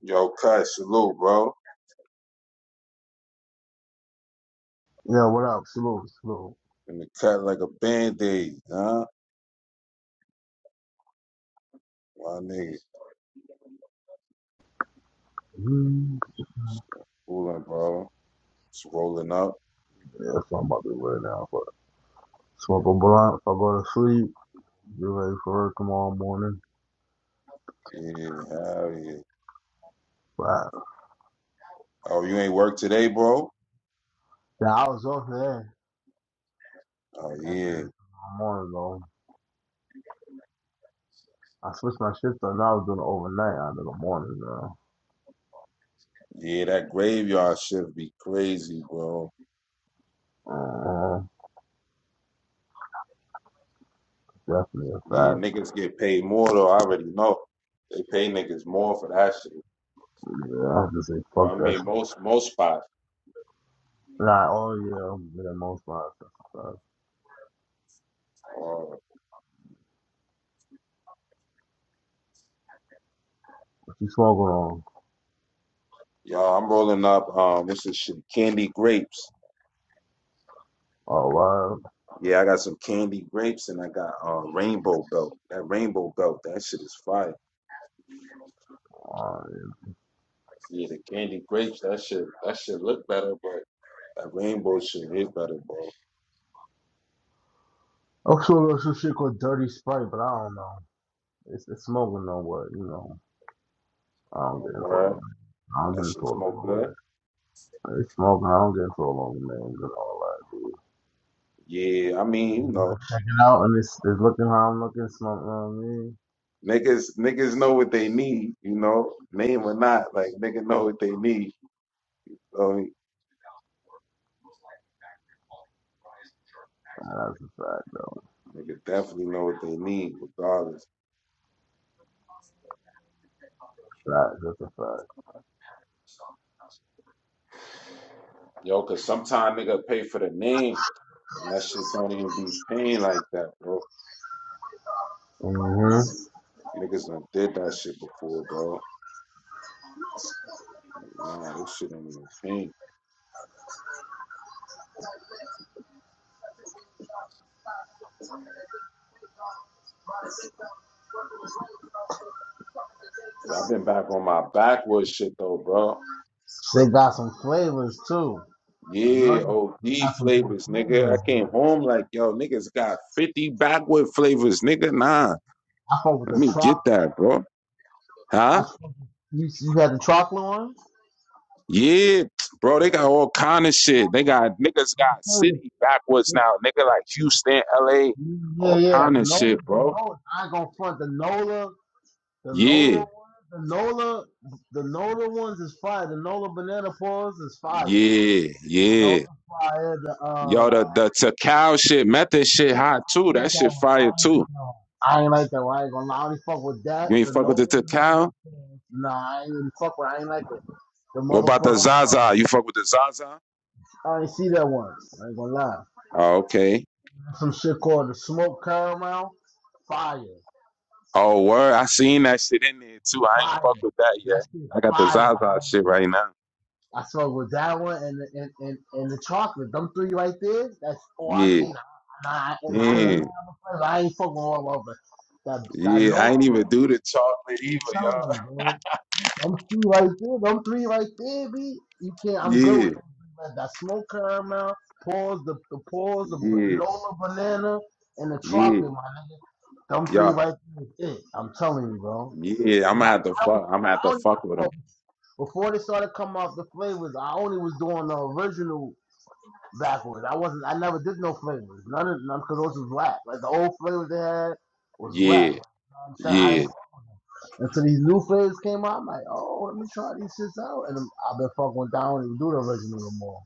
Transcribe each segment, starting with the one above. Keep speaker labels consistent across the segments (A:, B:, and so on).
A: Yo, cut, salute, bro.
B: Yeah, what up? Salute, salute.
A: And the cut like a band-aid, huh? My nigga.
B: Mm,
A: Cooling, bro. It's rolling up.
B: Yeah, that's what I'm about to do right now. But smoke a blunt. If I go to sleep, be ready for work tomorrow morning.
A: Yeah, hell yeah.
B: But
A: Oh, you ain't work today, bro?
B: yeah, I was off there.
A: Oh,
B: Goddamn,
A: yeah.
B: in the morning though. I switched my shift on. I was doing it overnight out of the morning though.
A: Yeah, that graveyard shift be crazy, bro.
B: Uh, definitely a
A: Yeah,
B: fact.
A: niggas get paid more, though. I already know. They pay niggas more for that shit.
B: Yeah, I have to say fuck
A: I
B: that
A: mean,
B: shit.
A: most most spots.
B: Nah, oh yeah, I'm in the most part. That's a fact.
A: Uh,
B: What you smoking on?
A: y'all, I'm rolling up. Um, this is shit, Candy Grapes.
B: Oh, wow.
A: Yeah, I got some candy grapes and I got uh, rainbow belt. That rainbow belt, that shit is fire.
B: Oh, yeah.
A: Yeah, the candy grapes, that shit, that shit look better, but that rainbow shit is better, bro.
B: I'm smoking on some shit called Dirty Sprite, but I don't know. It's, it's smoking on what, you know. I don't get into it.
A: Alright,
B: I don't get
A: that shit
B: into it.
A: smoke
B: man.
A: good.
B: It's smoking. I don't get into it over names and all that, dude.
A: Yeah, I mean, you know,
B: Checking out and it's, it's looking how I'm looking, smoking on me.
A: niggas, niggas know what they need. You know, name or not, like nigga know what they need. So
B: Nah, That's a fact, though.
A: nigga definitely know what they need, regardless.
B: Fact. That's a fact.
A: Yo, cause sometimes nigga pay for the name, and that shit don't even be paying like that, bro.
B: Mm-hmm.
A: Niggas done did that shit before, bro. Nah, this shit ain't even pink. Yo, I've been back on my backwards shit though, bro.
B: They got some flavors, too. I know
A: Yeah,
B: you
A: OD
B: got some new
A: flavors, nigga. I
B: flavors.
A: came home like, yo, niggas got 50 backward flavors, nigga. Nah,
B: I fuck with
A: let
B: the
A: me get
B: chocolate.
A: that, bro.
B: I
A: Huh?
B: fuck with, you, you had the chocolate one?
A: Yeah, bro, they got all kind of shit. They got, niggas got city backwards now, nigga, like Houston, LA,
B: Yeah,
A: all
B: yeah.
A: kind of
B: The Nola,
A: shit,
B: the
A: bro.
B: Nola. I ain't gonna front the Nola. The Nola
A: Yeah,
B: ones, the Nola, the Nola ones is fire. The Nola banana foils is fire.
A: yeah,
B: I know
A: yeah.
B: it's fire. The uh,
A: Yo, the the Takao shit, method shit hot
B: I ain't
A: too.
B: like
A: That
B: that
A: shit
B: one. I
A: fire
B: ain't like
A: too.
B: that one. I ain't like that one. I ain't gonna lie. I only fuck with that.
A: You ain't
B: The
A: fuck with
B: Nola
A: the
B: banana
A: Takao?
B: foils. Nah, I ain't even fuck with. I ain't like it. The
A: What about the
B: motherfucker.
A: Zaza? You fuck with the Zaza?
B: I ain't see that one. I ain't gonna lie.
A: Oh, okay.
B: Some shit called the smoke caramel. Fire,
A: Oh, word. I seen that shit in there too. I ain't
B: fire.
A: fuck with that yet.
B: That shit
A: I got the
B: fire.
A: Zaza shit right now.
B: I smoke with that one and and, and, and the chocolate. Them three right there, that's all I
A: Yeah.
B: need. Nah, it's cause man,
A: Damn.
B: i ain't fucking all over. That that
A: Yeah.
B: no,
A: I ain't even do the chocolate
B: I'm
A: either,
B: telling you,
A: y'all.
B: bro. Them three right there, them three right there, B. You can't. I'm good
A: Yeah.
B: with them. Three, man. That smoke caramel, pause the the pause, the b-
A: Yeah.
B: Lola banana, and the
A: Yeah.
B: chocolate, my nigga. Them three
A: Y'all.
B: right there is it. I'm telling you, bro.
A: Yeah. I'm
B: 'Cause
A: gonna
B: I,
A: have to
B: I don't,
A: fuck. I'm gonna have to
B: I
A: fuck with them.
B: don't before they started coming out the flavors, I only was doing the original backwards. I wasn't. I never did no flavors. None of none because those was rap. Like the old flavors they had was rap.
A: Yeah.
B: You know what I'm saying I didn't.
A: Yeah.
B: Until these new flavors came out, I'm like, oh, let me try these shits out. And i have been fucking down I don't even do the original no more.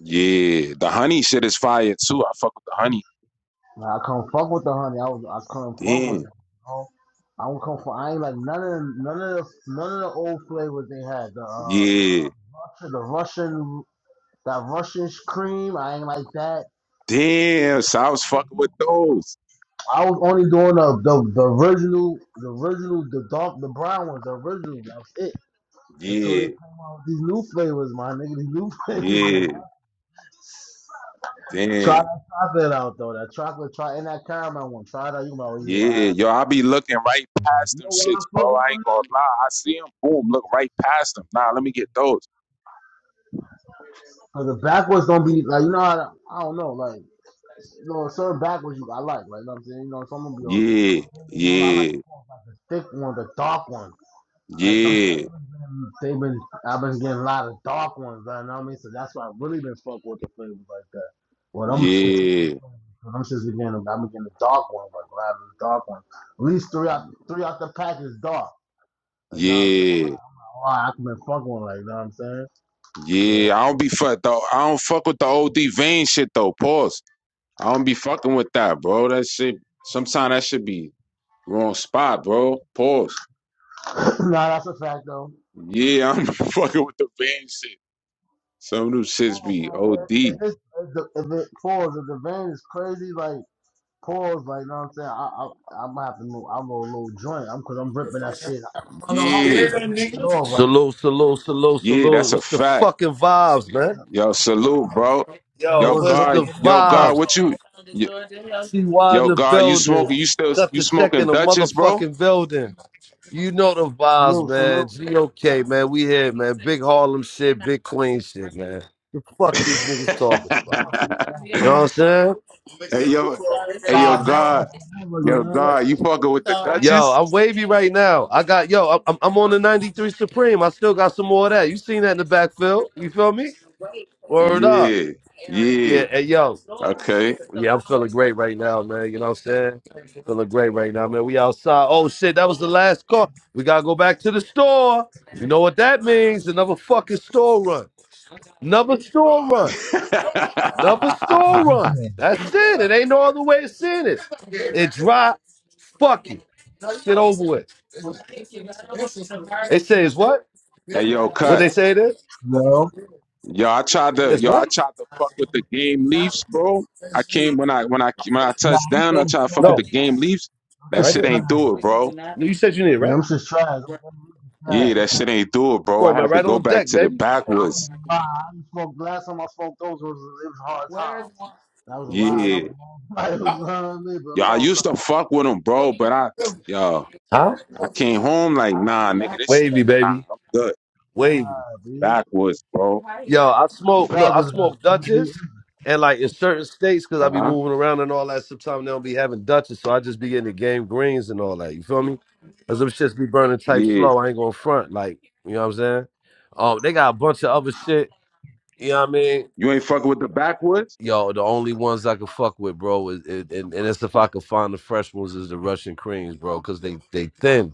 A: Yeah. The honey shit is fire too. I fuck with the honey.
B: Like, I couldn't fuck with the honey. I was. I couldn't fuck with
A: Damn.
B: it. You know? I don't come for. I ain't like none of the, none of the none of the old flavors they had. The uh,
A: Yeah.
B: Russia, the Russian that Russian cream. I ain't like that.
A: Damn. So I was fucking with those.
B: I was only doing the the, the original, the original, the dark, the brown ones, the original. That was it. Until they
A: Yeah.
B: came out with these new flavors, my nigga. These new flavors is
A: Yeah.
B: try
A: Damn.
B: that chocolate out though. That chocolate, try and that caramel one. Try that. You know, oh, yeah. All
A: Yeah.
B: right.
A: Yo, I be looking right past
B: You
A: them
B: know why
A: shits,
B: I fuck
A: bro.
B: with
A: I ain't
B: them?
A: gonna lie. I see them. Boom. Look right past them. Nah, let me get those.
B: Cause the backwards don't be like you know. How, I don't know. Like you know, certain backwards you I like. Like you know what I'm saying. You know, some of them be on.
A: Yeah,
B: You know, I like
A: yeah,
B: the thick one, the dark one. Like them
A: yeah,
B: flavors been they been I've been getting a lot of dark ones, you know what I mean? So that's why I really been fuck with the flavors like that. Well them particular
A: yeah,
B: flavors, 'cause I'm just beginning I'm getting the dark ones, like a lot of the dark ones. At least three out three out the pack is dark. You know what I'm saying?
A: yeah,
B: Like, I'm like, oh, I can been fucking with, like, you know what I'm saying?
A: yeah.
B: Yeah.
A: I don't be fuck though. I don't fuck with the old vein shit though. Pause. I don't be fucking with that, bro. That shit. Sometimes that should be wrong spot, bro. Pause.
B: nah, that's a fact though.
A: Yeah, I'm fucking with the vein shit. Some of them
B: I
A: shits
B: ain't gonna
A: be
B: man.
A: OD.
B: If it's if, the, if it falls, if the vein is crazy, like pause, like you know what I'm saying. I I I'm gonna have to move. I roll a little joint. I'm cause I'm ripping that shit. I'm with
A: Yeah,
B: it at all right
C: Salute,
B: now.
C: salute, salute,
A: yeah,
C: salute.
A: that's a
C: What's the
A: fact.
C: fucking vibes, man?
A: Yo, salute, bro.
B: You know
C: Yo,
A: Yo,
B: what's
C: what's
B: good?
A: God,
C: the
B: What up?
A: yo,
B: What up?
A: God,
C: vibes?
A: what you? y-
C: CY in
A: Yo,
C: the
A: God, you
C: building.
A: smoking? You still
C: Cut
A: you
C: the check in
A: smoking
C: the
A: Dutchess, bro?
C: motherfucking building. You know the vibes,
B: Salute, salute.
C: man. GOK, man. We here, man. Big Harlem shit, big Queen shit, man. The fuck these niggas
A: hey,
C: talking about? You know what I'm saying?
A: yo, hey, yo,
B: Five
A: God,
B: barrels forever, you
A: yo,
B: know? what
A: God, you fucking with the
C: Yo,
A: Duchess?
C: I'm wavy right now. I got yo. I'm I'm on the '93 Supreme. I still got some more of that. You seen that in the backfield? You feel me? Word up.
A: Yeah, yeah,
C: Yeah, hey yo.
A: okay.
C: Yeah, I'm feeling great right now, man. You know what I'm saying? Feeling great right now, man. We outside. Oh shit, that was the last call. We gotta go back to the store. You know what that means? Another fucking store run. Another store run. Another store
B: I'm
C: run.
B: saying?
C: That's it. It ain't no other way of seeing it. It dry Fuck you. Get over with. It says what?
A: hey, yo, cut.
C: What they say it is?
B: No.
A: Yo, I tried to
C: It's
A: yo, I
C: what?
A: tried to fuck with the game Leafs, bro. I came when I when I when I
B: Nah,
A: touched
B: I'm
A: down,
B: just
A: I tried to
B: a
A: fuck with
B: trash.
A: the
C: No.
A: game Leafs.
B: I'm
A: That
B: just
C: Right
B: a
A: shit
C: there.
A: ain't
B: trash.
A: do it, bro.
C: You said you need it,
B: Yeah,
C: right?
B: I'm just trash. I'm just a
C: Come
A: Yeah,
B: trash.
A: that shit ain't do it, bro. I
C: on, man.
A: had to
C: Right
A: go
C: on
A: back
C: deck,
A: to the
C: baby.
B: I don't
A: backwoods.
B: even lie. I didn't smoke last time I smoked those was it was hard times. That was a while. That was
A: Yeah.
B: a long time. It was not I mean, but a
A: Yo, I
B: long time.
A: used to fuck with them, bro, but I yo,
C: Huh?
A: I came home like, nah, nigga, this shit
C: Wavy,
A: ain't
C: baby.
A: nah. I'm good.
B: Wow,
C: Wavy.
B: dude.
A: Backwoods, bro.
C: Yo, I smoke. Look,
B: Prague
C: I
B: was got
C: smoke Dutchess, and like in certain states, because I be
A: Uh-huh.
C: moving around and all that. Sometimes they don't be having Dutchess, so I just be getting the game greens and all that. You feel me? Cause them shits be burning type
A: Yeah.
C: slow. I ain't going front. Like you know what I'm saying? Um, they got a bunch of other shit. You know what I mean?
A: You ain't fucking with the backwoods?
C: Yo, the only ones I can fuck with, bro, is it, and, and it's if I could find the fresh ones is the Russian creams, bro, cause they they thin.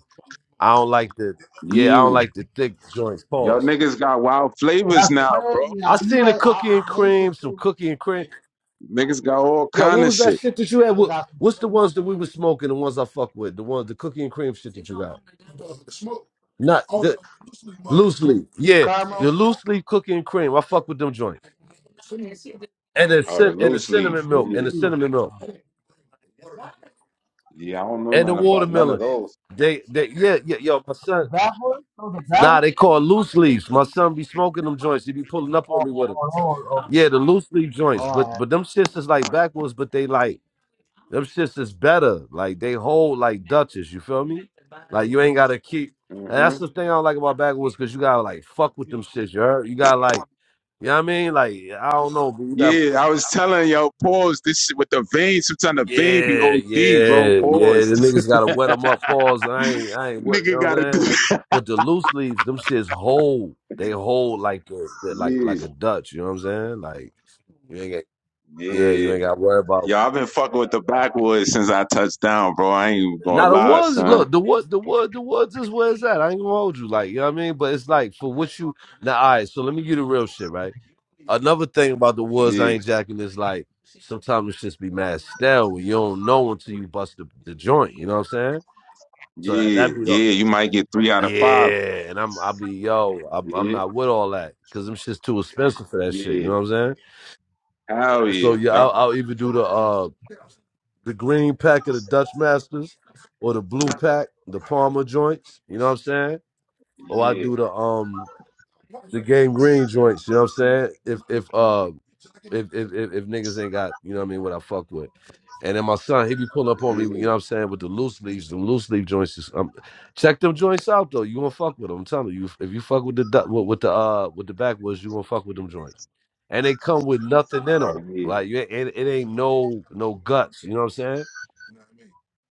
C: I don't like the yeah, I don't
A: Yeah.
C: like the thick joints.
A: Y'all
C: Pause.
A: niggas got wild flavors
B: that's
A: now, bro.
B: crazy.
C: I
B: You
C: seen the
B: like I,
C: cookie and
B: I hate this
C: cream, some
B: thing.
C: cookie and cream.
A: Niggas got all
C: Yo,
A: kind
C: what
A: of
C: was that
A: shit.
C: shit that you had?
B: They
C: What,
B: got
C: what's the ones that we was smoking? The ones I fuck with. The ones, the cookie and cream shit that you got. Not the loose leaf.
B: some
C: Yeah,
B: caramel
C: the
B: smoke.
C: loose leaf cookie and cream. I fuck with them joints. And the
A: Oh, the
C: cin- and the
A: loose leaf.
C: cinnamon milk and
A: Yeah,
C: the
B: Loosely.
C: cinnamon milk
A: yeah. I don't know
C: and the
A: nothing about none of
C: watermelon.
A: those.
C: They they yeah yeah yo my
B: So
C: son.
B: the backwards? So the
C: Nah,
B: backwards?
C: they call loose leaves. My son be smoking them joints. He be
B: Oh,
C: pulling up on me
B: oh,
C: with them.
B: oh, oh, oh.
C: Yeah, the loose leaf joints.
B: All
C: But
B: right.
C: but them shits is like backwards, but they like them shits is better. Like they hold like Dutchess. You feel me? Like you ain't gotta keep. And
A: hmm
C: that's the thing I don't like about backwards, cause you gotta like fuck with them shits. You heard? You gotta like, you know what I mean? Like I don't know, but you gotta
A: Yeah, I was telling yo, pause this shit with the vein. Sometimes the vein be
C: Yeah,
A: OD, bro.
C: yeah, yeah. The
A: Pause.
C: niggas gotta wet them up, pause. I ain't, I ain't what you
A: Nigga
C: know what I'm
A: gotta do.
C: saying.
A: it.
C: But the loose leaves, them shits hold. They hold like a, they're like like
A: Yeah,
C: a Dutch. You know what I'm saying? Like you ain't got, yeah, you
A: yeah.
C: ain't got to worry about.
A: Yo, I've been fucking with the backwoods since I touched down, bro. I ain't even gonna
C: Now the
A: lie,
C: woods,
A: son.
C: look, the wood, the wood, the woods is where it's at. I ain't gonna hold you, like you know what I mean. But it's like for what you now. All right, so let me give you the real shit, right? Another thing about the woods, I
A: Yeah,
C: ain't jacking is like sometimes it just be mad stale. You don't know until you bust the, the joint. You know what I'm saying? So
A: yeah,
C: that, would be the
A: yeah. You might get three out of five.
C: yeah, and I'm I'll be yo, I'm I'm
A: Yeah,
C: not with all that because them shit's too expensive for that shit. You
A: yeah.
C: know what I'm saying?
A: Hell
C: So
A: yeah.
C: yeah, I'll,
A: Yup.
C: I'll either do the uh the green pack of the Dutch Masters or the blue pack, the Palmer joints. You know what I'm saying? Or I
A: Yeah,
C: do the um the game green joints. You know what I'm saying? If if uh if if if, if niggas ain't got you know what I mean what I fuck with. And then my son, he be pulling up on me, you
A: yeah.
C: know what I'm saying, with the loose leaves, them loose leaf joints. Is, um, check them joints out though. You gonna fuck with them. I'm telling you, if you fuck with the du- with, with the uh with the backwoods, you gonna fuck with them joints. And they come with nothing in
A: Oh
C: them.
A: yeah.
C: Like you, ain't- it, it ain't no no guts. You know what I'm saying?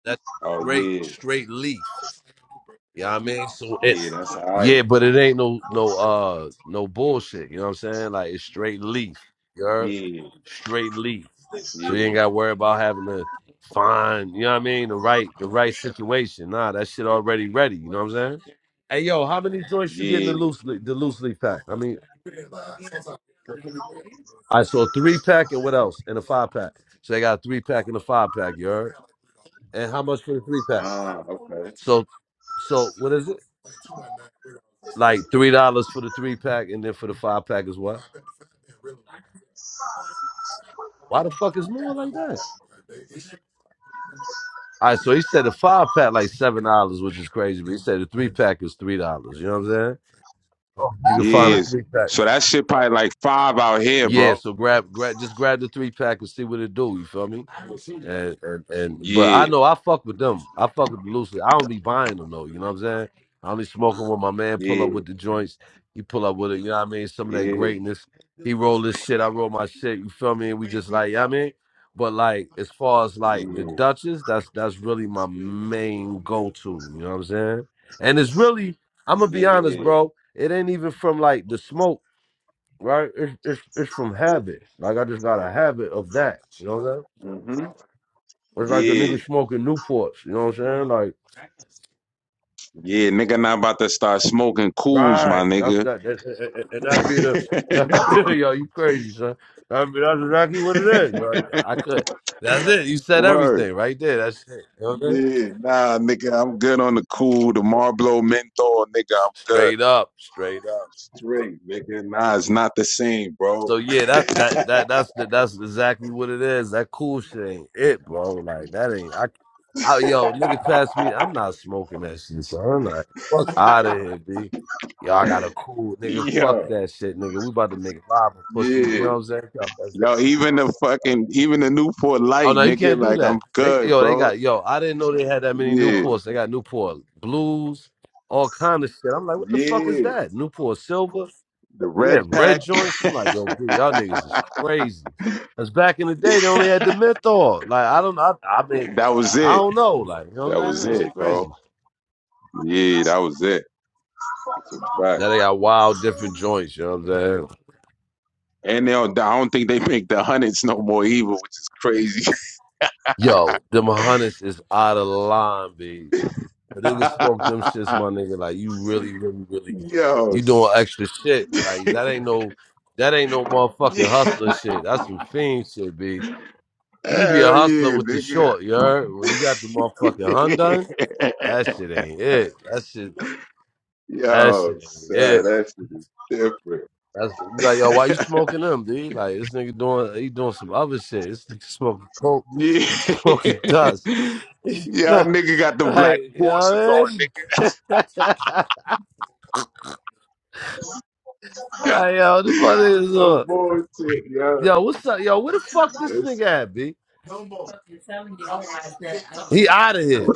C: That's
A: Oh
C: straight
A: yeah.
C: straight leaf. You know what I mean? So it
A: Yeah, that's all right.
C: yeah, but it ain't no no uh no bullshit. You know what I'm saying? Like it's straight leaf. You heard?
A: Yeah.
C: Straight leaf. So you
A: yeah.
C: ain't gotta worry about having to find, you know what I mean, the right the right situation. Nah, that shit already ready, you know what I'm saying? Hey yo, how many joints you get in the
A: Yeah.
C: loose leaf the loose leaf pack? I mean I saw three pack and what else? And a five pack. So they got a three pack and a five pack, you heard? And how much for the three pack?
A: Ah, okay.
C: So so what is it? Like three dollars for the three pack and then for the five pack is what? Why the fuck is more like that? All right, so he said the five pack like seven dollars, which is crazy, but he said the three pack is three dollars. You know what I'm saying?
B: Oh,
C: You can
B: backwards
C: find a
A: Yes.
C: three pack.
A: So that shit probably like five out here,
C: Yeah,
A: bro.
C: so grab, grab, just grab the three pack and see what it do. You feel me? And, and and but I
A: Yeah.
C: know I fuck with them. I fuck with the loose. I don't be buying them though. You know what I'm saying? I only smoke 'em when my man pull
A: Yeah,
C: up with the joints. He pull up with it. You know what I mean? Some of that
A: yeah,
C: greatness. He roll this shit. I roll my shit. You feel me? And we just like, you know what I mean. But like, as far as like the
A: yeah,
C: Duchess, that's that's really my main go to. You know what I'm saying? And it's really, I'm gonna be honest,
A: yeah.
C: bro. It ain't even from like the smoke right? It's, it's it's from habit. Like I just got a habit of that. You know what I'm saying?
A: Mm-hmm.
C: It's like a
A: Yeah.
C: nigga smoking Newports. You know what I'm saying? Like
A: Yeah, nigga not about to start smoking cools, my
C: right, that's
A: nigga.
C: that, that and and- and that be the that be, yo, you crazy son. I mean that's exactly what it is. Like I could. That's it. You said
A: Word.
C: everything right there. That's it. You know what I'm saying?
A: Yeah, nah, nigga, I'm good on the cool, the Marlboro menthol, nigga, I'm good.
C: Straight up, straight up.
A: Straight, nigga. Nah, it's not the same,
C: So
A: bro.
C: yeah, that that that that's the, that's exactly what it is. That cool shit ain't it, bro. Like that ain't I. I yo, nigga, pass me. I'm not smoking that shit, so I'm like, fuck out of here, b. Y'all got a cool nigga.
A: yeah,
C: Fuck that shit, nigga. We about to make it live, pussy. You
A: yeah,
C: know what I'm saying? Y'all fuck-
A: Yo, even the fucking, even the Newport
C: Oh
A: Light,
C: no, you
A: nigga.
C: can't do
A: Like, I'm
C: that. They
A: good,
C: yo, they
A: bro.
C: got yo. I didn't know they had that many
A: Yeah,
C: Newports. They got Newport blues, all kind of shit. I'm like, what the fuck is
A: yeah.
C: that? Newport silver.
A: The
C: Yeah,
A: red pack.
C: red joints. I'm like, yo, B, y'all niggas is
A: that
C: crazy. Cause back in the day, they only had the menthol. Like, I don't, I, I mean,
A: was
C: I
A: it.
C: don't know. Like, you know
A: That
C: what I'm
A: was
C: saying? That
A: it,
C: shit
A: bro.
C: crazy.
A: Yeah, that was it. It's a fact.
C: Now they got wild different joints. You know what I'm saying?
A: And they don't, I don't think they make the hundreds no more either, which is crazy.
C: Yo, them hunnids is out of line, B. The niggas smoke them shits, my nigga. Like, you really, really, really,
A: Yo,
C: you
A: s-
C: doing extra shit. Like, that ain't no, that ain't no motherfucking hustler
A: yeah.
C: shit. That's some fiend shit, B. You be a
A: Hell
C: hustler
A: yeah,
C: with the
A: nigga.
C: short, you heard? When you got the motherfucking Hyundai. That shit ain't it. That shit. That
A: Yo,
C: shit ain't
A: son,
C: it.
A: that shit is different.
C: That's you like yo. Why you smoking them, dude? Like this nigga doing. He doing some other shit. This nigga smoking coke.
A: Yeah.
C: He smoking dust.
A: yeah, nigga got the black
C: like you know
A: forces
C: what
A: on,
C: I mean? like yo, the
A: nigga.
C: fuck is
A: No
C: on?
A: bullshit, yeah.
C: Yo, what's up? Yo, where the fuck this
A: It's
C: nigga at, b? He out of here.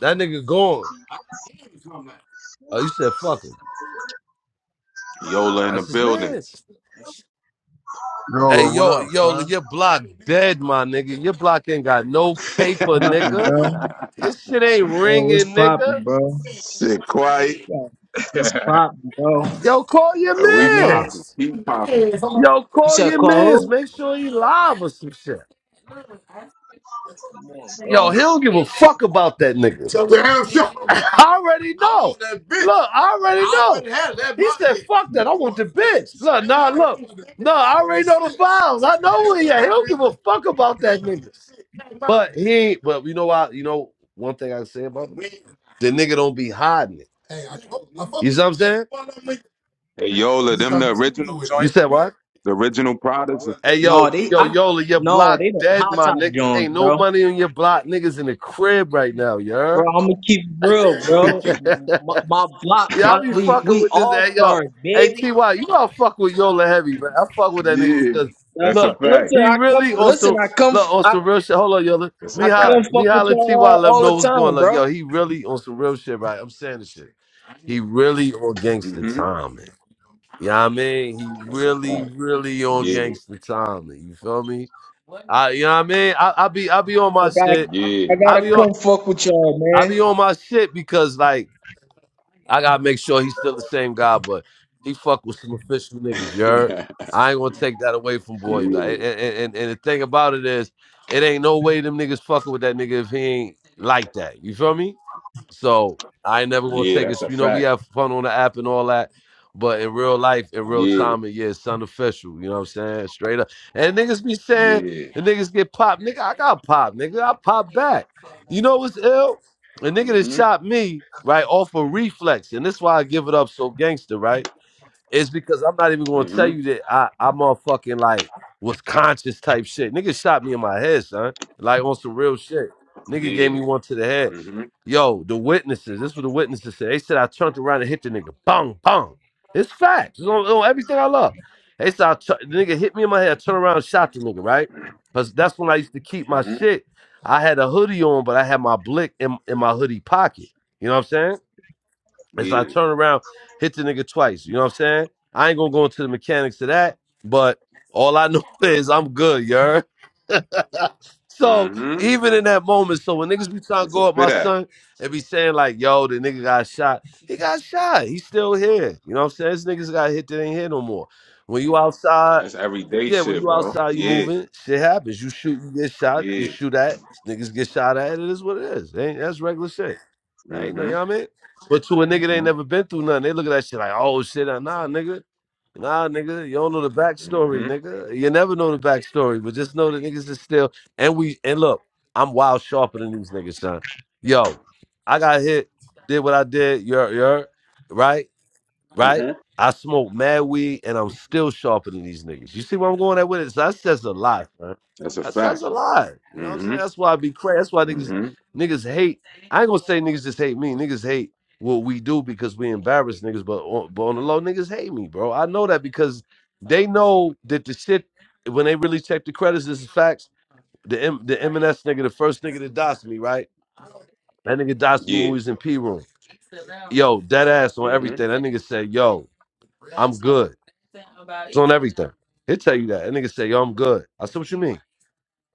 C: That nigga gone. Oh, you said fuck him.
A: Yola in the
C: That's his
A: building.
C: man. Hey,
B: Yolo, what
C: yo,
B: up,
C: yo,
B: son?
C: your block dead, my nigga. Your block ain't got no paper,
D: poppin',
C: nigga.
D: bro?
C: This shit ain't
D: Bro, what's
C: ringing,
D: poppin',
C: nigga.
D: bro?
A: Shit, quiet.
D: Yeah, what's poppin', bro?
C: Yo, call
D: I
A: we
C: your
D: mean,
A: popping,
C: mans.
A: keep popping.
C: Yo,
D: you
C: call
D: said
C: your mans.
D: call
C: Make sure he live or some shit.
D: who? Come on,
C: Yo,
D: bro.
C: he don't give a fuck about that nigga. I already I know. Look, I already know. He said, fuck that. I want the bitch. Look, nah, look. nah. I already know the files. I know where he at. He don't give a fuck about that nigga. But he ain't, but you know why? You know, one thing I can say about him? The nigga don't be hiding it. You see what I'm saying?
A: Hey, Yola, them the original
C: You said
A: joints,
C: what?
A: the original products.
C: Hey
D: No,
C: yo,
D: they,
C: yo,
D: I,
C: Yola, your
D: no,
C: block
D: they the
C: dead,
D: hot
C: my
D: top
C: nigga.
D: Jones,
C: Ain't no
D: bro.
C: money on your block, niggas in the crib right now, you
D: Bro,
C: heard?
D: I'm gonna keep it real, bro.
C: yeah,
D: My, my block,
C: I
D: my
C: be
D: we
C: fucking
D: we
C: with this.
D: all
C: Hey yo,
D: stars,
C: hey
D: baby.
C: Ty, you know I fuck with Yola heavy, man. I fuck with that nigga
A: yeah,
C: because
D: Uh,
A: that's
D: I-
A: a
C: look,
A: fact.
D: listen,
C: he
D: I come,
C: really on
D: listen,
C: some
D: I come,
C: look on
D: I,
C: some real shit. Hold on, Yola.
A: That's a
C: Me
D: I
C: holla,
D: come
A: fact.
C: me
D: fuck with
C: holla,
D: y'all
C: Ty,
D: all,
C: let him
D: all
C: know
D: the
C: what's going on.
D: time,
C: Like,
D: bro.
C: Yo, he
D: I
C: really on some real shit, right? I'm saying this shit. He really on gangster
A: hmm
C: time, man. You know what I mean? He
A: That's a
C: really,
A: fact.
C: really on
A: Yeah,
C: gangster time. You feel me? I, you know what I mean? I, I be I be on my
D: got,
C: shit.
A: yeah,
D: I
C: I
D: gotta
C: be on
D: come fuck with y'all,
C: I
D: man.
C: be on my shit because like I gotta make sure he's still the same guy, but he fuck with some official niggas, you heard? I ain't gonna take that away from boy.
A: yeah,
C: Like, and, and, and and the thing about it is, it ain't no way them niggas fucking with that nigga if he ain't like that. You feel me? So I ain't never gonna
A: yeah.
C: take
A: That's
C: it.
A: a
C: You know, we
A: fact.
C: have fun on the app and all that, but in real life, in real
A: Yeah.
C: time, it, yeah, it's unofficial. You know what I'm saying? Straight up. And niggas be saying,
A: Yeah.
C: and niggas get popped. Nigga, I got popped. Nigga, I pop back. You know what's ill? A nigga that
A: hmm
C: shot me right off a reflex, and this is why I give it up so gangster, right? It's because I'm not even gonna tell
A: hmm
C: you that I I motherfucking like was conscious type shit. Nigga shot me in my head, son. Like on some real shit. Nigga gave
A: Yeah.
C: me one to the head.
A: hmm
C: Yo, the witnesses. This is what the witnesses said. They said I turned around and hit the nigga. Bong, bong. It's facts. It's on, on everything I love. They said I tu- the nigga hit me in my head. I turned around and shot the nigga, right? Because that's when I used to keep my
A: hmm
C: shit. I had a hoodie on, but I had my blick in, in my hoodie pocket. You know what I'm saying? As I
A: Yeah.
C: turn around, hit the nigga twice. You know what I'm saying? I ain't gonna go into the mechanics of that, but all I know is I'm good, you heard? So
A: hmm
C: even in that moment, so when niggas be trying to
A: It's a
C: go up
A: fit
C: my
A: act.
C: son and be saying like, yo, the nigga got shot, he got shot. He's still here. You know what I'm saying? This niggas got hit that ain't here no more. When you outside,
A: That's everyday
C: yeah, when
A: shit,
C: you
A: bro.
C: outside, you
A: Yeah.
C: moving, shit happens. You shoot, you get shot, you
A: Yeah.
C: shoot at, niggas get shot at, it is what it is. Ain't that's regular shit. That ain't no,
A: hmm
C: you know what I mean? But to a nigga that ain't
A: hmm
C: never been through nothing, they look at that shit like, oh shit, uh, nah, nigga. Nah, nigga, you don't know the backstory,
A: hmm
C: nigga. You never know the backstory, but just know the niggas is still and we and look, I'm wild sharper than these niggas, son. Yo, I got hit, did what I did, you're you're right right?
A: hmm
C: I smoke mad weed and I'm still sharpening these niggas. You see where I'm going at with it? So that says a lot, man.
A: That's a
C: That says
A: fact.
C: a lot. You know what I'm
A: hmm
C: saying? That's why I be crazy. That's why niggas
A: hmm
C: niggas hate. I ain't gonna say niggas just hate me. Niggas hate what we do because we embarrass niggas, but on, but on the low, niggas hate me, bro. I know that because they know that the shit when they really check the credits, this is facts. The M, the M&S nigga, the first nigga that doxed me, right? That nigga doxed me when
A: Yeah.
C: we was in P room. Yo, dead ass on
A: hmm
C: everything. That nigga said, "Yo, I'm good." It's on everything. He'll tell you that. That nigga said, "Yo, I'm good." I said, "What you mean?"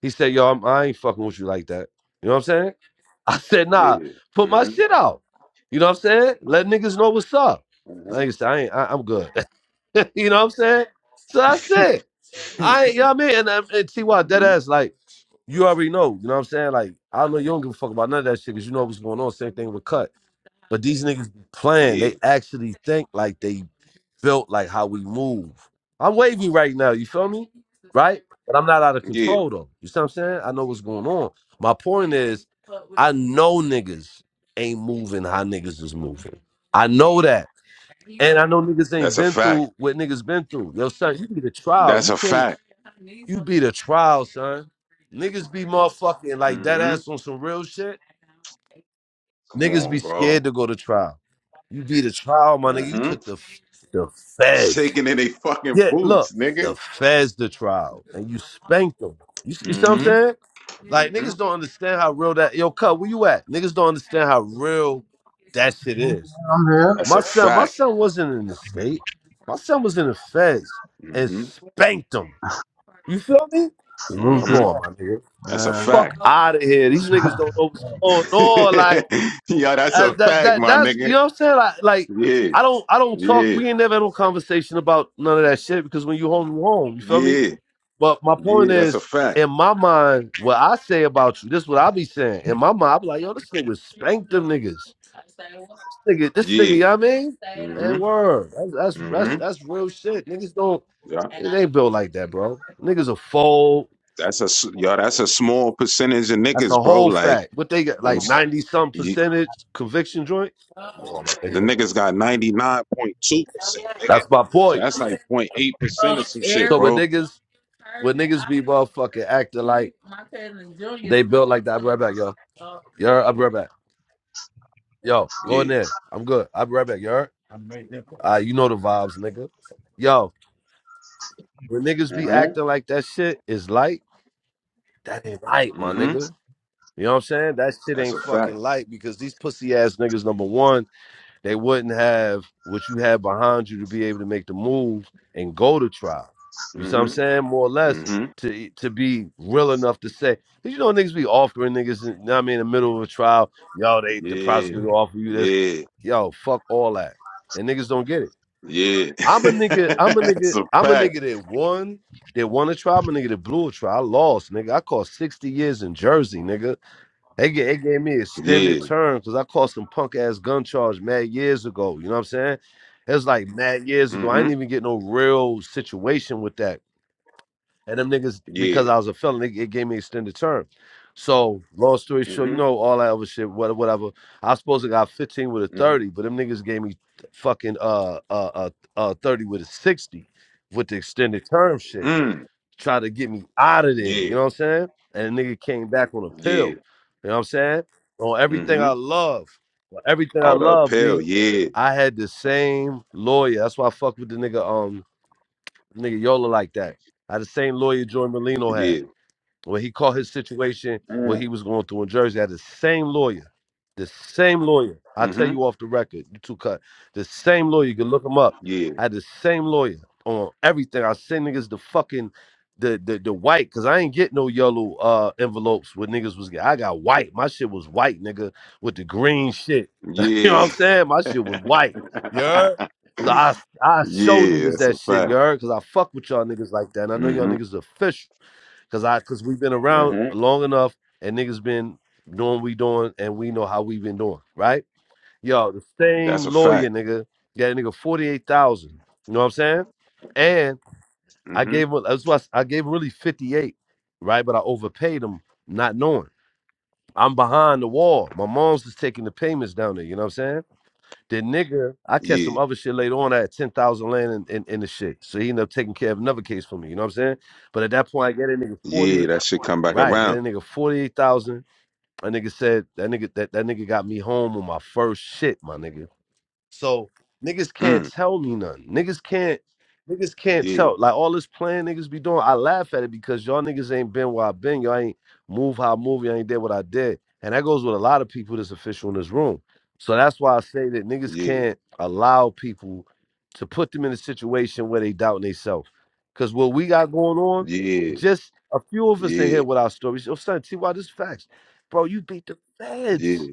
C: He said, "Yo, I'm, I ain't fucking with you like that." You know what I'm saying? I said, "Nah,
A: Yeah.
C: put my
A: hmm
C: shit out." You know what I'm saying? Let niggas know what's up. That
A: hmm
C: nigga said, "I ain't. I, I'm good." you know what I'm saying? So that's it. I ain't. You know what I mean? And, and, and T.Y. dead
A: hmm
C: ass like. You already know, you know what I'm saying? Like, I know you don't give a fuck about none of that shit because you know what's going on. Same thing with Cut. But these niggas be playing.
A: Yeah.
C: They actually think like they built like how we move. I'm wavy right now, you feel me? Right? But I'm not out of
A: Yeah.
C: control though. You see what I'm saying? I know what's going on. My point is, I know niggas ain't moving how niggas is moving. I know that. And I know niggas ain't
A: That's a
C: been
A: fact.
C: through what niggas been through. Yo, son, you be the trial.
A: That's
C: You
A: a
C: can't
A: fact.
C: you be the trial, son. Niggas be motherfucking like that
A: hmm
C: ass on some real shit.
A: Come
C: Niggas
A: on,
C: be
A: bro.
C: scared to go to trial. You be the trial, my nigga. You
A: hmm
C: took the the feds.
A: Shaking in they fucking
C: Yeah,
A: boots,
C: look,
A: nigga.
C: the feds the trial, and you spanked them. You, you see what I'm
A: hmm
C: saying? Like
A: hmm
C: niggas don't understand how real that. Yo, cut. Where you at? Niggas don't understand how real that shit is.
B: I'm here.
A: That's
C: My
A: a
C: son, my
A: fact.
C: son wasn't in the state. My son was in the feds and
A: hmm
C: spanked them. You feel me?
B: Salute to
A: hmm
B: that,
A: That's a
B: man.
C: Fuck
A: fact.
C: out of here. These niggas don't know what's going on. Like.
A: yeah, that's
C: uh,
A: a
C: that
A: fact,
C: that
A: my
C: that's
A: nigga.
C: you know what I'm saying. Like, like
A: Yeah,
C: I don't I don't talk.
A: yeah,
C: We ain't never had no conversation about none of that shit because when you home, you home. You feel me?
A: yeah,
C: But my point
A: yeah. That's a
C: is,
A: fact.
C: in my mind, what I say about you, this is what I be saying. In my mind, I be like, yo, this nigga spanked them niggas. Nigga, this nigga,
A: Yeah.
C: you know what I mean?
A: hmm
C: And word, that's that's
A: hmm
C: that's, that's real shit. Niggas don't.
A: Yeah.
C: It ain't built like that, bro. Niggas are fold.
A: That's a s- yo. That's a small percentage of
C: That's
A: niggas,
C: a
A: bro.
C: whole
A: Like
C: fact. What they got,
A: on
C: like
A: s-
C: ninety some
A: you,
C: percentage conviction joint. Come on, my
A: the
C: nigga.
A: niggas got ninety nine point two percent, nigga.
C: That's my
A: So
C: point.
A: that's like point 08 percent
C: So
A: of some shit,
C: when
A: bro.
C: niggas when niggas be motherfucking acting like they built like that, I'll be right back, yo. Yo, I'll be right back. Yo, go in
A: Yeah.
C: there. I'm good. I'll be right back, yo. Uh, you know the vibes, nigga. Yo, when niggas be
A: hmm
C: acting like that shit is light, that ain't light, my
A: hmm
C: nigga. You know what I'm saying? That shit
A: That's
C: ain't
A: a
C: fucking
A: fact.
C: light because these pussy ass niggas, number one. they wouldn't have what you have behind you to be able to make the move and go to trial. You see what I'm
A: hmm
C: saying? More or less
A: hmm
C: to to be real enough to say, 'Cause you know, niggas be offering niggas, you know what I mean, in the middle of a trial, yo, they the
A: Yeah.
C: prosecutor offer you this.
A: Yeah.
C: Yo, fuck all that. And niggas don't get it.
A: Yeah.
C: I'm a nigga, I'm a nigga,
A: That's a
C: I'm a
A: fact.
C: nigga that won, that won a trial, I'm a nigga that blew a trial. I lost, nigga. I caught 60 years in Jersey, nigga. They gave, they gave me
A: Yeah.
C: extended term because I caught some punk ass gun charge mad years ago. You know what I'm saying? It was like mad years ago. I
A: Mm-hmm.
C: didn't even get no real situation with that. And them niggas,
A: Yeah.
C: because I was a felon, they, it gave me extended term. So long story short, you
A: Mm-hmm.
C: know all that other shit, whatever. whatever. I was supposed to got 15 with a 30,
A: Mm-hmm.
C: but them niggas gave me fucking uh uh uh, uh 30 with a 60 with the extended term shit
A: Mm.
C: try to get me out of there.
A: Yeah.
C: You know what I'm saying? And the nigga came back on a
A: Yeah.
C: pill. You know what I'm saying? On everything
A: Mm-hmm.
C: I love, on everything I
A: All the
C: love,
A: appeal.
C: B.
A: Yeah.
C: I had the same lawyer. That's why I fuck with the nigga, um, nigga Yola like that. I had the same lawyer Joy Molino had
A: Yeah.
C: when he caught his situation, what
A: Mm.
C: he was going through in Jersey, I had the same lawyer, the same lawyer. I tell
A: Mm-hmm.
C: you off the record, you two cut the same lawyer. You can look him up.
A: Yeah.
C: I had the same lawyer on everything. I send niggas the fucking the the, the white because I ain't get no yellow uh envelopes with niggas was. get- I got white. My shit was white, nigga, with the green shit. you know what
A: Yeah.
C: I'm saying? My shit was white. So I I show
A: yeah.
C: niggas
A: That's
C: that
A: a
C: shit, you
A: fact.
C: heard? Cause I fuck with y'all niggas like that. And I know y'all
A: Mm-hmm.
C: niggas official. Cause I cause we've been around
A: Mm-hmm.
C: long enough and niggas been doing what we doing and we know how we been doing, right? Yo, the same
A: That's a
C: lawyer,
A: fact.
C: nigga, got a nigga 48,000. You know what I'm saying? And I
A: Mm-hmm.
C: gave him that's what I, I gave him really 58, right? But I overpaid him not knowing. I'm behind the wall. My mom's just taking the payments down there, you know what I'm saying? The nigga, I catch some
A: Yeah.
C: other shit later on. I had 10,000 land in, in, in the shit. So he ended up taking care of another case for me, you know what I'm saying? But at that point, I get a nigga
A: Yeah.
C: 48.
A: That shit come back
C: Right, get a
A: around.
C: nigga forty eight thousand. That nigga said that nigga that, that nigga got me home on my first shit, my nigga. So niggas can't
A: Mm.
C: tell me nothing. Niggas can't niggas can't
A: Yeah.
C: tell. Like all this playing niggas be doing, I laugh at it because y'all niggas ain't been where I've been. Y'all ain't move how I move. Y'all ain't did what I did. And that goes with a lot of people that's official in this room. So that's why I say that niggas
A: Yeah.
C: can't allow people to put them in a situation where they doubt themselves. Cause what we got going on,
A: Yeah.
C: just a few of us in
A: Yeah.
C: here
A: Yeah.
C: with our stories. Oh, son, T.Y., this is facts. Bro, you beat the
A: Yeah.
C: feds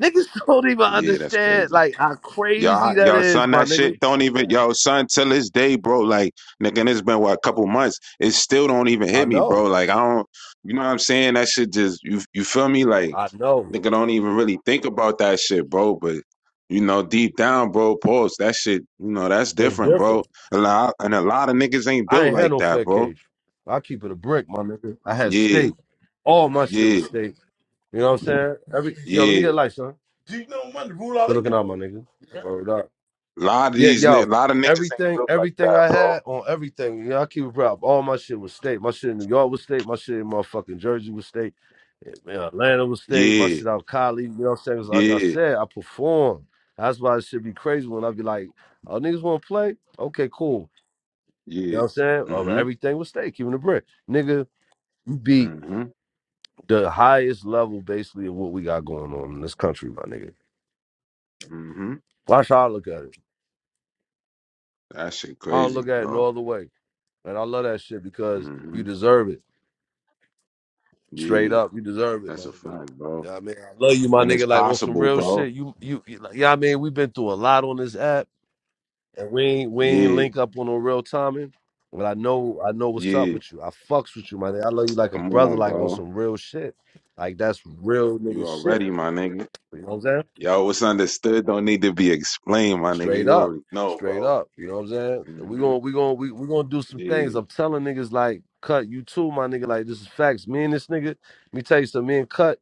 C: Niggas don't even
A: Yeah. That's
C: understand
A: crazy.
C: like how
A: Y'all,
C: crazy that
A: y'all,
C: is,
A: son,
C: my
A: that
C: nigga.
A: shit don't even, yo, son, till this day, bro. Like, nigga, and it's been what a couple months. It still don't even
C: I
A: hit me,
C: know.
A: bro. Like, I don't, you know what I'm saying? That shit just, you, you feel me? Like,
C: I know.
A: nigga, don't even really think about that shit, bro. But you know, deep down, bro, pause. That shit, you know, that's
C: It's
A: different, bro.
C: different.
A: A lot, and a lot of niggas ain't
C: I
A: built
C: ain't had
A: like
C: no
A: that,
C: fat
A: bro.
C: cage. I keep it a brick, my nigga. I had
A: Yeah,
C: steak. All my shit was
A: yeah,
C: steak. You know what I'm saying? Every yo, let me
A: yeah.
C: get a light, son. Good looking out, my nigga. Word up.
A: A lot of
C: Yeah,
A: these, a
C: yo.
A: lot of niggas ain't
C: Everything,
A: built like
C: everything
A: that,
C: I
A: bro.
C: had on everything, you know, I keep it proud. All my shit was steak. My shit in New York was steak. My shit in motherfucking Jersey was steak. Man, Atlanta was state, my
A: Yeah,
C: shit out Cali. You know what I'm saying? 'Cause Like I
A: yeah,
C: said, I perform. That's why it should be crazy when I be like, oh, niggas want to play? Okay, cool. You
A: yeah.
C: know what I'm saying? Oh,
A: Mhm,
C: everything was state, keeping the brick. Nigga, you beat
A: mhm.
C: the highest level basically of what we got going on in this country, my nigga.
A: hmm
C: Watch how I look at it.
A: That shit
C: I don't
A: crazy,
C: look at it no
A: bro.
C: other way. And I love that shit because you
A: hmm
C: deserve it. Straight
A: Yeah,
C: up, you deserve it, my
A: that's a
C: nigga. You
A: fact, bro.
C: know what I mean? I love you, my
A: And it's
C: nigga. Like on some
A: possible,
C: real
A: bro.
C: shit. You you, you like, yeah, I mean, we've been through a lot on this app. And we ain't we ain't
A: Yeah,
C: link up on no real timing. But I know I know what's up
A: yeah.
C: with you. I fucks with you, my nigga. I love you like a
A: Come
C: brother,
A: on,
C: like on
A: bro.
C: some real shit. Like that's real
A: You
C: nigga shit.
A: already, my nigga.
C: You know what I'm saying?
A: Yo, what's understood don't need to be explained, my nigga.
C: Straight
A: You
C: up.
A: already know,
C: Straight
A: bro.
C: up. You know what I'm saying? So We
A: hmm
C: gonna we gonna we, we gonna do some things.
A: Yeah.
C: I'm telling niggas like cut you too, my nigga. Like this is facts. Me and this nigga, let me tell you something, me and cut,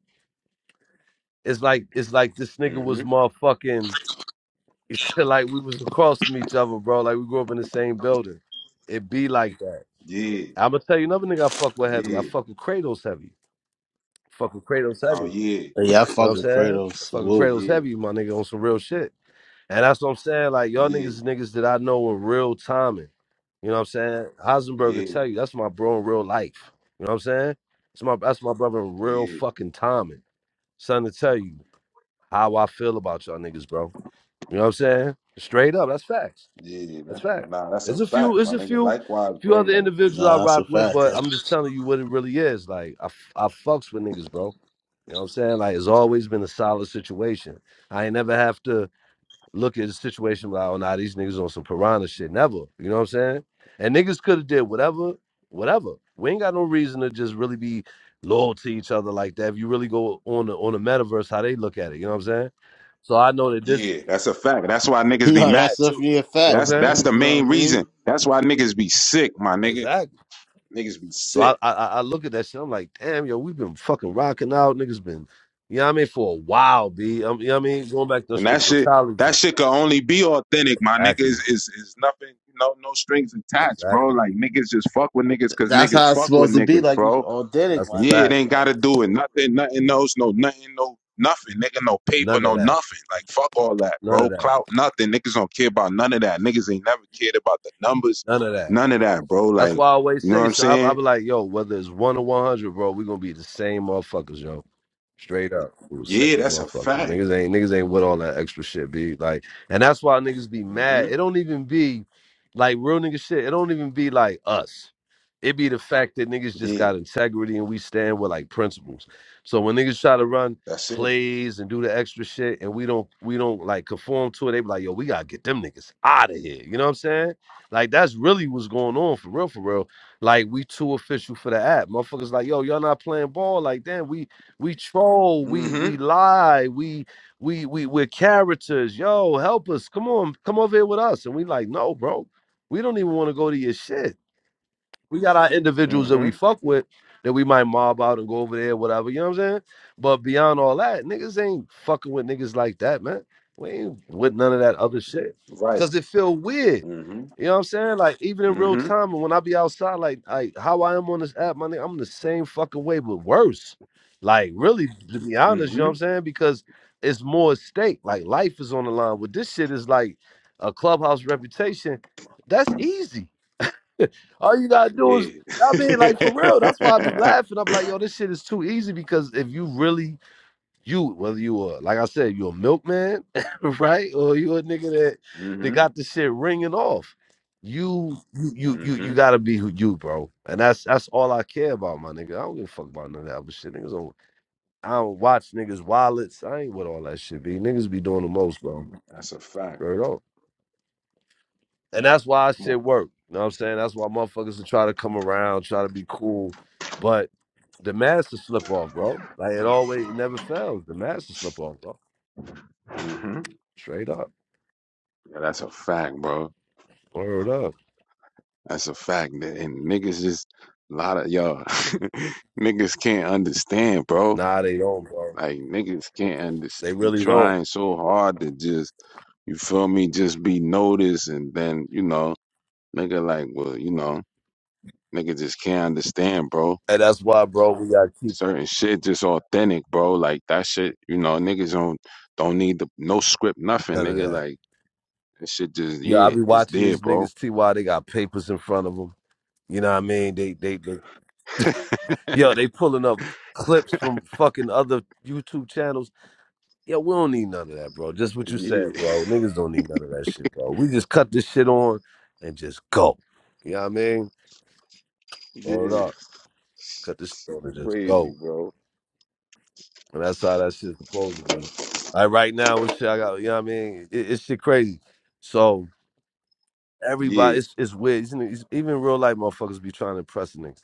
C: it's like it's like this nigga
A: hmm
C: was motherfucking it's like we was across from each other, bro. Like we grew up in the same building. It be like that.
A: Yeah.
C: I'm gonna tell you another nigga I fuck with heavy. I
A: Yeah.
C: fuck with Kratos heavy. Fuck with Kratos
A: Oh
C: heavy. You
A: yeah.
B: Yeah, I
C: know what
B: fuck
C: I'm
B: with
C: saying?
B: Kratos.
C: I fuck with
B: Salute.
C: Kratos
A: Yeah.
C: heavy, my nigga, on some real shit. And that's what I'm saying. Like y'all niggas,
A: Yeah.
C: is niggas that I know in real timing. You know what I'm saying? Heisenberg will
A: Yeah.
C: tell you that's my bro in real life. You know what I'm saying? It's my that's my brother in real
A: Yeah.
C: fucking timing. Son to tell you how I feel about y'all niggas, bro. You know what I'm saying? Straight up, that's facts.
A: Yeah.
C: That's
A: That-
C: fact.
A: Nah, that's a
C: There's a few.
A: fact, my
C: There's a
A: nigga.
C: few.
A: Likewise,
C: Few
A: bro.
C: other
A: Like.
C: individuals I
B: Nah, that's
C: rock
B: a
C: with,
B: fact.
C: but I'm just telling you what it really is. Like I, f- I fucks with niggas, bro. You know what I'm saying? Like it's always been a solid situation. I ain't never have to look at a situation like, oh nah, these niggas on some piranha shit. Never. You know what I'm saying? And niggas could have did whatever, whatever. We ain't got no reason to just really be loyal to each other like that. If you really go on the on the metaverse, how they look at it. You know what I'm saying? So I know that this.
A: Yeah, that's a fact. That's why niggas be
B: No,
A: mad
B: that's
A: too.
B: definitely a
C: You know
B: fact.
C: what
A: That's
C: I'm saying?
A: that's the
B: Niggas know what
A: main
B: I mean?
A: reason. That's why niggas be sick, my nigga.
C: Exactly.
A: Niggas be
C: So I,
A: sick,
C: I I look at that shit. I'm like, damn, yo, we've been fucking rocking out. Niggas been, you know what I mean, for a while, B. Um, you know what I mean? Going back to
A: and that
C: Strickland
A: shit
C: College.
A: that shit could only be authentic, my nigga.
C: Exactly.
A: Is is is nothing, you know, no strings attached, bro.
C: Exactly.
A: Like niggas just fuck with niggas
B: Th-
A: because
B: That's
A: niggas
B: how it's
A: fuck with
B: supposed to be.
A: niggas,
B: Like, you
A: bro.
B: authentic,
C: That's a
B: my
A: Yeah,
B: nigga.
A: it
C: fact.
A: ain't
B: Like,
A: gotta do it. Nothing, nothing knows, no nothing, no nothing, nigga, no paper,
C: None of
A: no
C: that.
A: nothing. Like fuck all that,
C: None
A: bro.
C: of that.
A: Clout, nothing. Niggas don't care about none of that. Niggas ain't never cared about the numbers,
C: None of that.
A: none of that, bro.
C: That's
A: Like,
C: why I always
A: you know what
C: say,
A: I'm
C: so I, I
A: saying?
C: be like, yo, whether it's one or 100, bro, we going to be the same motherfuckers, yo. Straight up. Ooh, same
A: Yeah, that's a
C: motherfuckers.
A: fact.
C: Niggas ain't niggas ain't with all that extra shit, be like and that's why niggas be mad.
A: hmm
C: It don't even be like real nigga shit. It don't even be like us. It be the fact that niggas just
A: Yeah,
C: got integrity and we stand with like principles. So when niggas try to run
A: that's it.
C: plays and do the extra shit and we don't we don't like conform to it, they be like, yo, we gotta get them niggas out of here. You know what I'm saying? Like that's really what's going on for real, for real. Like we too official for the app. Motherfuckers like, yo, y'all not playing ball. Like, damn, we we troll, we
A: hmm
C: we lie, we we we we're characters. Yo, help us. Come on, come over here with us. And we like, no, bro, we don't even want to go to your shit we got our individuals that
A: hmm
C: we fuck with that we might mob out and go over there, whatever. You know what I'm saying? But beyond all that, niggas ain't fucking with niggas like that, man. We ain't with none of that other shit
A: Right.
C: because it feel weird.
A: hmm
C: You know what I'm saying? Like even in real
A: hmm
C: time, and when I be outside, like like how I am on this app, my nigga, I'm the same fucking way, but worse. Like really, to be honest, you know what I'm
A: hmm
C: saying? Because it's more at stake. Like life is on the line. With this shit is like a clubhouse reputation. That's easy. All you gotta do is,
A: Yeah.
C: I mean, like for real. That's why I be laughing. I'm like, yo, this shit is too easy because if you really, you whether you are, like I said, you a milkman, right, or you a nigga that that
A: hmm
C: got the shit ringing off. You, you, you, you, you
A: hmm
C: gotta be who you, bro. And that's that's all I care about, my nigga. I don't give a fuck about none of that other shit. Niggas don't. I don't watch niggas' wallets. I ain't with all that shit. Be niggas be doing the most, bro.
A: That's a fact.
C: Straight up. And that's why I
A: Come on.
C: shit work. You know what I'm saying? That's why motherfuckers will try to come around, try to be cool. But the master slip off, bro. Like it always it never fails. The master slip off, bro.
A: hmm
C: Straight up.
A: Yeah, that's a fact, bro.
C: Word up.
A: That's a fact. And and niggas just a lot of y'all niggas can't understand, bro.
C: Nah, they don't, bro.
A: Like niggas can't
C: They
A: understand. Be
C: really don't.
A: trying so hard to just you feel me, just be noticed, and then you know, nigga, like, well, you know, nigga just can't understand, bro.
C: And that's why, bro, we gotta keep
A: Certain shit just authentic, bro. Like that shit, you know, niggas don't don't need the no script, nothing,
C: none of
A: nigga.
C: that.
A: Like that shit just
C: Yo, I
A: yeah,
C: be
A: it's
C: watching
A: there,
C: these
A: bro.
C: niggas TY, they got papers in front of them. You know what I mean? They they they yo, they pulling up clips from fucking other YouTube channels Yo, we don't need none of that, bro. Just what you said,
A: Yeah,
C: bro. Niggas don't need none of that shit, bro. We just cut this shit on and just go. You know what I mean? Roll it
A: yeah,
C: up. Cut this shit
A: shit
C: on and just
A: crazy,
C: go.
A: bro.
C: And that's how that shit's supposed to be. Like right now, with shit I got, you know what I mean? It, it's shit crazy. So
A: Yeah.
C: everybody, it's, it's weird. Isn't Even real life motherfuckers be trying to impress niggas.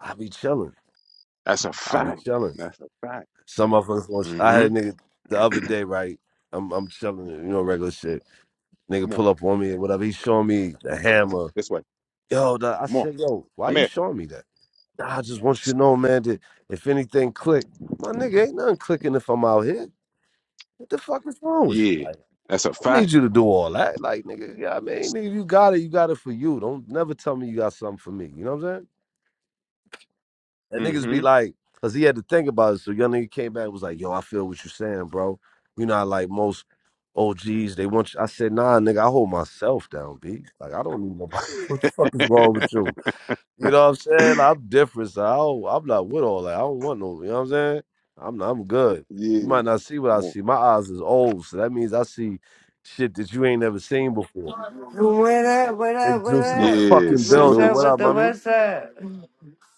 C: I be chilling.
A: That's a
C: I be
A: fact.
C: chilling.
A: That's a fact.
C: Some motherfuckers, gonna sh- I had
A: hmm
C: a nigga the other day, right? I'm, I'm chilling, you know, regular shit nigga
A: Come on.
C: pull up on me and whatever. He's showing me the hammer.
A: This way.
C: Yo, the, I
A: Come on.
C: said, yo, why
A: Come
C: you
A: here.
C: showing me that? "Nah, I just want you to know, man, that if anything click, my nigga ain't nothing clicking if I'm out
A: Come on.
C: here. What the fuck is wrong with you?
A: Yeah.
C: Like, I
A: That's a
C: don't
A: fact.
C: need you to do all that. Like, nigga, yeah, I mean, nigga, you got it, you got it for you. Don't never tell me you got something for me. You know what I'm saying? And niggas be
A: hmm
C: like, cause he had to think about it. So young nigga came back and was like, yo, I feel what you're saying, bro. You know, like most OGs, they want you. I said, nah, nigga, I hold myself down, B. Like, I don't need nobody. What the fuck is wrong with you? You know what I'm saying? Like, I'm different, so I don't, I'm not with all that. I don't want no. You know what I'm saying? I'm not- I'm good.
A: Yeah.
C: You might not see what I
A: Come on.
C: see. My eyes is old, so that means I see shit that you ain't never seen before.
E: What up? What
C: They
E: up? What
C: juice in the
E: up?
A: Yeah.
C: fucking
E: What's
C: building.
A: Salute.
E: up
C: What
E: with
C: up,
E: the
A: Salute.
C: mommy?
E: what's up?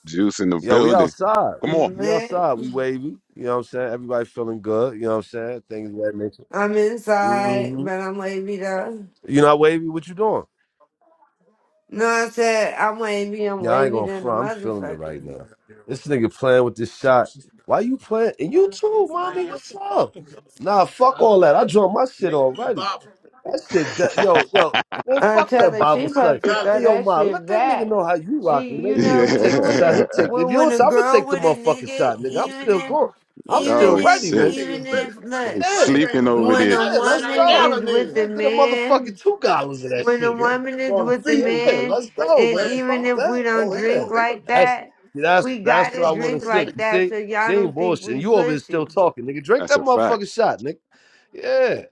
A: Juice in the
C: Yo, we
A: building.
C: outside.
A: Come on.
C: We
E: Lit.
C: outside. We wavy. You know what I'm saying? Everybody feeling good. You know what I'm saying? Things of that nature.
E: I'm inside,
C: hmm
E: but I'm wavy though.
C: You not wavy? What you doing?
E: No, I said I'm wavy. I'm
C: Yeah, I ain't
E: wavy
C: gonna
E: than a
C: front. I'm feeling it
E: motherfucker.
C: right now. This nigga playing with this shot. Why you playing? And you too, mommy. What's up? Nah, fuck all that. I drunk my shit already. That shit, that, yo, yo, man, fuck
E: Until
C: that
E: the she
C: Bible study.
E: supposed to throw
C: Hey, yo,
E: that
C: ma,
E: shit
C: let that nigga
E: back.
C: know how you
E: See,
C: rocking.
E: you
C: Maybe if
E: know
C: you
E: when
C: take
E: you
C: the
E: with
C: shot,
E: a
A: yeah.
C: he'll take. If
E: when
C: you
E: when
C: don't,
E: a
C: I'm gonna
E: girl
C: take the
E: with a
C: motherfucking
E: nigga,
C: shot, nigga. I'm
E: even
C: still
E: if
C: going. I'm
E: even
C: still
A: Oh
C: ready,
E: if
A: shit.
E: even
C: nigga.
E: if
A: They
E: look,
C: Yeah,
A: sleeping over
C: yeah,
E: when
A: there.
E: a
C: let's go.
E: woman is with a
C: Yeah, get a
E: man.
C: motherfucking two gallons of that
E: when a
C: shit.
E: woman is with a
C: Yeah,
E: man,
C: let's go,
E: and
C: man.
E: even
C: Fuck
E: if we
C: that.
E: don't
C: Yeah.
E: drink like
C: That's
E: that,
C: that's
E: we
C: that's
E: gotta
C: what I want to
E: drink
C: see.
E: like that
C: See,
E: so
C: she
E: y'all
C: ain't
E: don't think
C: bullshitting.
E: we
C: You over here still
E: pussy.
C: talking, nigga. Drink
A: That's
C: that
A: a fact.
C: motherfucking shot, nigga. Yeah.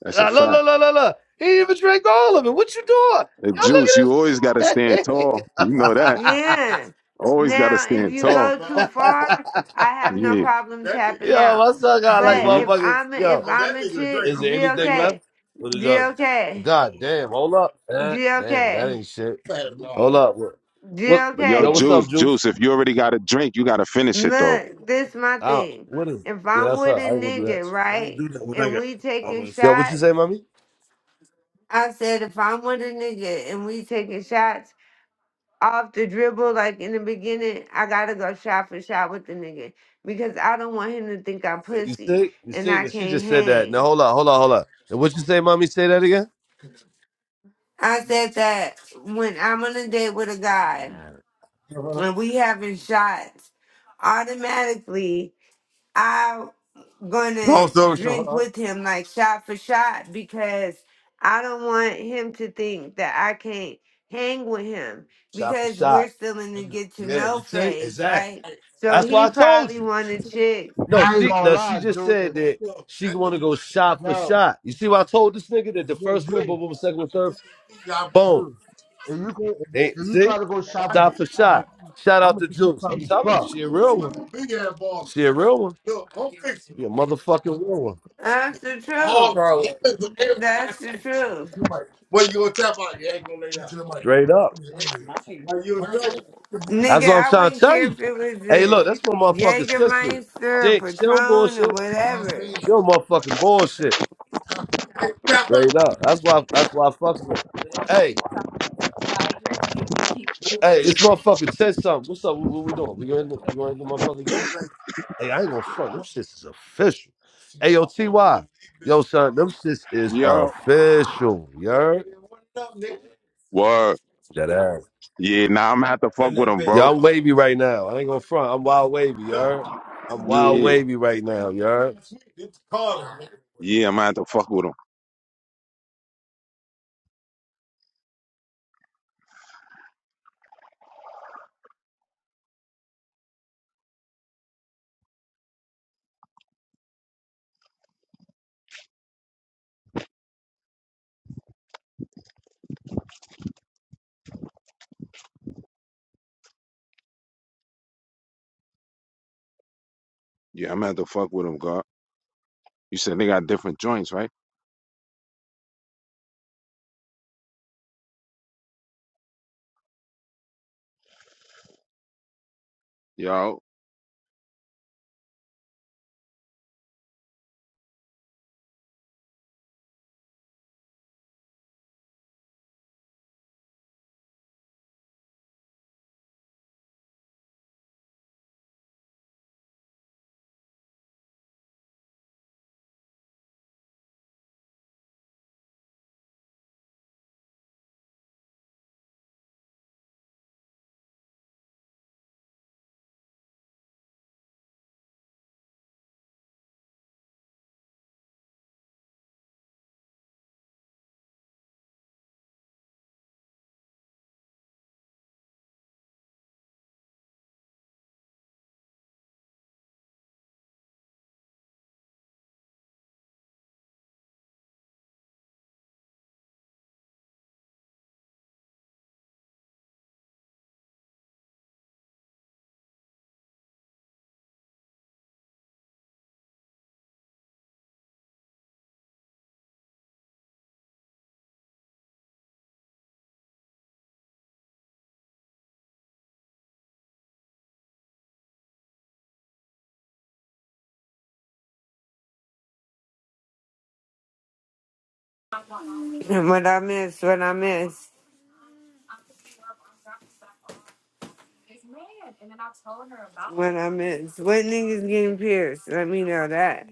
A: That's a
C: La la la
A: fact.
C: la la. la. He didn't even drank all of it. What you doing?
A: Hey,
C: Y'all
A: Juice, you always gotta
C: look
A: stand
C: at this.
A: tall. You know that.
E: Yeah.
A: Always gotta
E: Now, if
A: stand
E: you
A: tall.
E: go too far, I have no
A: Yeah.
E: problem tapping
C: Yo,
E: out.
C: my son got like
E: But if
C: motherfuckers.
E: I'm a,
C: Yo,
E: if I'm a chick,
C: is there anything
E: GOK,
C: left? What is up?
E: GOK,
C: God damn, hold up. Eh, damn, that
E: GOK,
C: ain't shit. Hold dog. up. What, what
A: But yo,
C: yo, what's
E: GOK.
C: up,
A: Juice,
C: Juice?
A: Juice, if you already got a drink, you got to finish it though.
E: Look, this my
C: Out.
E: thing.
C: What is
E: If
C: Yeah,
E: I'm
C: that's her.
E: with a
C: I ain't gonna do that.
E: nigga, right, and we taking
C: Always. Yo, what you say,
E: shots.
C: mommy?
E: I said if I'm with a nigga and we taking shots off the dribble like in the beginning, I gotta go shot for shot with the nigga because I don't want him to think I'm
C: You
E: pussy
C: sick? You
E: and
C: sick?
E: I
C: She
E: can't
C: just said that. Now
E: hang.
C: hold up! hold up! hold up! And what you say, mommy? Say that again?
E: I said that when I'm on a date with a guy and we having shots, automatically I'm
C: No,
E: gonna
C: story
E: drink
C: short,
E: with him like shot for shot because I don't want him to think that I can't hang with him
C: Shot for
E: because we're
C: shot.
E: still in the get to
C: Yeah, you
E: know
C: see?
E: phase,
C: Exactly.
E: right? So
C: That's what
E: he
C: I told
E: probably
C: you.
E: wanted chicks.
C: No,
B: I ain't
C: she
B: gonna
C: no, she
B: lie,
C: just
B: Juice.
C: said
B: If
C: that
B: you,
C: she want to go shot for
B: yo,
C: shot. You see what I told this nigga that the first one,
B: Juice,
C: boom, boom, second one, third, boom.
B: Juice. If you go, if
C: They,
B: you if you
C: see,
B: try to go shop for,
C: shot for
B: shop for
C: shot.
B: me,
C: Shout
B: I'm
C: out
B: gonna
C: to
B: keep you
C: Juice. I'm
B: trying to
C: telling
B: fuck.
C: you, she a real one. She a real one. She a motherfucking real
E: That's the truth. That's the truth.
C: one. Straight up. That's
E: Nigga,
C: what I'm
E: I
C: trying to
E: wouldn't
C: tell
E: care
C: you.
E: if it was
C: Hey,
E: a
C: look, that's my motherfucking sister.
E: Jägermeister or
C: Dick, she don't
E: Patron or
C: bullshit.
E: whatever.
C: She don't motherfucking bullshit. Straight up. That's why. That's why I fucks with. her. Hey, hey, this motherfucking said something. What's up? What, what we doing? We going? You going to the motherfucking game? Hey, I ain't gonna front. Them shits is official. Hey, yo, Ty. Yo, son, them shits is
A: Yo.
C: official. You heard?
A: Word.
C: nigga?
A: Yeah, nah, I'm gonna have to fuck with him,
C: Yeah,
A: bro.
C: I'm wavy right now. I ain't gonna front. I'm wild wavy, you heard? I'm wild
A: Yeah.
C: wavy right now, you heard?
A: Yeah, I'm gonna have to fuck with him. Yeah, I'm gonna have to fuck with him, God. You said they got different joints, right? Yo.
E: What I miss, what I miss. What I miss? What niggas getting pierced? Let me know that.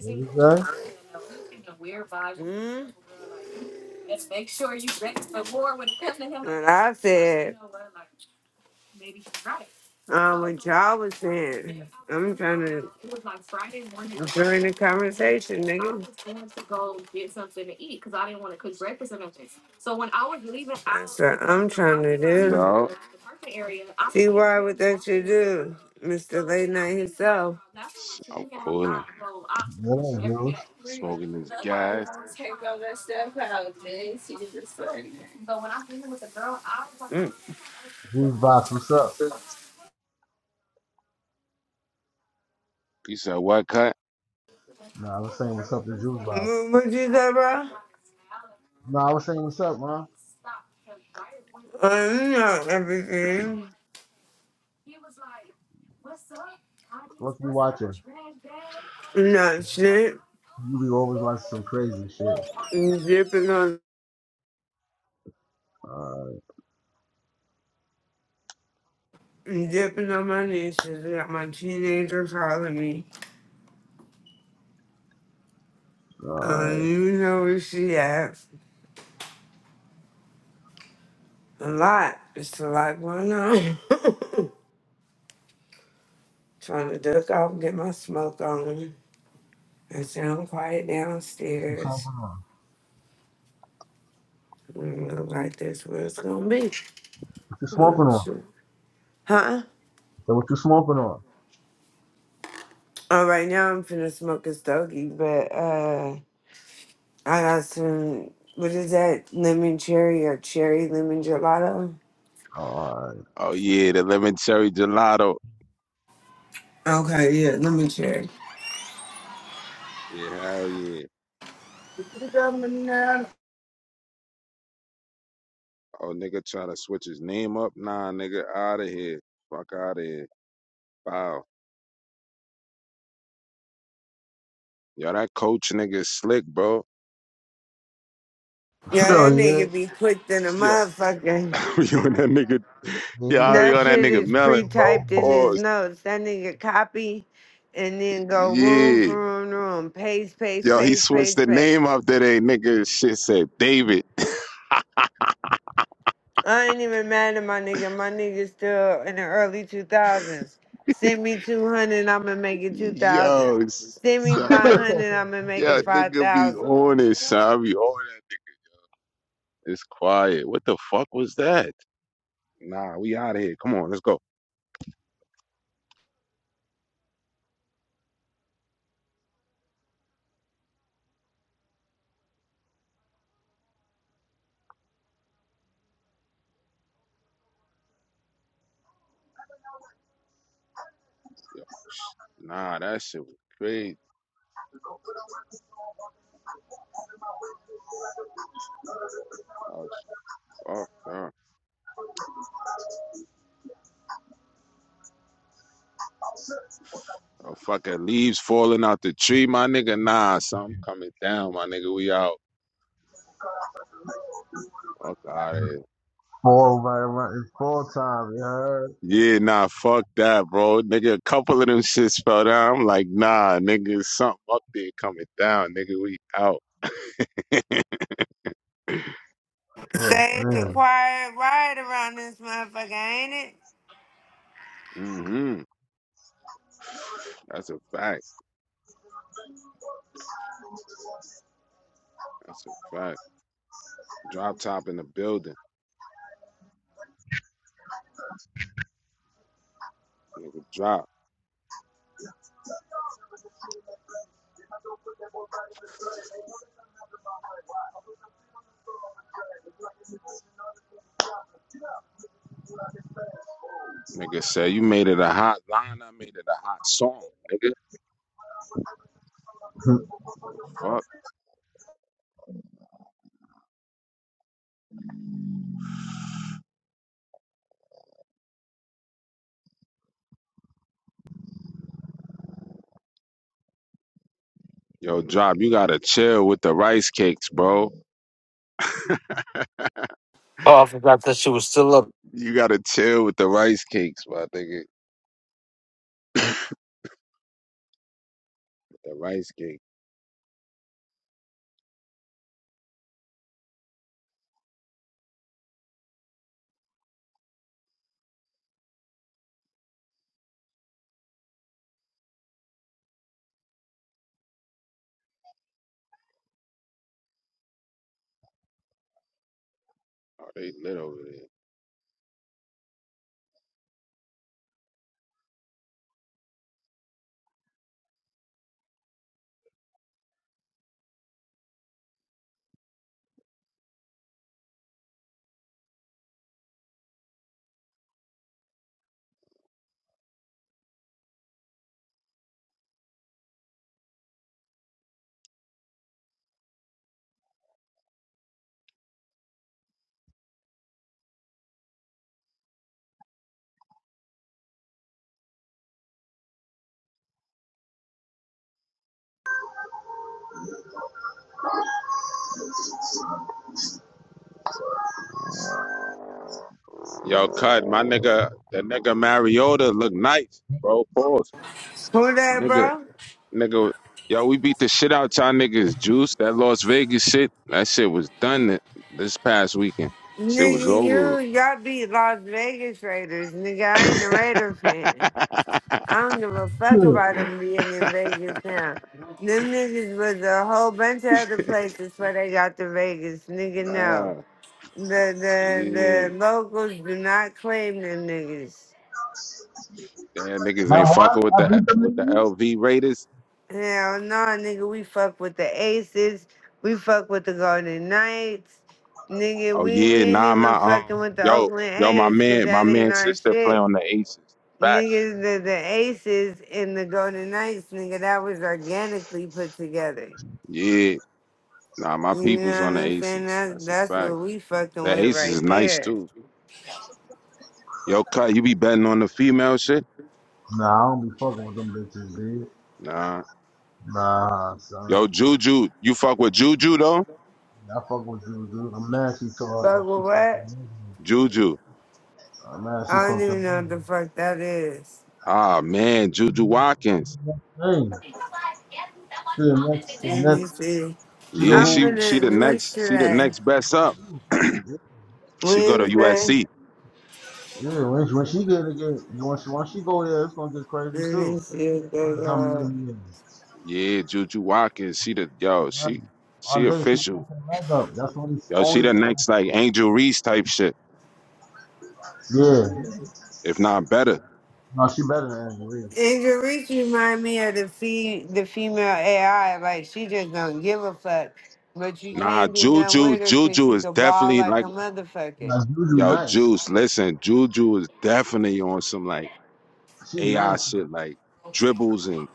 B: There you go.
E: Mm? Like, And I Like, you said, Uh, what y'all was saying. I'm trying to during the conversation, nigga. That's what I'm trying to do.
A: Yo.
E: See why would that you do, Mr. Late Night himself?
A: S- I'm cooling.
B: Yeah, Juice.
A: Smoking this gas.
E: Mm.
B: Juice Box, what's up?
A: You said what cut?
B: No, I was saying what's up to Juice Box.
E: Mm, What you say, bro?
B: No, I was saying what's up, man.
E: I'm not everything.
B: What you watching?
E: I'm not shit.
B: You be always watching some crazy shit.
E: dipping on
B: Alright,
E: dipping on my nieces. I got my teenager calling me.
B: alright.
E: Um, you know where she at. A lot. It's a lot going on. Trying to duck off and get my smoke on. I sound quiet
B: What you
E: downstairs.
B: smoking on?
E: Mm, like that's where it's gonna be.
B: What you smoking
E: Oh,
B: on?
E: shoot. Huh?
B: So what you smoking on?
E: Oh, right now I'm finna smoke a stogie, but uh, I got some. What is that? Lemon cherry or cherry lemon gelato?
B: Alright.
A: Oh yeah, the lemon cherry gelato.
E: Okay, yeah, lemon cherry.
A: Yeah, hell yeah. Oh nigga try to switch his name up. Nah, nigga, out of here. Fuck out of here. Wow. Yo, that coach nigga is slick, bro.
E: Yeah,
B: Oh
A: You
E: that
A: on that
B: yeah.
E: nigga
A: nigga.
E: be quick than a
A: Yeah.
E: motherfucker.
A: we on that nigga.
B: Man,
A: Yeah,
B: you
A: I
B: be
A: be
E: That
A: on
B: cooking.
A: that
E: shit
A: nigga
E: is
A: melon, bro.
E: pre-typed in his
A: Pause.
E: notes. That nigga copy and then go room
A: Yeah.
E: for room to room. Paste, paste,
A: Yo, he
E: paste,
A: switched
E: paste,
A: the name
E: paste.
A: up today, nigga. Shit said David.
E: I ain't even mad at my nigga. My nigga still in the early 2000s. Send me 200, I'ma make it 2,000.
A: Yo,
E: Send me
A: son. that-
E: 500, I'ma make it
A: Yeah, nigga be
E: 5,000.
A: on it, son. I be on that. It's quiet. What the fuck was that? Nah, we out of here. Come on, let's go. Yo, sh- Nah, that shit was crazy. I was fucked up. Oh, fucking leaves falling out the tree, my nigga. Nah, something coming down, my nigga. We out. Fuck out of here.
B: Fall right around. It's fall time, you heard?
A: Yeah, nah, fuck that, bro. Nigga, a couple of them shits fell down. I'm like, nah, nigga, something up there coming down, nigga. We out.
B: Oh
E: Say it's a
B: man.
A: fuck.
E: quiet ride around this motherfucker, ain't it?
A: Mm-hmm. That's a fact. That's a fact. Drop top in the building. Nigga, drop. Nigga said you made it a hot line. I made it a hot song, nigga. Fuck. Yo, Job, you gotta chill with the rice cakes, bro.
F: Oh, I forgot that she was still up.
A: You gotta chill with the rice cakes, my nigga. the rice cake. Oh, they lit over there. Yo, cut, my nigga, the nigga Mariota look nice, bro. Pause.
E: Who that,
A: Nigga,
E: bro?
A: nigga. Yo, we beat the shit out y'all niggas, Juice. That Las Vegas shit, that shit was done th- this past weekend. Shit was
E: Nigga,
A: over
E: you
A: with.
E: y'all beat Las Vegas Raiders. Nigga, I ain't a Raider fan. I don't give a fuck about
B: now
E: them being in Vegas now. Them niggas was a whole bunch of other places where they got to Vegas. Nigga, no.
A: Ah.
E: The the
A: Yeah.
E: the locals do not claim them niggas.
A: Damn niggas ain't
B: what?
A: fucking with
B: I
A: the
B: beat them
A: with the
B: niggas?
A: LV Raiders.
E: Hell no, nigga, we fuck with the Aces. We fuck with the Golden Knights. Nigga,
A: Oh
E: we, we
A: yeah,
E: ain't
A: nah my
E: even fucking
A: um
E: with the
A: yo
E: Oakland
A: yo my
E: A's 'cause
A: man my
E: that ain't
A: man
E: our
A: sister play
E: shit.
A: on the Aces. Facts.
E: Nigga, the, the aces and the Golden Knights, nigga, that was organically put together.
A: Yeah. Nah, my
E: You know
A: people's on
E: what
A: the
E: I'm
A: Aces.
E: saying? That's
A: That's a
E: that's
A: fact.
E: what we fucking
A: The
E: with
A: Aces
E: right
A: is nice
E: there.
A: too. Yo, cut. You be betting on the female shit?
B: Nah, I don't be fucking with them bitches, dude.
A: Nah.
B: Nah, son.
A: Yo, Juju. You fuck with Juju though?
B: I fuck with Juju. I'm mad she saw her.
E: Fuck with what?
A: Juju.
B: I'm mad she
E: I don't
B: fucked her.
E: even know what the fuck that is.
A: Ah man, Juju Watkins.
B: Hey, the next, the
E: Let me
B: next,
E: see.
B: she the
A: Yeah,
E: I'm
B: who?
A: she she
E: gonna
A: the
E: what's
A: next she the
E: today?
A: next best up. she go to
E: Wednesday.
A: USC.
B: Yeah, when she, when she get it, get- when she, when she go there, it's gonna get crazy
E: Let
B: too.
E: me see what they
B: Something
E: got.
B: in the
A: Yeah, Juju Watkins, she the yo,
B: end.
A: she she
B: One day she
A: official.
B: fucked her leg up. That's the only
A: Yo, she
B: only
A: the
B: thing.
A: next like Angel Reese type shit,
B: Yeah.
A: if not better.
B: No, she better than Angela. is.
E: Angel Reese remind me of the fe- the female AI. Like she just don't give a fuck. But you
A: Nah,
E: can't do nothing
A: Juju,
E: with her cause
A: Juju
E: she
A: is
E: can ball
A: definitely
E: like a
A: like
E: motherfucker.
B: Now Juju
A: yo,
B: nice.
A: Juice. Listen, Juju is definitely on some like
B: She
A: AI
B: nice.
A: shit, like dribbles and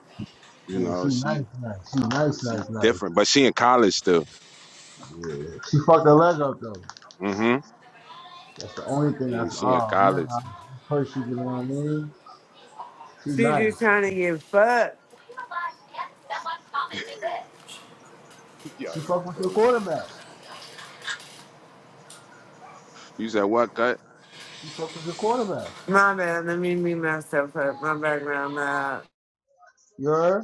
A: you
B: Yeah, she
A: know,
B: nice,
A: she
B: nice. She nice,
A: she
B: nice, nice.
A: different, but she in college still.
B: Yeah. She fucked her leg up though.
A: Mm-hmm.
B: That's the only thing
A: Yeah,
B: that's
A: she in
B: oh man,
A: college.
B: I pray she you know what I mean? She
E: She just
B: nice.
E: trying to get fucked.
A: Yo,
B: She
A: you
B: fuck with your
A: crazy.
B: quarterback.
A: You said what cut?
B: She fuck with your quarterback.
E: My bad. Let me mute myself up. My background loud.
B: You're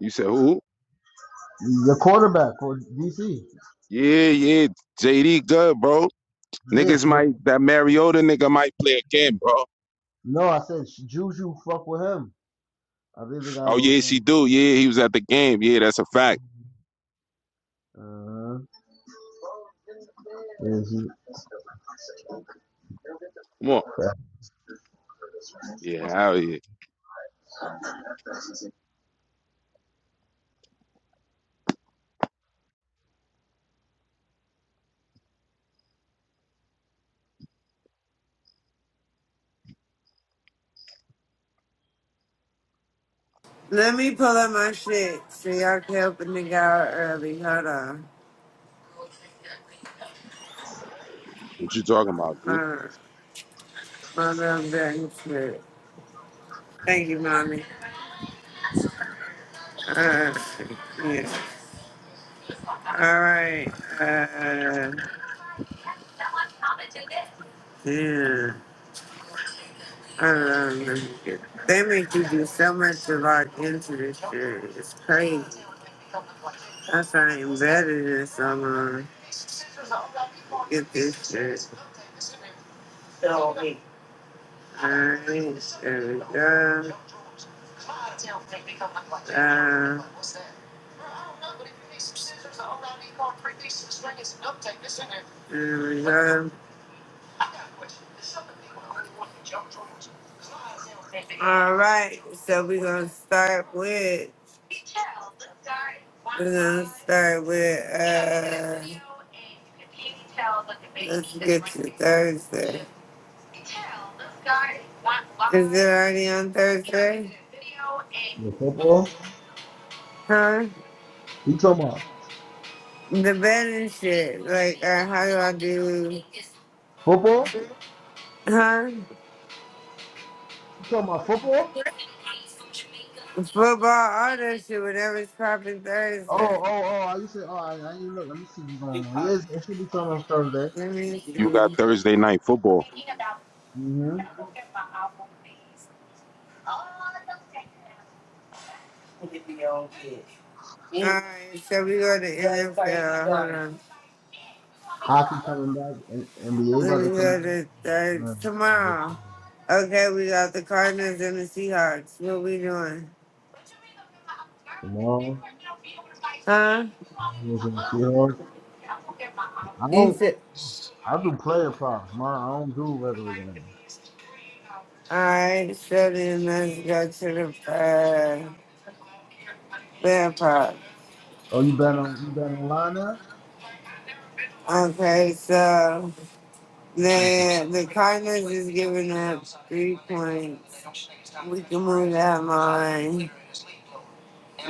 A: You said who?
B: your quarterback for DC.
A: Yeah, yeah, JD good, bro.
B: Yes,
A: Niggas
B: no,
A: might that Mariota nigga might play again, bro.
B: no, I said she- Juju fuck with him. I really think they got a
A: Oh
B: little
A: yeah, yes, he
B: something.
A: do. Yeah, he was at the game. Yeah, that's a fact.
B: Uh, yeah, she,
A: Come on.
B: yeah.
A: Yeah, hell yeah.
E: Let me pull up my shit so y'all can help a nigga out early. Hold on.
A: What you talking about, dude?
E: Uh, my bad. back shit. Thank you, mommy. Uh, yeah. All right. Uh, yeah. Um, they make you do so much of our into this shit. It's crazy. I find better than someone. Get this shit. Alright, there we go. Uh, there we go. Alright, so we're gonna start with, we're gonna start with, uh, let's get to Thursday. Is it already on Thursday?
B: Yeah, football?
E: Huh?
B: You talking about
E: The betting shit. Like, uh, how do I do?
B: football?
E: Huh?
B: You talking about football?
E: Football, all that shit, whatever's popping Thursday.
B: Oh, oh, oh! I used to. Oh, I, I ain't look. Let me see what's going on. Yes, it should be something on Thursday.
E: Let me
A: You
E: see.
A: got Thursday night football.
B: hmm
E: Alright, so we go to NFL. Hold on.
B: Hockey coming back and NBA
E: Let
B: about
E: me
B: to come
E: go
B: back.
E: to Thursday.
B: Man, with it
E: Tomorrow. Okay, we got the Cardinals and the Seahawks. What we doing?
B: Tomorrow,
E: Huh?
B: Bulls and the Seahawks. I
E: You
B: don't.
E: said.
B: I do player props, man. I don't do regular games.
E: I study let's go to the uh, vampire.
B: Oh, you bet on you bet online now.
E: Okay, so
B: Let's see if You
E: the the Cardinals is giving up three points. We can move that line.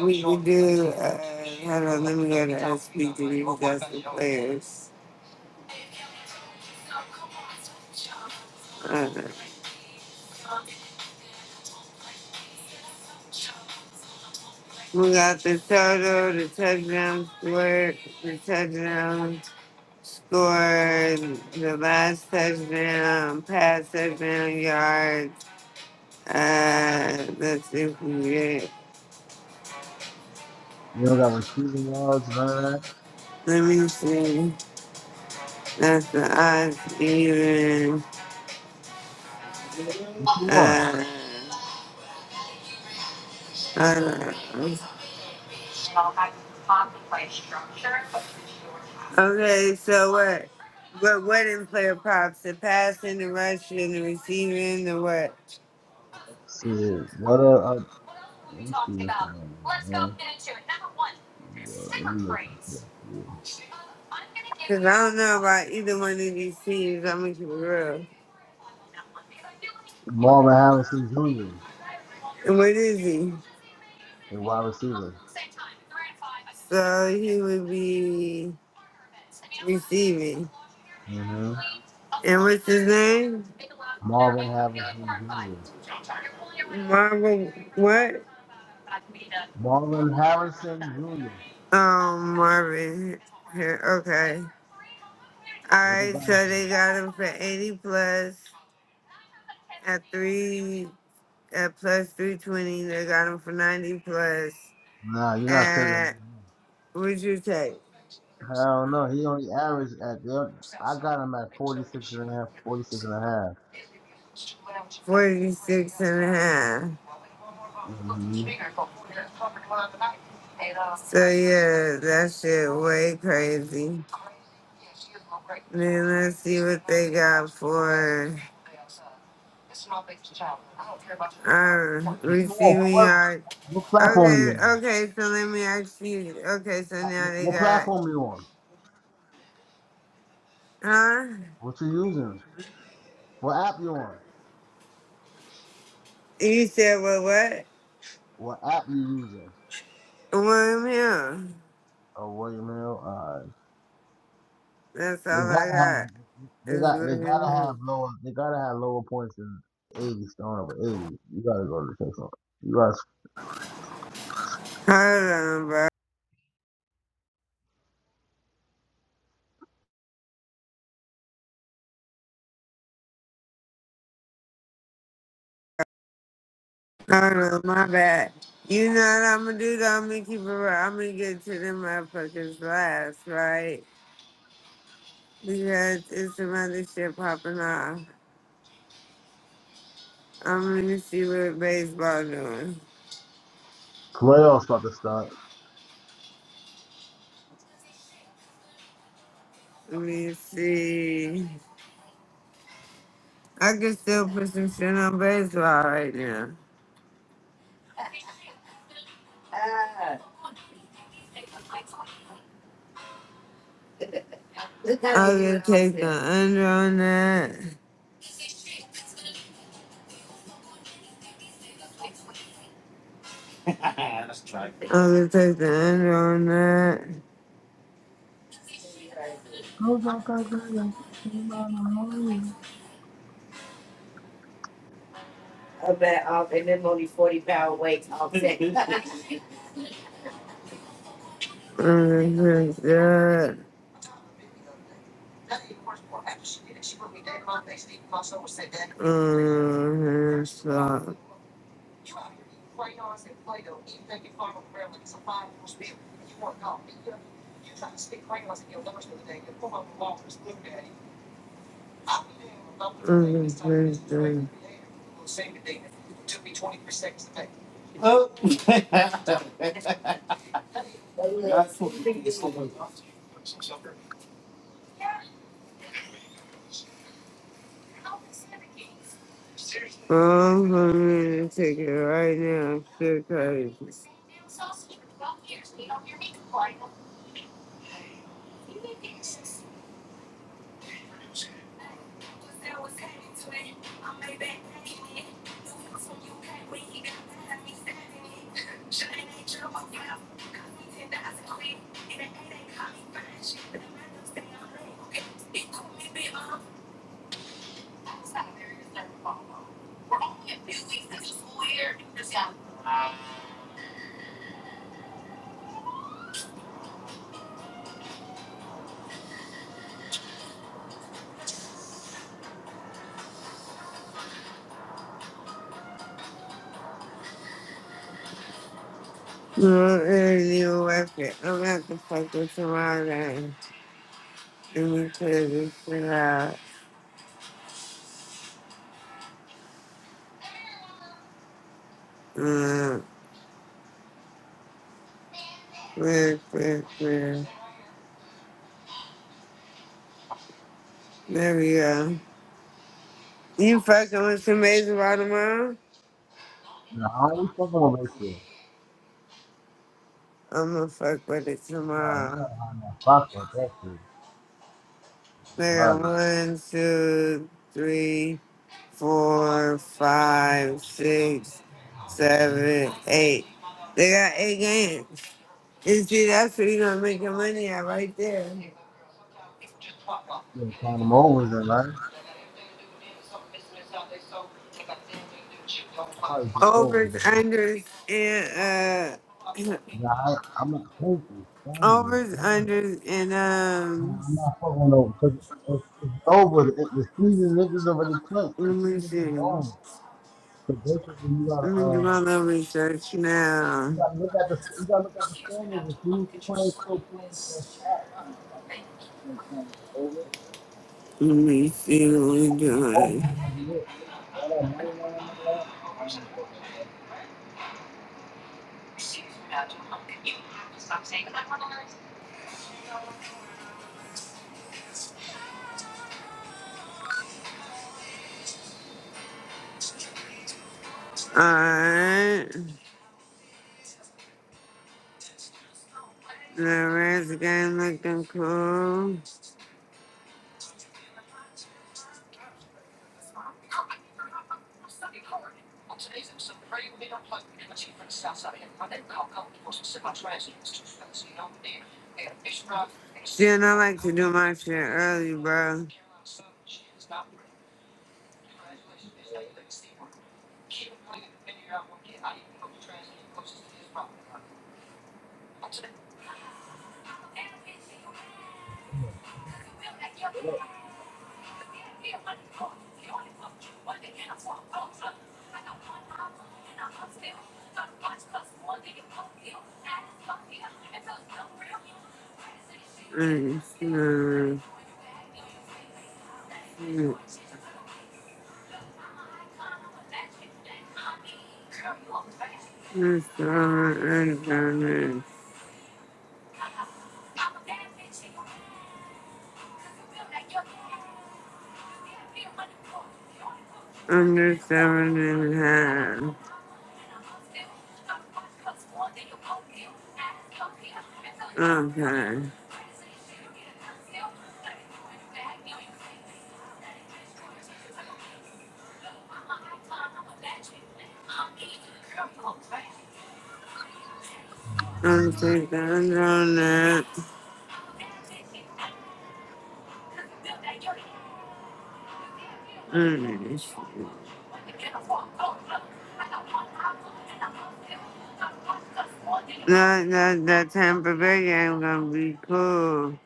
E: We can do. Uh, hold on, let me go to SPG. That's the players. Uh, we got the total, the touchdown score, the touchdown. scored the last touchdown, pass touchdown yards. Uh, let's see if we get.
B: you don't got receiving yards, none of that.
E: Let me see. That's the odds even.
B: What you want?
E: Uh, I don't know. okay, so what? What what in player props? The passing, the rushing, the receiving, the what?
B: See it. What uh, uh, let's see what's going on. Man. Yeah, we looking for it.
E: Cause I don't know about either one of these teams. I'm gonna keep it real.
B: Marvin Harrison Jr.
E: And what is he?
B: the wide receiver.
E: So he would be receiving.
B: hmm
E: And what's his name?
B: Marvin Harrison Jr.
E: Marvel. What?
B: Marvin Harrison Jr.
E: Um, Marvin. Here. Okay. All
B: What the
E: right.
B: guy?
E: So they got him for eighty plus at three at plus three twenty. They got him for ninety plus
B: Nah, you're not taking him.
E: at what'd you take?
B: Hell no. He only averaged at the. I got him at 46 and a half. 46 and a half.
E: Forty six and a half.
B: Mm-hmm.
E: So yeah, that shit way crazy. Then let's see what they got for. Um,
B: What,
E: receiving
B: what,
E: yard.
B: what platform are you
E: Okay,
B: on?
E: okay, so let me ask you. Okay, so
B: Uh,
E: now they
B: What
E: got,
B: platform are you on?
E: huh?
B: What you using? What app you on?
E: You said, well, what?
B: What app you using?
E: William Hill.
B: Oh, William Hill. Uh,
E: That's
B: they
E: all I
B: gotta have.
E: got
B: They
E: is
B: got. They
E: William
B: gotta have
E: Hill.
B: lower. They gotta have lower points than 80. Stone over 80. You gotta go to the six You guys
E: Hold on, bro. Hold on, my bad. You know what I'm gonna do though? I'm gonna keep it real. I'm gonna get to them motherfuckers last, right? Because it's some other shit popping off. I'm gonna see what baseball doing.
B: playoffs about to start.
E: Let me see. I can still put some shit on baseball right now. I could take the under on that. I could take the under on that. I could take that. Um, so, I could take that. Oh. I'm gonna take it right now because no ain't even worth it. I'm gonna have to fuck with somebody and we because this shit out. Uh, quick, quick, quick. There we go. You fucking with some amazing by tomorrow?
B: Nah, we fucking with Rachel.
E: I'm gonna fuck with it
B: Nah, you
E: tomorrow.
B: gotta have that fuck with that shit.
E: They
B: Nah,
E: got one, two, three, four, five, six, seven, eight. They got eight games. And see, that's what you're gonna make your money at right there.
B: You gotta find them overs in, man. I probably do overs.
E: Overs, unders, and uh,
B: Nah, I, I'm not thinking.
E: overs,
B: Nah,
E: unders, and
B: nah,
E: um,
B: I'm not fucking with over. Cause it's, it's over. The, the season niggas already clinched.
E: let
B: The
E: me
B: season
E: see.
B: is over.
E: Let
B: So basically, you gotta,
E: me do
B: uh,
E: my little research now.
B: you gotta look at the, you gotta look at the standings and see who's playing, still playing for a slot. man. I think this is gonna come like over.
E: Let me see what we're
B: Over
E: doing.
B: is gonna be it. All that money, man, and all that. I don't even fucking think. about
E: Alright, the rest game looking cool. See, and I like to do my shit early, bro. Mm, mm, mm. This summer and summer. I'm just seven and just a half. Okay. I'm
B: that.
E: taking on that. Mm. That, that, that Tampa Bay game gonna be cool.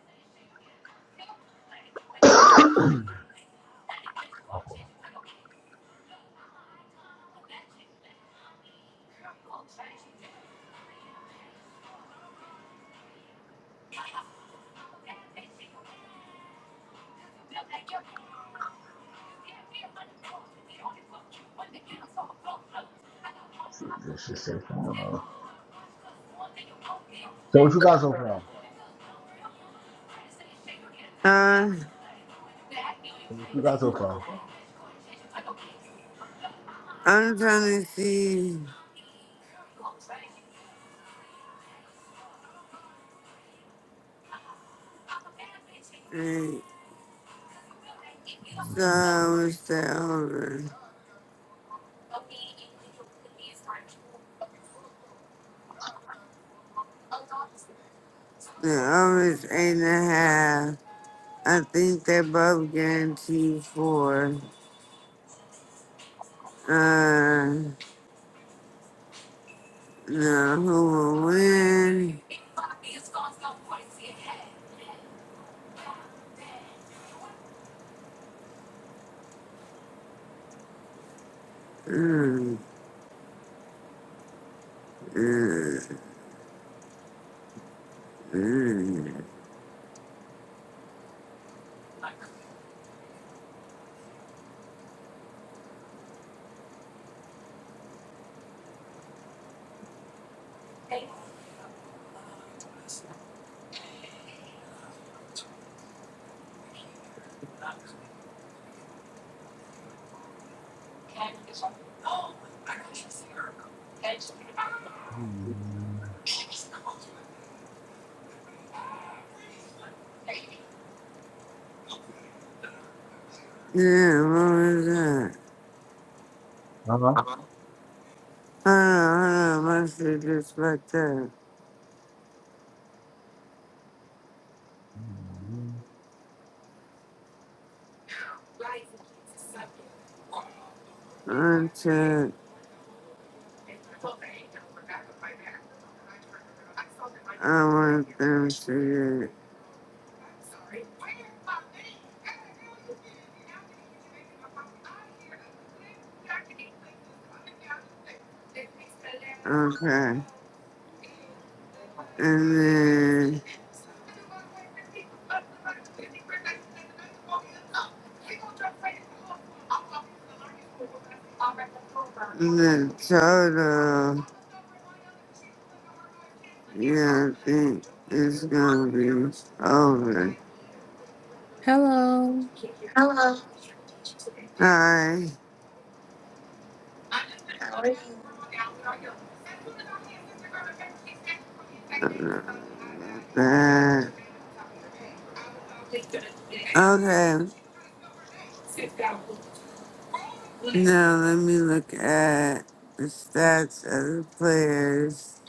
B: Shit, This shit so far. So what you got so far?
E: Uh,
B: So what you got so far?
E: I'm trying to see. Like, so I was the over. The over is eight and a half. I think they're both guaranteed for. Uh, no, who will win? Mm, mm, mm. Yeah, what was that?
B: Uh huh.
E: Hold on, hold on, my shit just fucked up. Uncheck. I want them to get. Okay. And then the total, yeah, I think it's gonna be over.
G: hello
E: Hello. Hi. Uh, okay, now let me look at the stats of the players.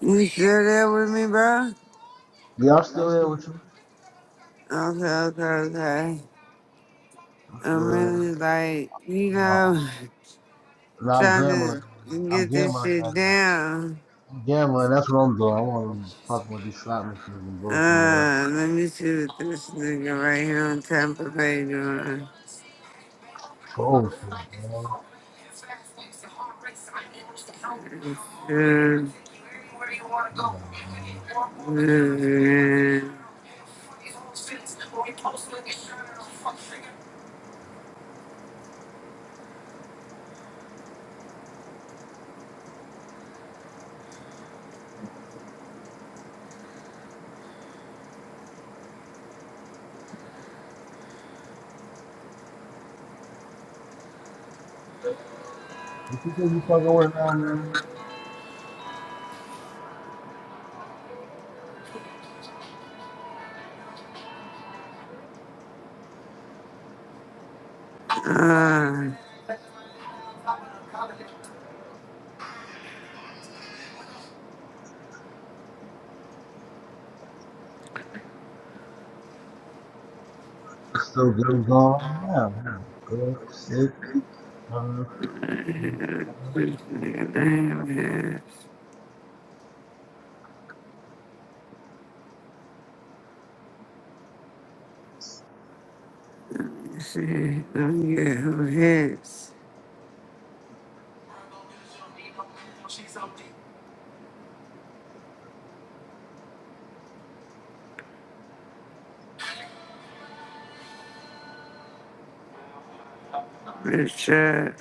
E: You still there with me, bro?
B: Yeah, I'm still here with you.
E: Okay, okay, okay.
B: I'm
E: I'm
B: still here.
E: really like, you
B: No,
E: know,
B: no, I'm
E: trying
B: gambling.
E: to
B: I'm
E: get this
B: gambling
E: shit
B: right now.
E: down.
B: I'm gambling. That's what I'm doing. I want to fuck with these slot machines and bullshit. around.
E: Uh, let me see what this nigga right here on Tampa Bay doing.
B: Bullshit, bro. Yeah, man.
E: Uh,
B: What you think you fucking with now, man?
E: uh,
B: It's still games on right now. Hmm. Six, six, seven, six, seven.
E: Richard.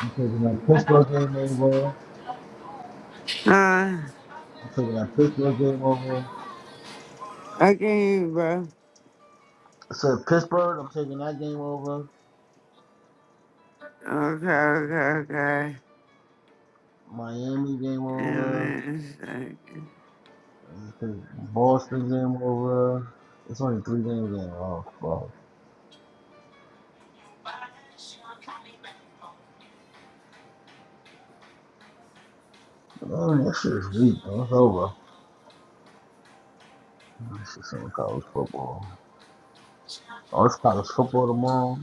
B: You taking that pistol game over?
E: Huh?
B: I'm taking that Pittsburgh game over.
E: I can hear you, bro.
B: I said Pittsburgh. I'm taking that game over.
E: Okay, okay, okay.
B: Miami game
E: In a
B: over.
E: second.
B: I'm taking Boston game over. It's only three games on a row, Man, that shit is weak, man. It's over. That shit's on college football. Oh, it's college football tomorrow.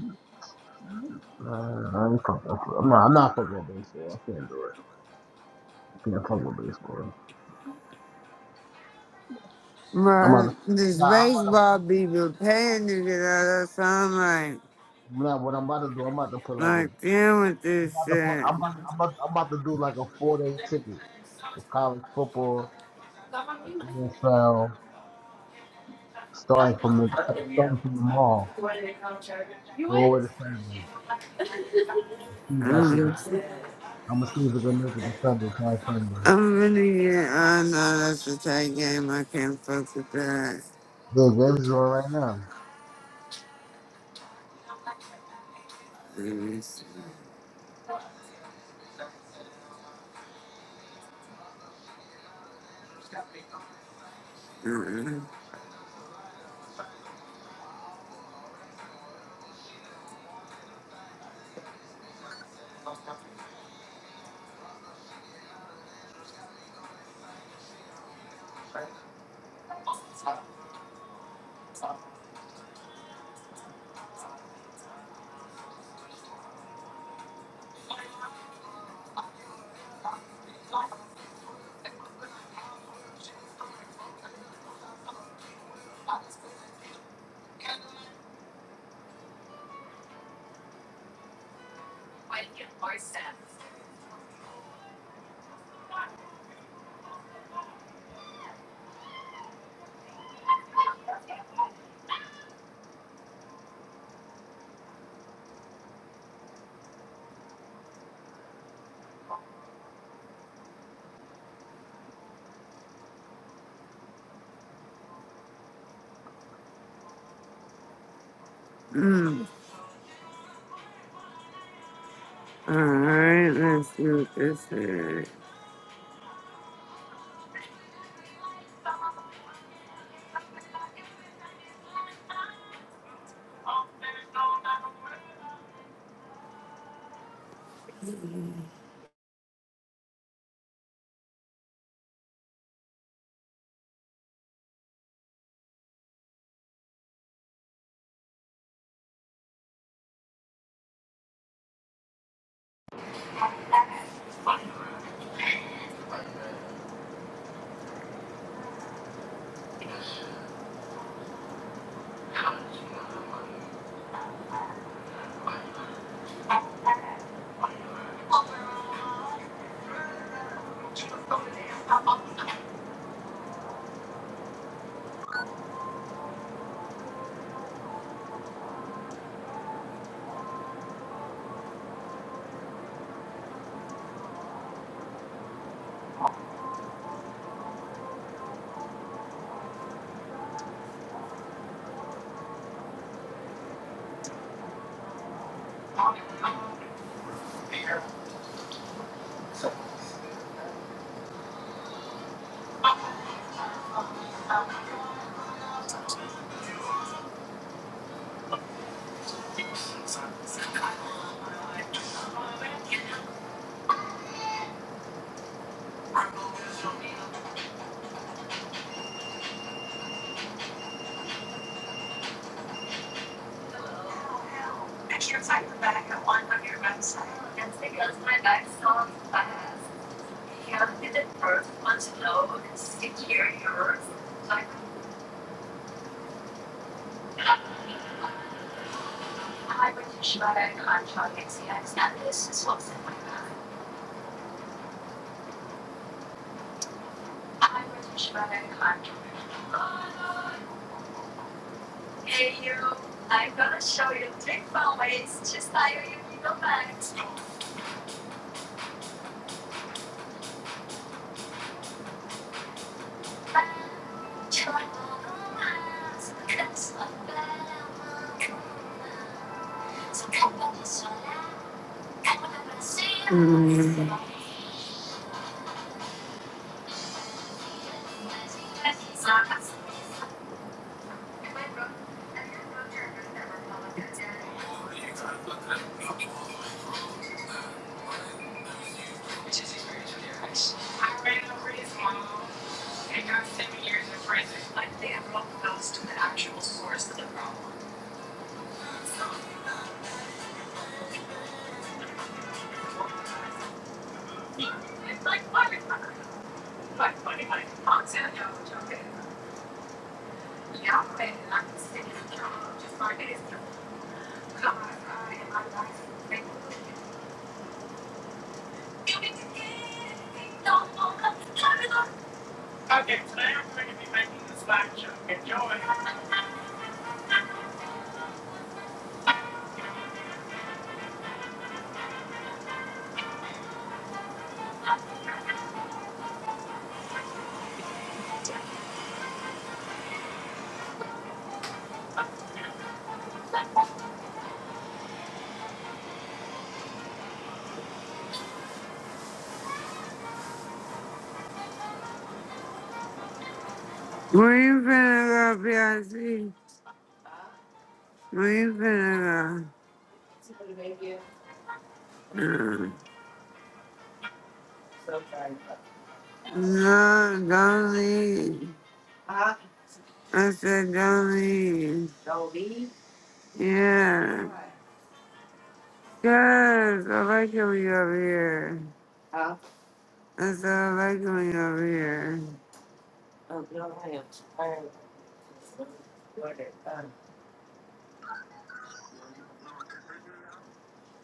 B: Man, I ain't fucking. I'm not. I'm not fucking with baseball. I can't do it. I can't fuck with baseball. I'm
E: My,
B: about to.
E: this
B: Nah, I'm about to.
E: baseball people paying to get out of sunlight.
B: Nah, what I'm about to do? I'm about to put like
E: Like,
B: a.
E: like, damn with
B: I'm
E: this
B: about to put.
E: shit.
B: I'm about. I'm about, I'm about to do like a four day ticket. college football, NFL, starting from the starting from the mall all the way to Sunday. See if that shit.
E: I'm,
B: I'm gonna see if it can make it to Sunday. Try Sunday.
E: I'm really getting, I know that's a tight game. I can't fuck with that.
B: Yeah, James is on right now.
E: Mm-mm. Alright, let's see what this is. Mm. Where you finna go, PIC? Where you finna go? Mm. No, don't leave. I said don't leave. Yeah. Yes, I like it when you're over here. I said I like it when you're over here.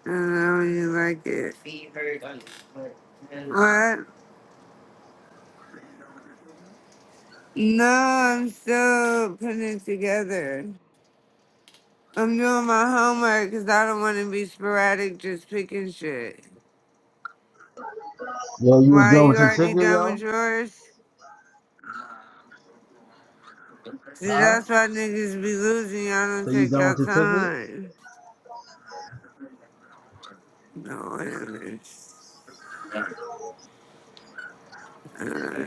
E: I know you like it. What? No, I'm still putting it together. I'm doing my homework 'cause I don't want to be sporadic just picking shit.
B: Yo, you
E: Why
B: done
E: you
B: with your
E: already
B: ticket,
E: done
B: yo?
E: with yours? See,
B: Huh?
E: that's why niggas be losing. Y'all
B: So
E: don't
B: you
E: take
B: done
E: your
B: with your ticket?
E: time. No, whatever. Uh,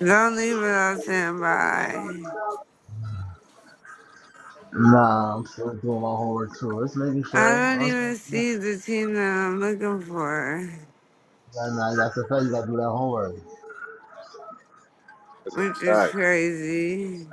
E: don't leave without saying bye.
B: Nah, I'm still doing my homework too. It's making
E: I
B: sure.
E: don't
B: I'm sorry,
E: even see the team that I'm looking for,
B: Nah, nah, that's a fact. You gotta do that homework.
E: which
A: All
E: is
A: Right.
E: crazy.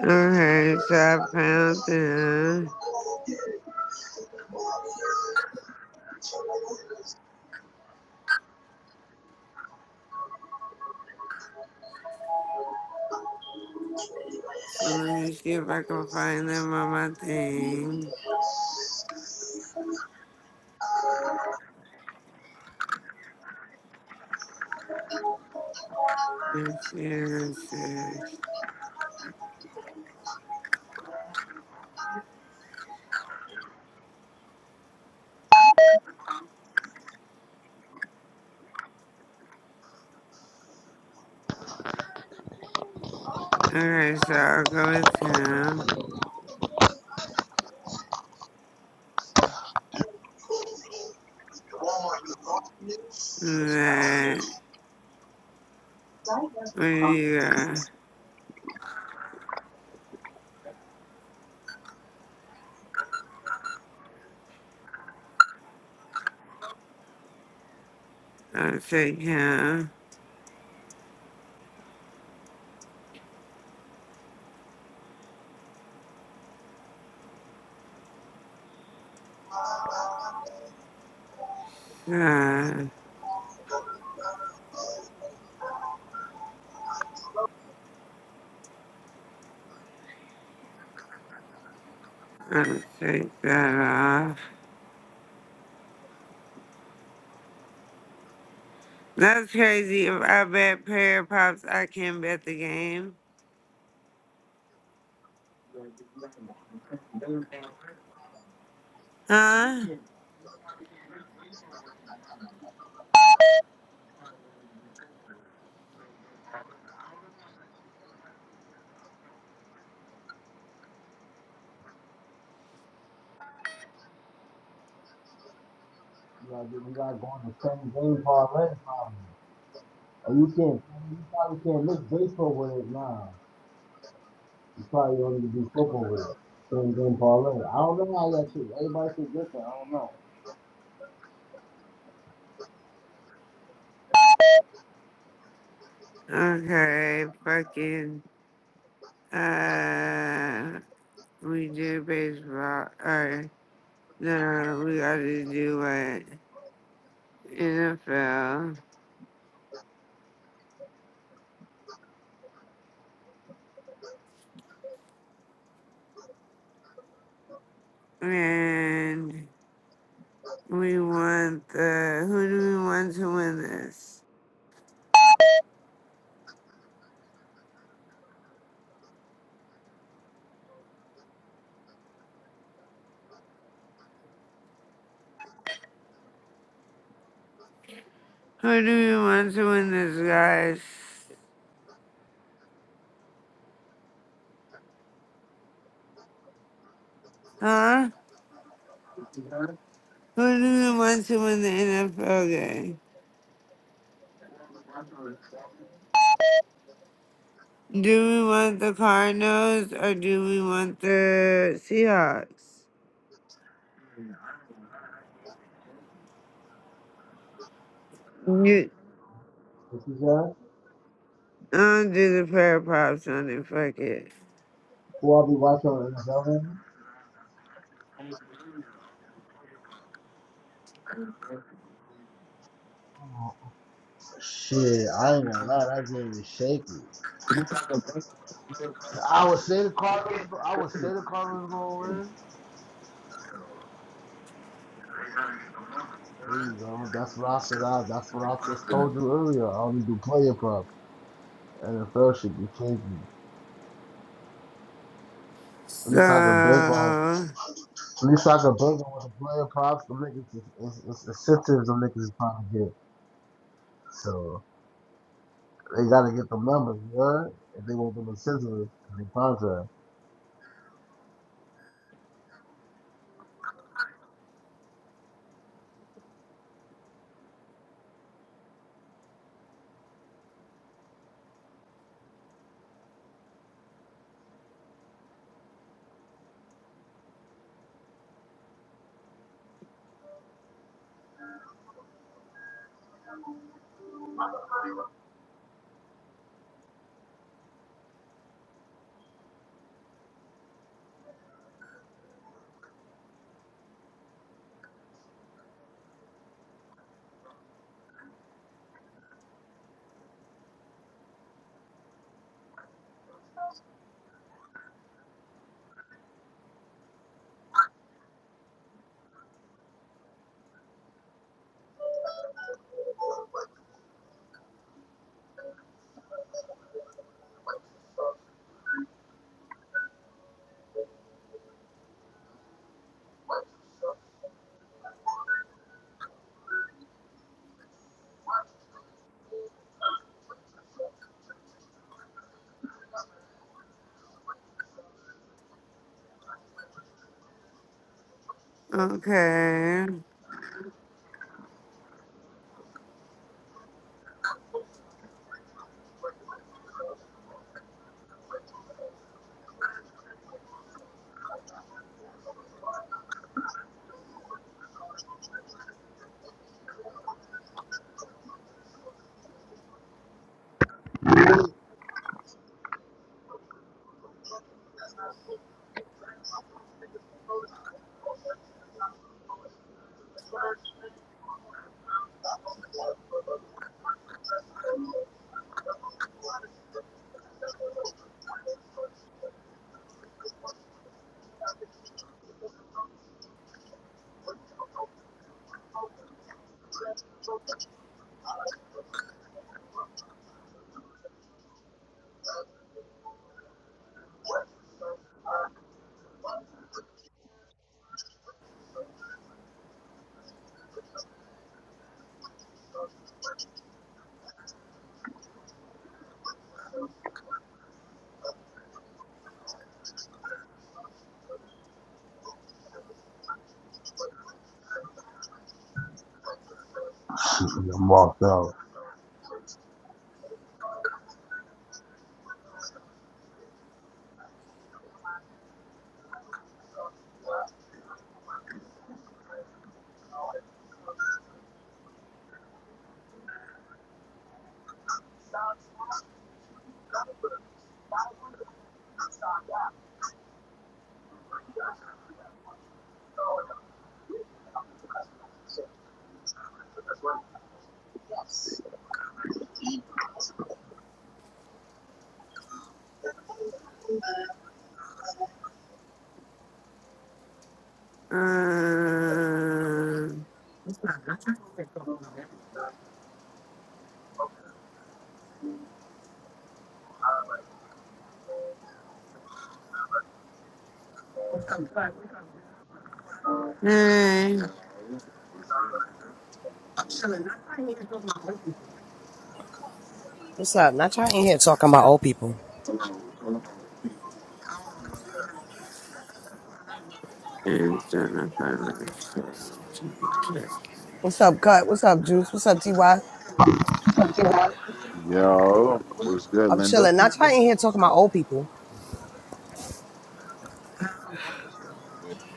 E: Okay, so I found them. So let me see if I can find them on my thing. Okay, so I'll go with him. That when you go, I'll take him. That I'll take that off. That's crazy. If I bet pair pops, I can bet the game. Huh?
B: You gotta, do- you gotta go on the same game already. You can't. You probably can't miss baseball with it now. You probably don't need to do football with it. Same thing parlay. I don't know how that shit. Everybody shit different. I don't know.
E: Okay, fucking. Uh, we do baseball. All right. Then uh, we got to do what? NFL. And. We want the. Who do we want to win this? Who do we want to win this, guys? Huh? Who do we want to win the NFL game? Do we want the Cardinals or do we want the Seahawks? You,
B: What you said?
E: I'll do the prayer props on it. Fuck it.
B: Who I be watching on NFL? Shit, I ain't gonna lie. That game is shaky. I would say the Cardinals. I would say the Cardinals gonna win. There you go. That's what I said. I, that's what I just told you earlier. I only do player prop. NFL should be shaky. At
E: So,
B: least I can bank on. At least I can bank on with the player props. The niggas is is- is incentives. The niggas is trying to get. So. They gotta get them numbers, yeah. If they want them in scissors in the contract,
E: okay.
B: I'm walked out.
E: Um, hey,
H: What's up? Not y'all in here talking about old people.
E: it's on
H: What's up, Cut? What's up, Juice? What's up, TY?
A: Yo, what's good,
H: I'm
A: Linda?
H: chilling. Not y'all in here talking about old people.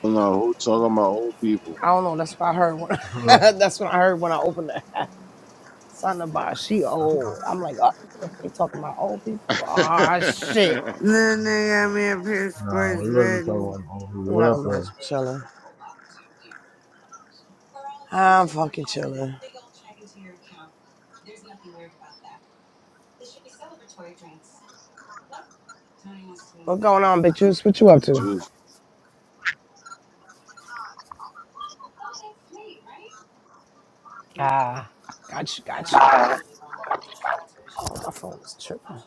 A: I don't know who talking about old people.
H: I don't know. That's what I heard. When that's what I heard when I opened it. Something about she old. I'm like, oh, they talking about old people. Ah, shit.
E: Then they got me a pair of
B: nah,
E: sports
B: we wasn't
E: betting.
B: talking on here. What
H: Not
B: up, though?
H: much. Chilling. I'm fucking chilling. What's going on, bitch? Juice? What you up to?
A: Juice.
H: Ah, gotcha, gotcha. Oh, my phone is tripping.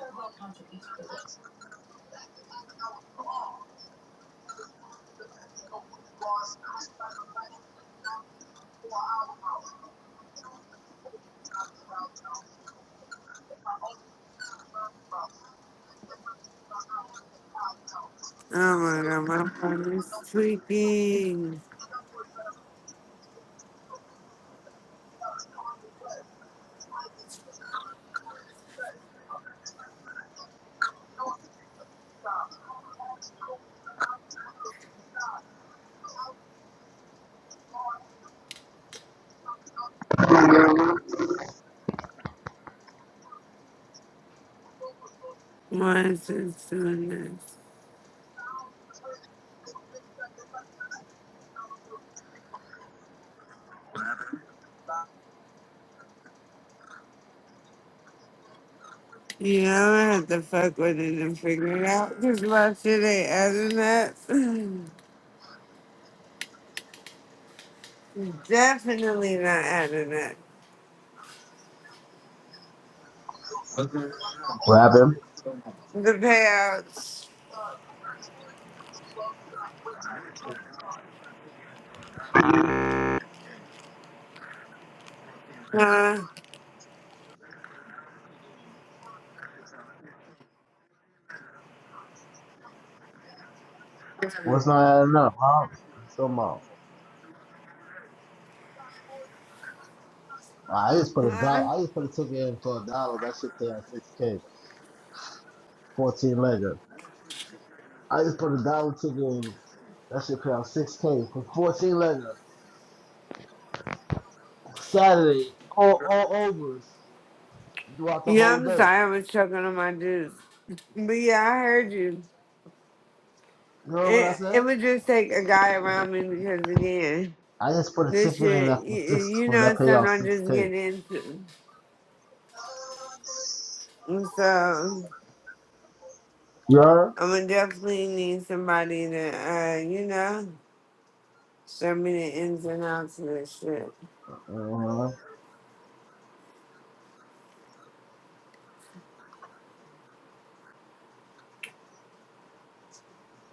E: Oh my god, my phone is tweaking. Why is it doing this? You know, I have to fuck with it and figure it out. Because why should they adding that? Definitely not adding that. The
B: What happened?
E: payouts. Huh?
B: What's not adding up, huh? Come on. I just put a
E: Huh?
B: dollar. I just put a ticket in for a dollar. That shit pay out six k. Fourteen legger. I just put a dollar ticket in. That shit pay out six k for fourteen legger. Saturday, all all overs throughout the
E: Yeah,
B: whole
E: I'm
B: day.
E: sorry, I was choking on my juice. But yeah, I heard you.
B: You know what I
E: It, it
B: said?
E: would just take a guy around me because again.
B: I just put a
E: This
B: ticket in
E: shit,
B: that for
E: you,
B: six
E: you
B: for
E: know,
B: that pay
E: something
B: out
E: I
B: six
E: just
B: k.
E: get into. And So
B: You heard?
E: I'm gonna definitely need somebody to, uh, you know, show me the ins and outs of this shit.
B: Uh-huh.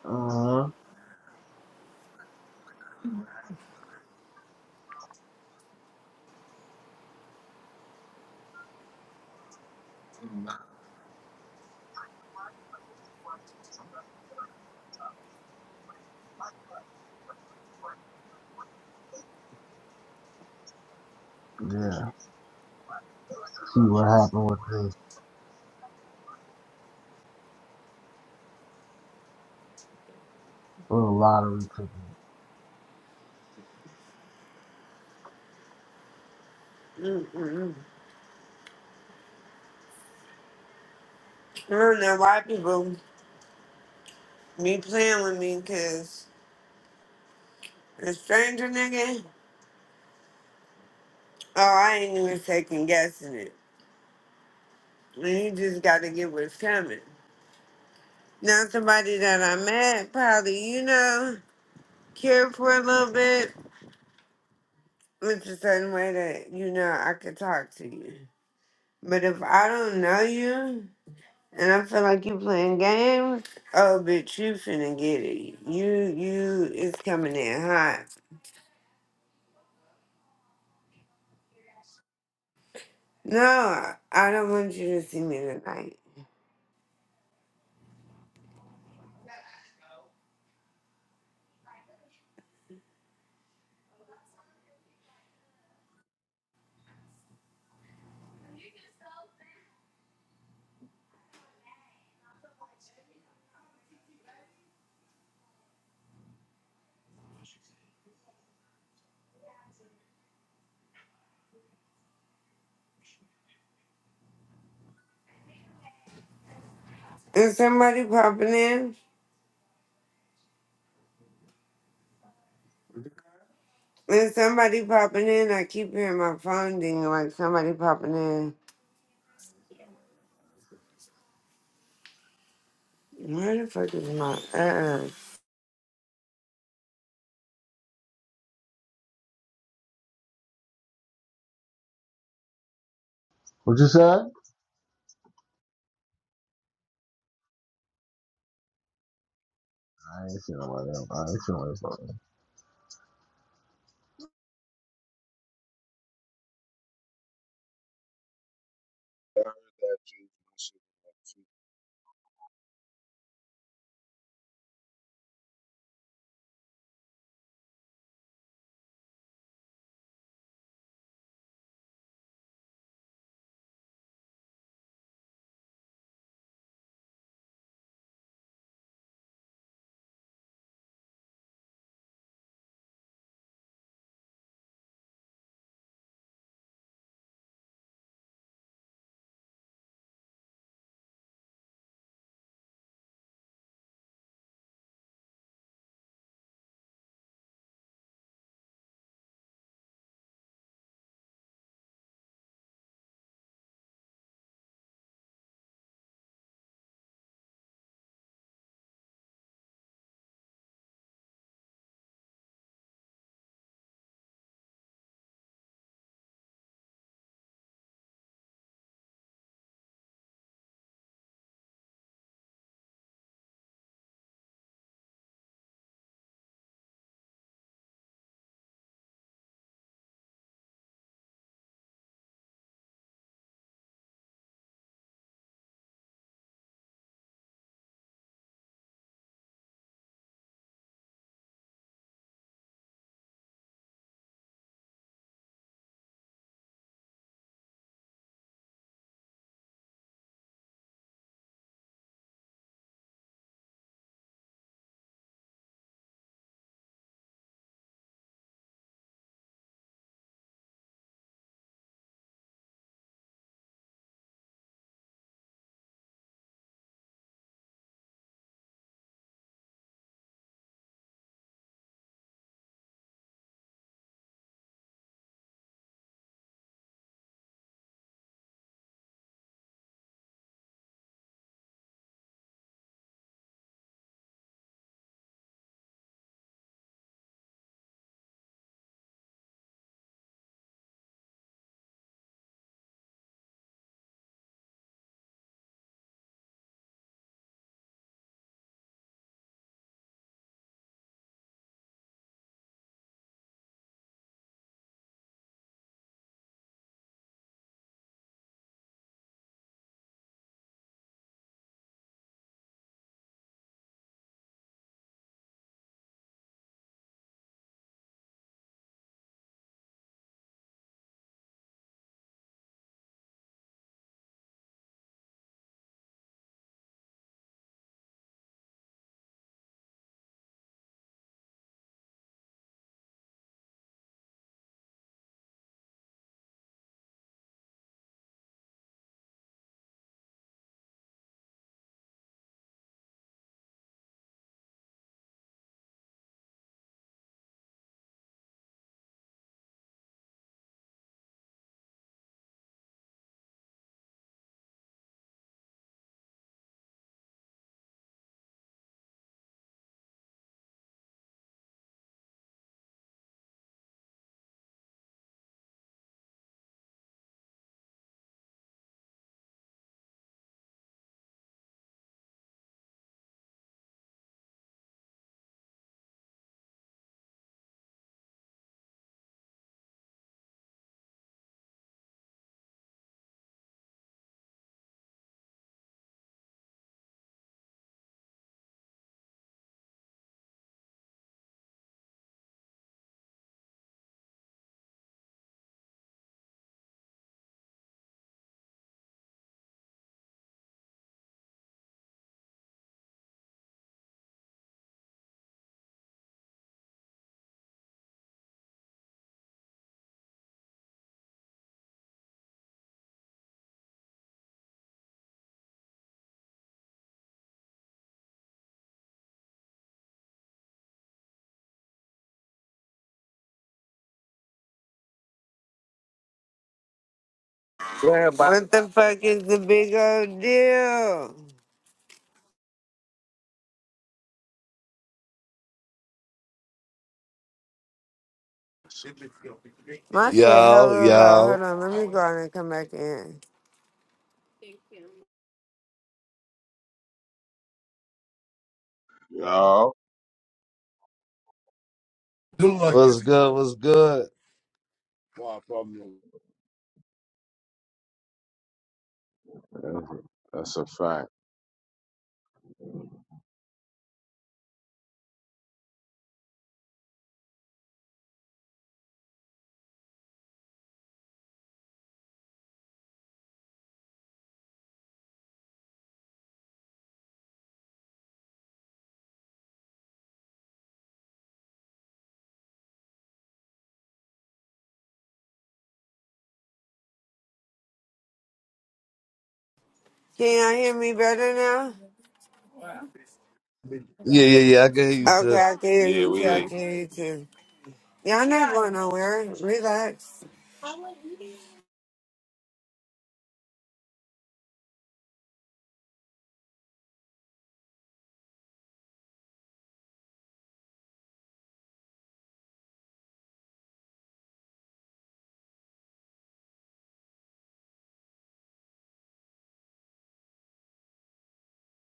B: Uh-huh. Yeah. See what happened with the little lottery ticket.
E: Mm-mm. I don't know why people be playing with me, cause a stranger nigga, oh, I ain't even second guessing it. You just gotta get what's coming. Now somebody that I met probably, you know, cared for a little bit. It's a certain way that, you know, I could talk to you. But if I don't know you and I feel like you playing games, oh bitch, you finna get it. You you it's coming in hot. No, I don't want you to see me tonight. And somebody popping in. And somebody popping in. I keep hearing my phone ding like somebody popping in. Where the fuck is my ass?
B: What you said? I ain't feeling like that. I ain't feeling like that.
E: Yeah, but What the fuck is the big old deal? My shit
C: Yo,
E: hella low.
C: yo.
E: Hold on, let me go out and come back in.
A: Yo,
C: What's good? What's good?
A: that's a fact.
E: Can y'all hear me better now?
C: Yeah, yeah, yeah. I can hear you,
E: Okay, I
C: sis.
E: can hear
A: Yeah,
E: you
A: we
E: too. I
A: here.
E: can hear you too. Y'all not going nowhere. Relax.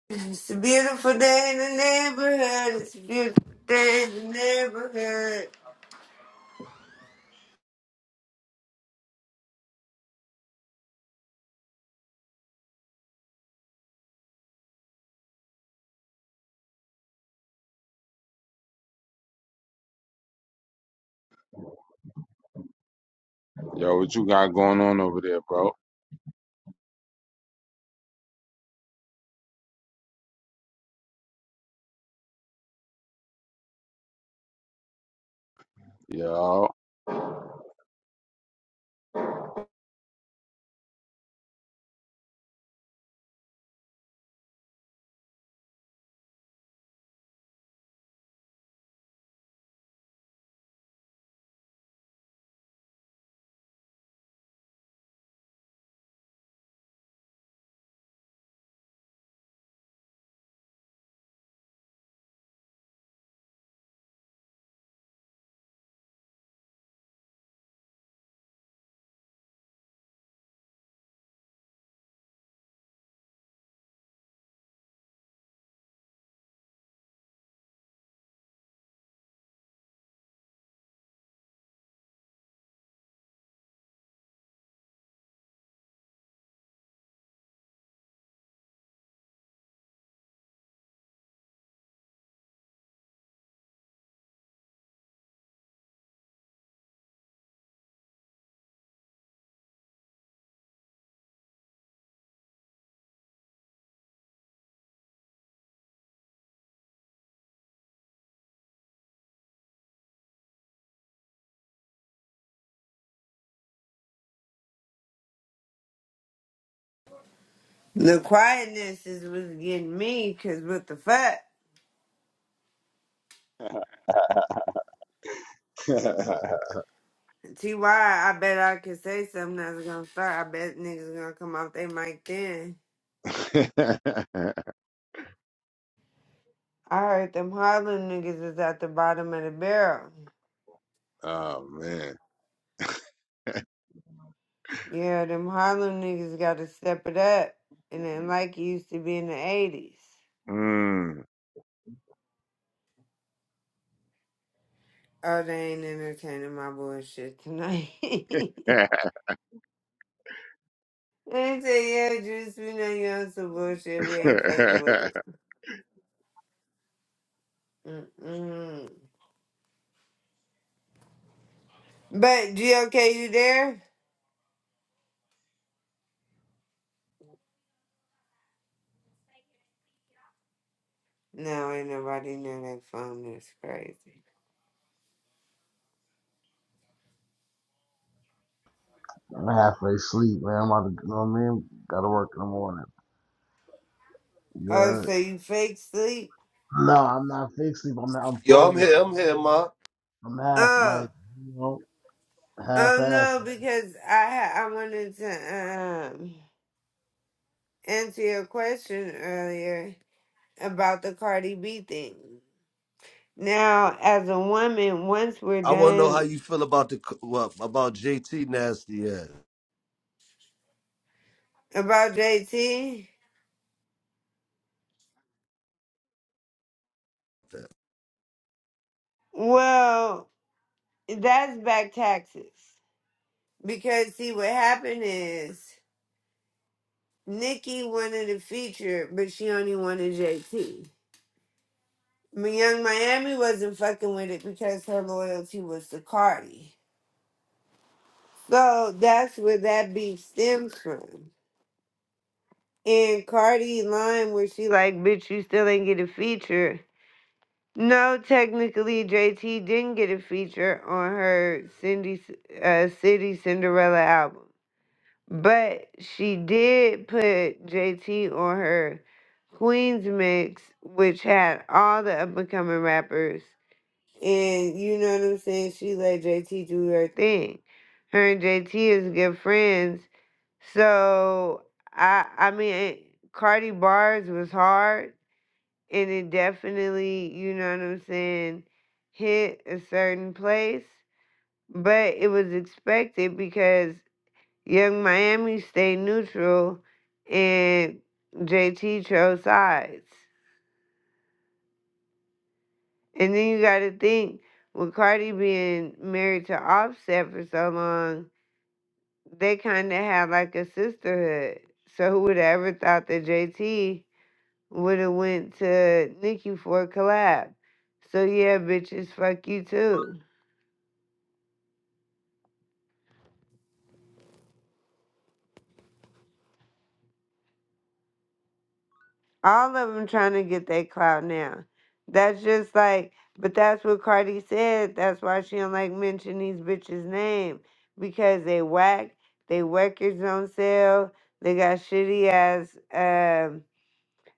E: It's a beautiful day in the neighborhood. It's a beautiful day in the neighborhood.
A: Yo, what you got going on over there, bro? Yo.
E: The quietness is what's getting me, cause what the fuck? T Y, I bet I could say something that's gonna start. I bet niggas gonna come off they mic then. I heard them Harlem niggas is at the bottom of the barrel.
A: Oh man.
E: Yeah, them Harlem niggas gotta step it up. And then like it used to be in the 80s.
A: Mm.
E: Oh, they ain't entertaining my bullshit tonight. I say, yeah, Juice, we know you on some bullshit. We ain't fucking with it. Mm-mm. But, GOK, you there? No, ain't nobody near that phone. That's crazy.
B: I'm halfway asleep, man. I'm about to, you know what I mean? Gotta work in the morning. You
E: Oh,
B: heard?
E: so you fake sleep?
B: No, I'm not fake sleep. I'm, not. I'm
C: Yo, I'm
B: falling
C: here.
B: asleep.
C: I'm here, ma.
B: I'm half,
E: Oh,
B: like, you know,
E: oh
B: half-assed.
E: no, because I ha- I wanted to um answer your question earlier about the Cardi B thing. Now, as a woman, once we're
C: I want to know
E: done
C: how you feel about the c- what about JT nasty ass.
E: About JT? Well, that's back taxes. Because see what happened is Nikki wanted a feature, but she only wanted JT. Mi- Young Miami wasn't fucking with it because her loyalty was to Cardi. So that's where that beef stems from. And Cardi line where she like, bitch, you still ain't get a feature. No, technically JT didn't get a feature on her Cindy uh, City Cinderella album. But she did put JT on her Queens mix, which had all the up and coming rappers. And you know what I'm saying? She let JT do her thing. Her and JT is good friends. So I I mean Cardi Bars was hard and it definitely, you know what I'm saying, hit a certain place. But it was expected because Young Miami stayed neutral and JT chose sides. And then you got to think with Cardi being married to Offset for so long, they kind of had like a sisterhood. So who would have ever thought that JT would have went to Nicki for a collab? So yeah, bitches, fuck you too. All of them trying to get that clout now. That's just like, but that's what Cardi said. That's why she don't like mention these bitches' name because they whack. They records on sale. They got shitty ass um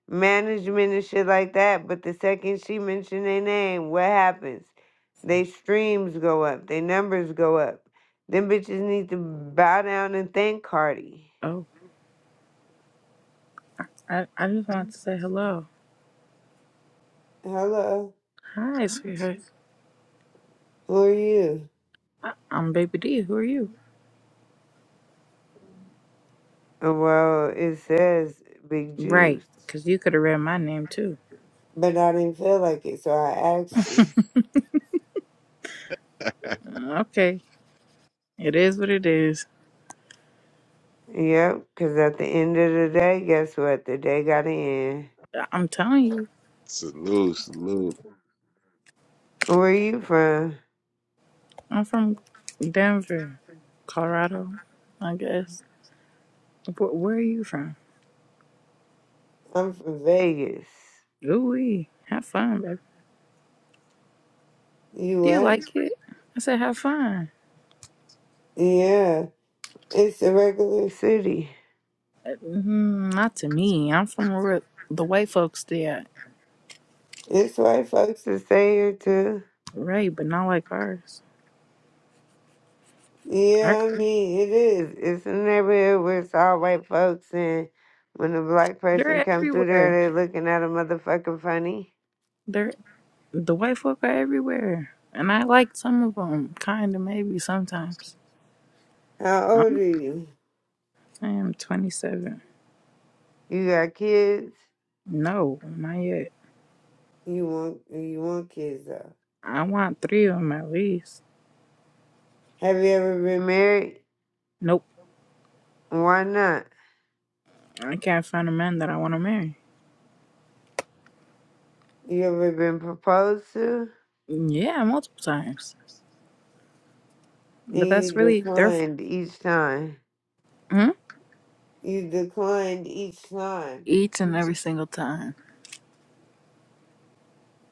E: management and shit like that. But the second she mentioned their name, what happens? They streams go up. They numbers go up. Them bitches need to bow down and thank Cardi.
I: Oh, I, I just wanted to say hello.
E: Hello,
I: Hi, sweetheart.
E: who are you?
I: I, I'm Baby D. Who are you?
E: Oh, Well, it says big
I: Right,
E: juice.
I: because you could have read my name too.
E: But I didn't feel like it, so I asked you.
I: Okay, it is what it is.
E: Yep, because at the end of the day, guess what? The day got to end.
I: I- I'm telling you,
A: salute, salute.
E: Where you from?
I: I'm from Denver, Colorado, I guess. Where, where are you from?
E: I'm from Vegas.
I: Ooh, Have fun, baby.
E: You
I: Do you
E: what?
I: like it? I said, have fun.
E: Yeah. It's a regular. City.
I: Mm, not to me. I'm from where the white folks stay at.
E: It's white folks. that stay here too.
I: Right, but not like ours. Our,
E: Yeah, I mean, it is. It's, it's a neighborhood where it's all white folks, and when a black person
I: they're
E: come through
I: everywhere.
E: there, they looking at a motherfucker funny.
I: They're the white folk are everywhere, and I like some of them, kind of maybe sometimes.
E: How old
I: I'm
E: are you?
I: saying 27.
E: You got kids?
I: No, not yet.
E: You want you want kids though.
I: I want three of them at least.
E: Have you ever been married?
I: Nope,
E: Why not?
I: I can't find a man that I want to marry.
E: You ever been proposed to?
I: Yeah, multiple times, but
E: And you
I: that's really their fault.
E: declined each time.
I: Hmm?
E: You declined each time.
I: Each and every single time.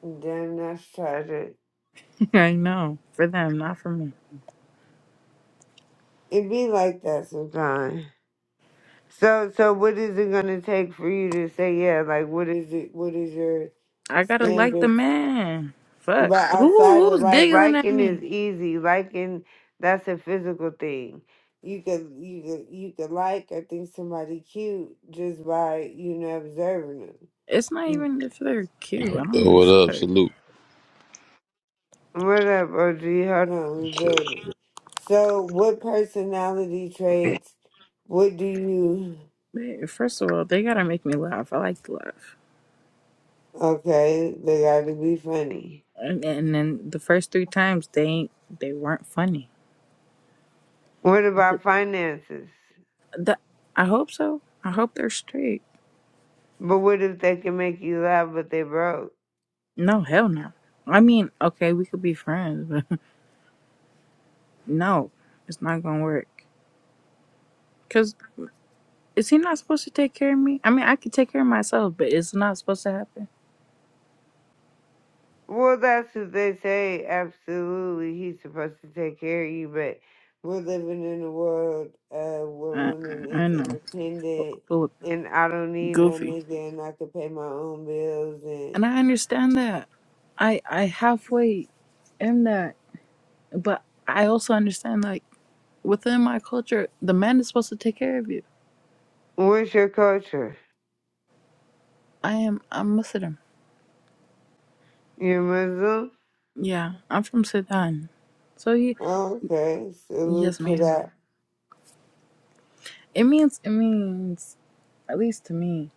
E: Damn, that's tragic.
I: I know for them, not for me.
E: It be like that sometimes. So so what is it gonna take for you to say yeah? Like what is it what is your
I: I gotta like the
E: standard
I: man. Fuck.
E: But outside
I: Who
E: of
I: who's
E: like
I: giggling at
E: liking is
I: me?
E: easy. Liking that's a physical thing. You could you could you could like or think somebody cute just by you know observing them.
I: It's not even if they're cute. I don't
J: Yo, what
I: give a
J: up?
I: fuck.
J: Salute.
E: What up, OG? Hold on, we
J: Shit,
E: building. So, what personality traits? What do you?
I: Man, First of all, they gotta make me laugh. I like to laugh,
E: Okay, they got to be funny.
I: and, and then the first three times they ain't they weren't funny.
E: What about finances?
I: The, I hope so. I hope they're straight.
E: But what if they can make you laugh, but they broke?
I: No, hell no. I mean, okay, we could be friends, but no, it's not gonna work. Cause is he not supposed to take care of me? I mean, I could take care of myself, but it's not supposed to happen.
E: Well, that's what they say. Absolutely, he's supposed to take care of you, but we're living in a world uh, where
I: I,
E: women
I: I I
E: is
I: know,
E: independent,
I: full of
E: and I don't need no
I: goofy,
E: nigga, and I can pay my own bills. And
I: and I understand that. I I halfway am that, but I also understand like. within my culture, the man is supposed to take care of you.
E: what's your culture?
I: I am. I'm Muslim.
E: You're Muslim?
I: Yeah, I'm from Sudan. So he,
E: Okay, salute
I: yes,
E: to
I: ma'am.
E: that.
I: It means it means at least to me,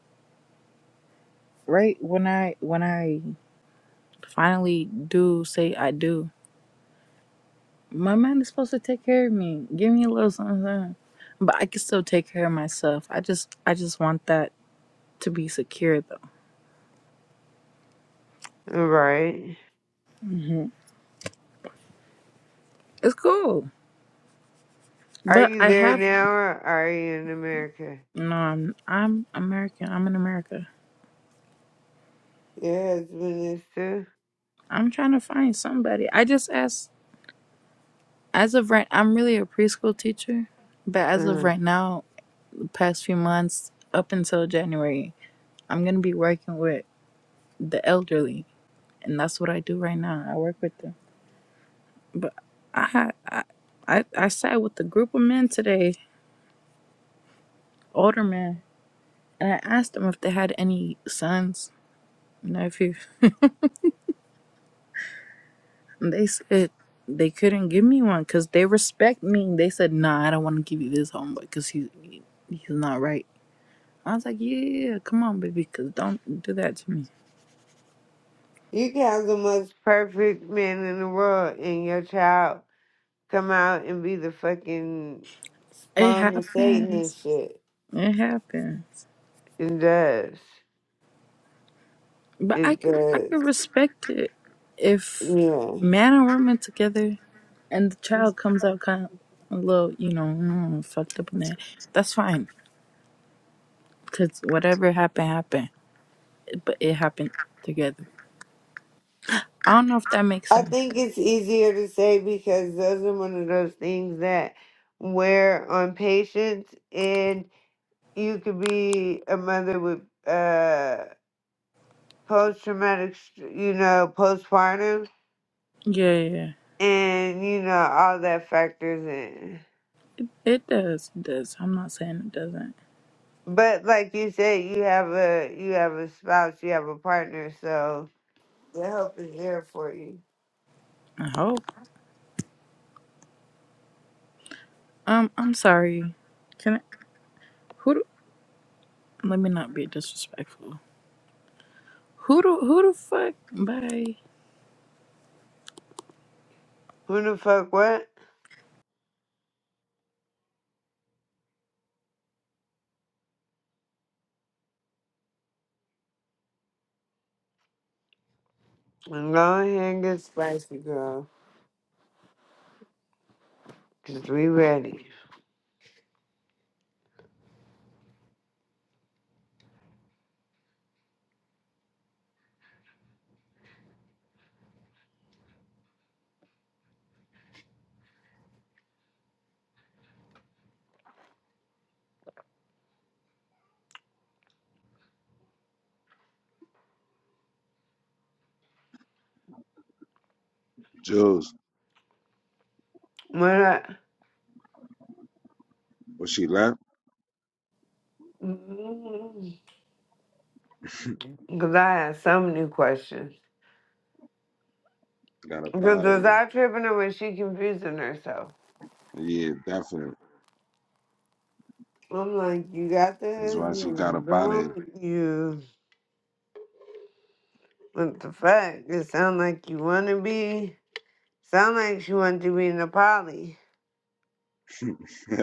I: right? When I when I finally do say I do, my man is supposed to take care of me, give me a little something, something. but I can still take care of myself. I just I just want that to be secure though.
E: All right.
I: hmm It's cool,
E: Are
I: but
E: you
I: I
E: there
I: have
E: now, or are you in America?
I: no. I'm I'm American. I'm in America.
E: Your husband is too.
I: I'm trying to find somebody. I just asked, as of right, I'm really a preschool teacher, but as of
E: uh
I: right now, the past few months, up until January, I'm going to be working with the elderly. And that's what I do right now. I work with them. But I had, I, I, I sat with a group of men today, older men, and I asked them if they had any sons, nephews. And they said they couldn't give me one because they respect me. They said, nah, I don't want to give you this homework because he, he's not right. I was like, yeah, come on, baby, because don't do that to me.
E: You can have the most perfect man in the world, and your child come out and be the fucking
I: It
E: spawn of Satan and
I: happens.
E: shit.
I: It happens.
E: It does.
I: But I
E: It
I: could, I
E: does.
I: could respect it if
E: Yeah.
I: man and woman together and the child comes out kind of a little, you know, mm, fucked up in that. That's fine. Because whatever happened, happened. It- But it happened together. I don't know if that makes
E: I
I: sense.
E: think it's easier to say because those are one of those things that wear on patients and you could be a mother with uh post traumatic you know, postpartum
I: Yeah, yeah. yeah.
E: and you know, all that factors in.
I: It, it does. It does. I'm not saying it doesn't.
E: But like you said, you have a you have a spouse, you have a partner, so The help is there for you.
I: I hope. Um, I'm sorry. Can I? Who do, let me not be disrespectful. Who the who the fuck? Bye.
E: Who the fuck what? And Go ahead and get spicy, girl. Cause we ready.
A: Jules.
E: When I,
A: Was she left?
E: cause I had so many questions.
A: Got up
E: Cause
A: out of
E: was
A: here.
E: I tripping or was she confusing herself?
A: Yeah, definitely.
E: I'm like, you got
A: That's
E: this,
A: why she got
E: you
A: up out of here.
E: don't, you. What the fuck? It sound like you wanna be. Sound like she want to be in a poly.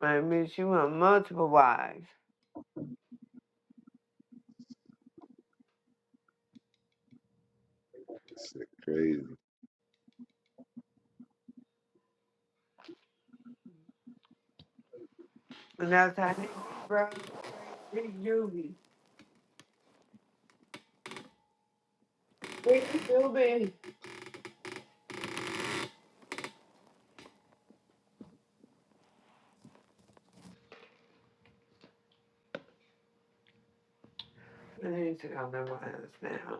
E: But I mean, she want multiple wives.
A: Shit crazy.
E: And that's how, I think, bro. I need to call my wives now.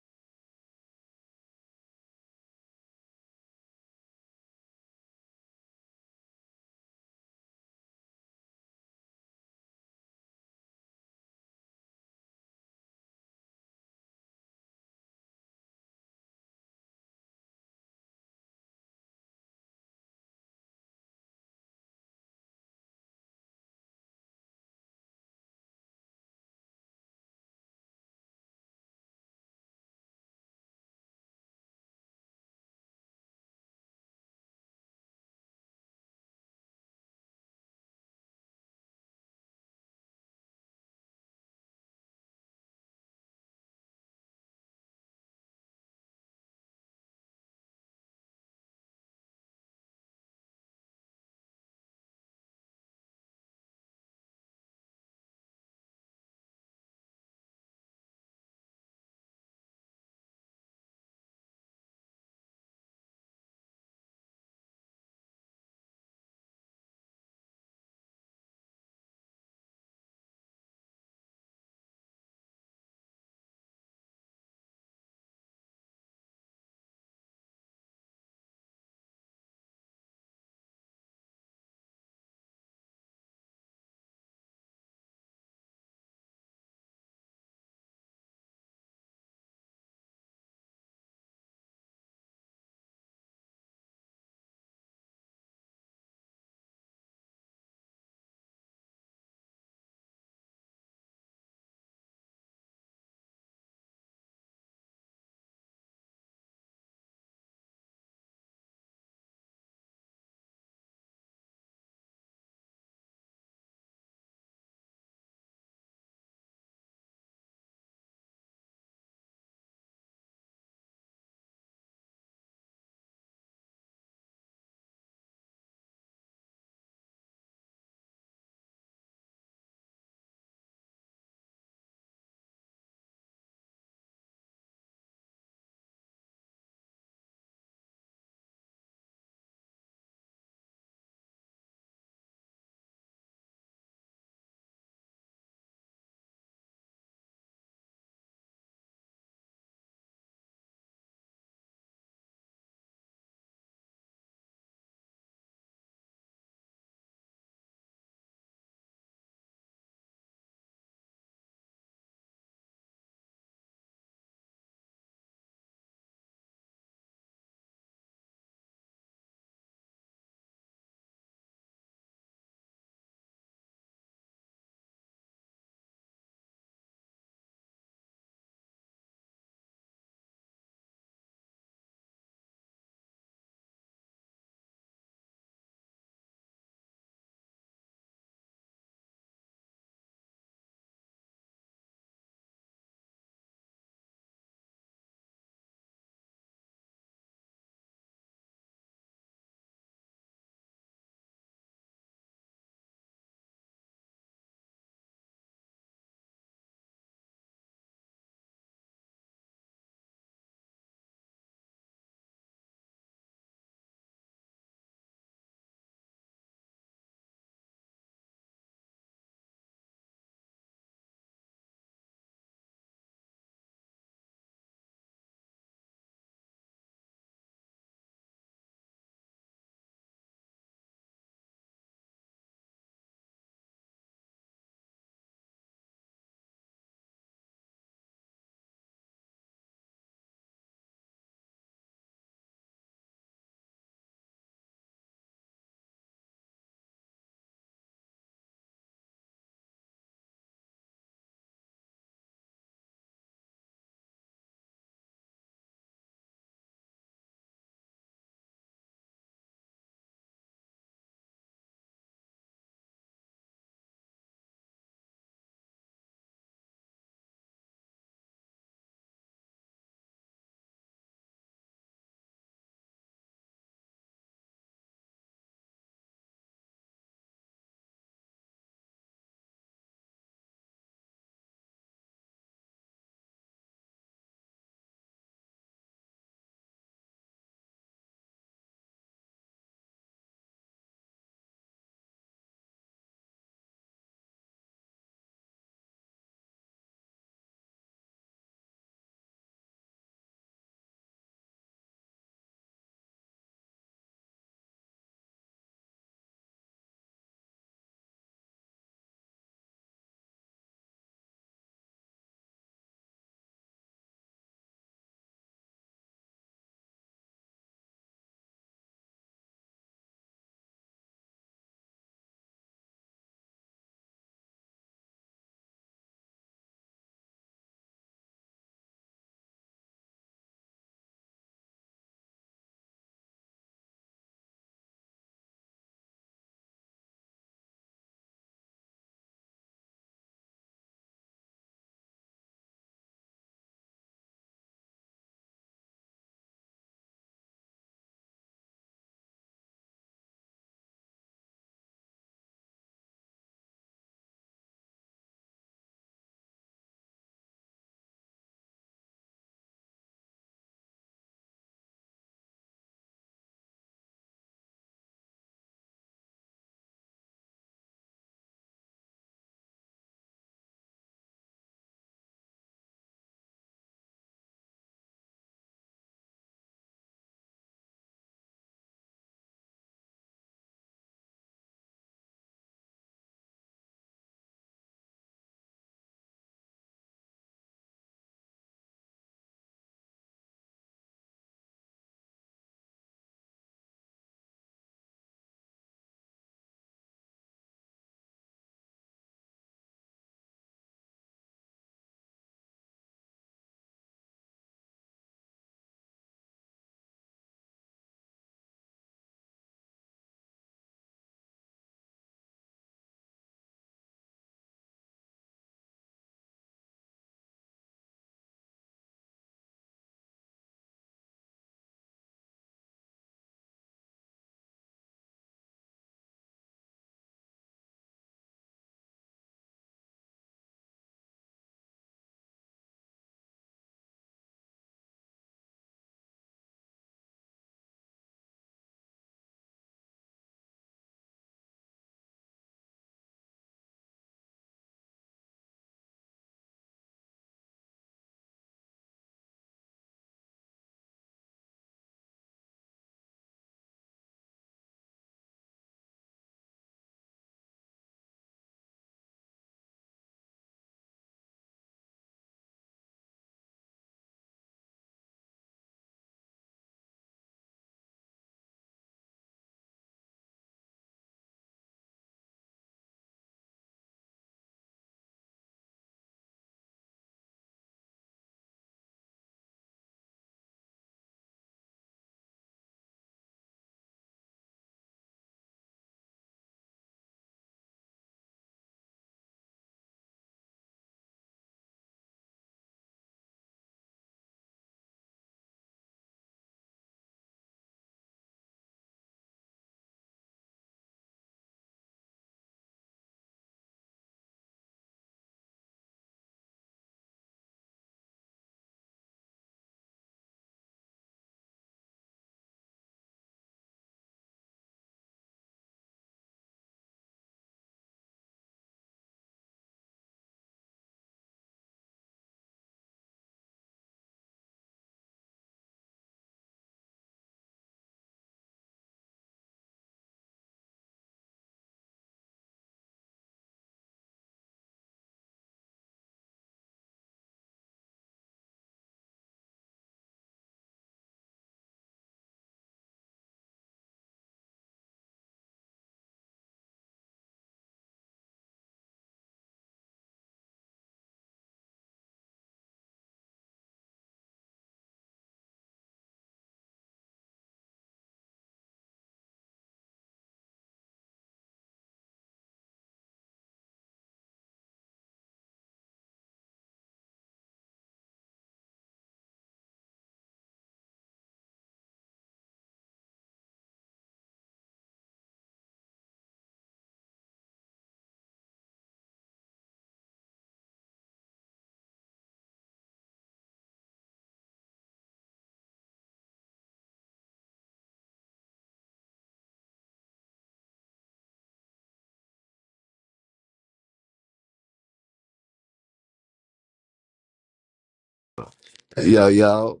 C: Yo, yo,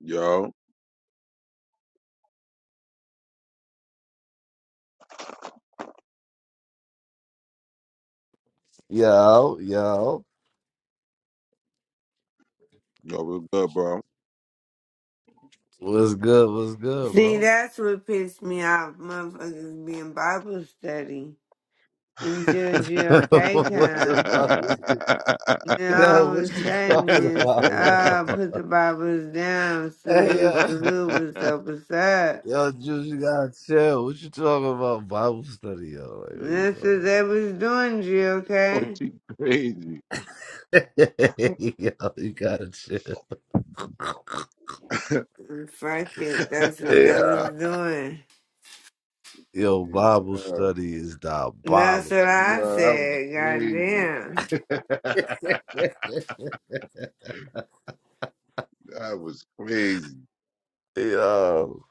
A: Yo,
C: yo, yo.
A: yo, we're good, bro.
C: What's good? What's good,
E: See,
C: bro?
E: that's what pissed me off, motherfuckers being Bible study until GOK
C: what the
E: come.
C: fuck? Is
E: And then
C: yo,
E: all of
C: what
E: a
C: you
E: sudden
C: talking
E: it's,
C: about?
E: uh,
C: Yo?
E: put the Bibles down,
C: Hey,
E: salute,
C: uh,
E: salute, what's up, what's up.
C: yo, Juice, you gotta chill. What you talking about? Bible study, yo. Like, what
E: And that's what they was doing,
A: oh,
E: GOK.
A: she crazy.
C: are you talking about? yo, you gotta chill.
A: what
E: Fuck it, that's what they
C: yeah.
E: was doing.
C: Yo,
A: is
C: Bible
A: hell?
C: study is
E: And that's what
C: diabolical,
E: I
A: Yo,
C: yo.
A: that was
E: said,
A: crazy.
E: goddamn.
A: that was crazy.
C: yo.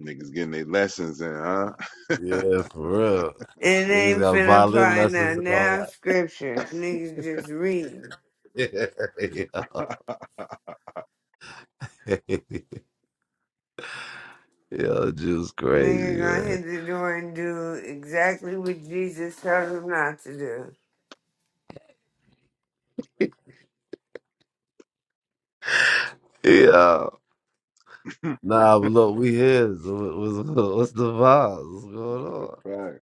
A: Niggas getting their lessons in, huh?
C: Yeah, for real.
E: It
C: Niggas
E: ain't
C: got
E: finna
C: violin
E: apply now,
C: lessons and all
E: now scripture. Niggas just read.
C: that. yo, yo Juice
E: Nigga
C: crazy,
E: gonna
C: man.
E: hit the door and do exactly what Jesus told him not to do.
C: Yeah. Nah, but look, we here. So what- what's, what's the vibes? What's going
A: That's
C: on?
A: a fact.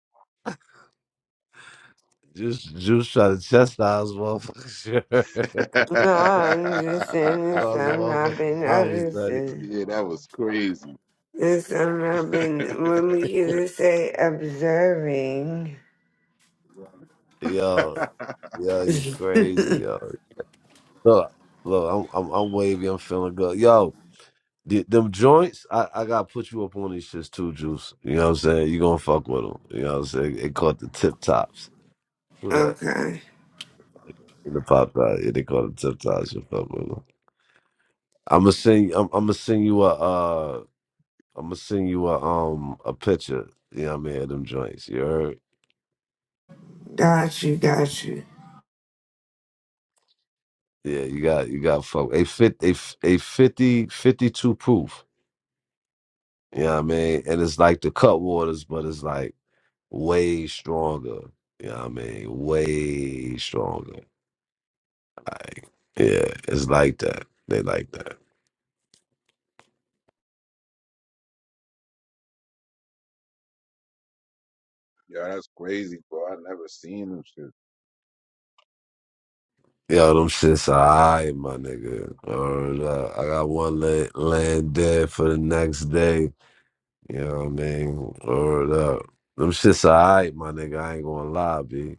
C: Just just try to chastise motherfuckers.
E: No, I'm just saying it's
C: Cause a
E: something I've
C: motherfucking
E: been
C: problems, daddy.
E: noticing.
A: yeah, that was crazy.
E: It's something I've been, when we used to say observing.
C: Yo, yo, you crazy, yo. Look, look, I'm I'm I'm wavy, I'm feeling good. Yo, the, them joints, I, I gotta put you up on these shits too, Juice. You know what I'm saying? You gonna fuck with them. You know what I'm saying? It caught the tip tops. Who that?
E: okay,
C: In the pop out, yeah, they call it tip tops. You fuck with them. I'm gonna sing. I'm, I'm gonna sing you a. Uh, I'm gonna sing you a um a picture. You know what I mean? Of them joints. You heard?
E: got you, got you.
C: Yeah, you got you got fuck a fit a f- a 50, 52 proof. You know what I mean? And it's like the cut waters, but it's like way stronger. You know what I mean? Way stronger. Like yeah, it's like that. They like that.
A: Yo, that's crazy, bro. I never seen them shit.
C: Yo, them shits alright, my nigga. Word up. I got one lay, laying dead for the next day. You know what I mean? Word up. Them shits alright, my nigga. I ain't gonna lie, B.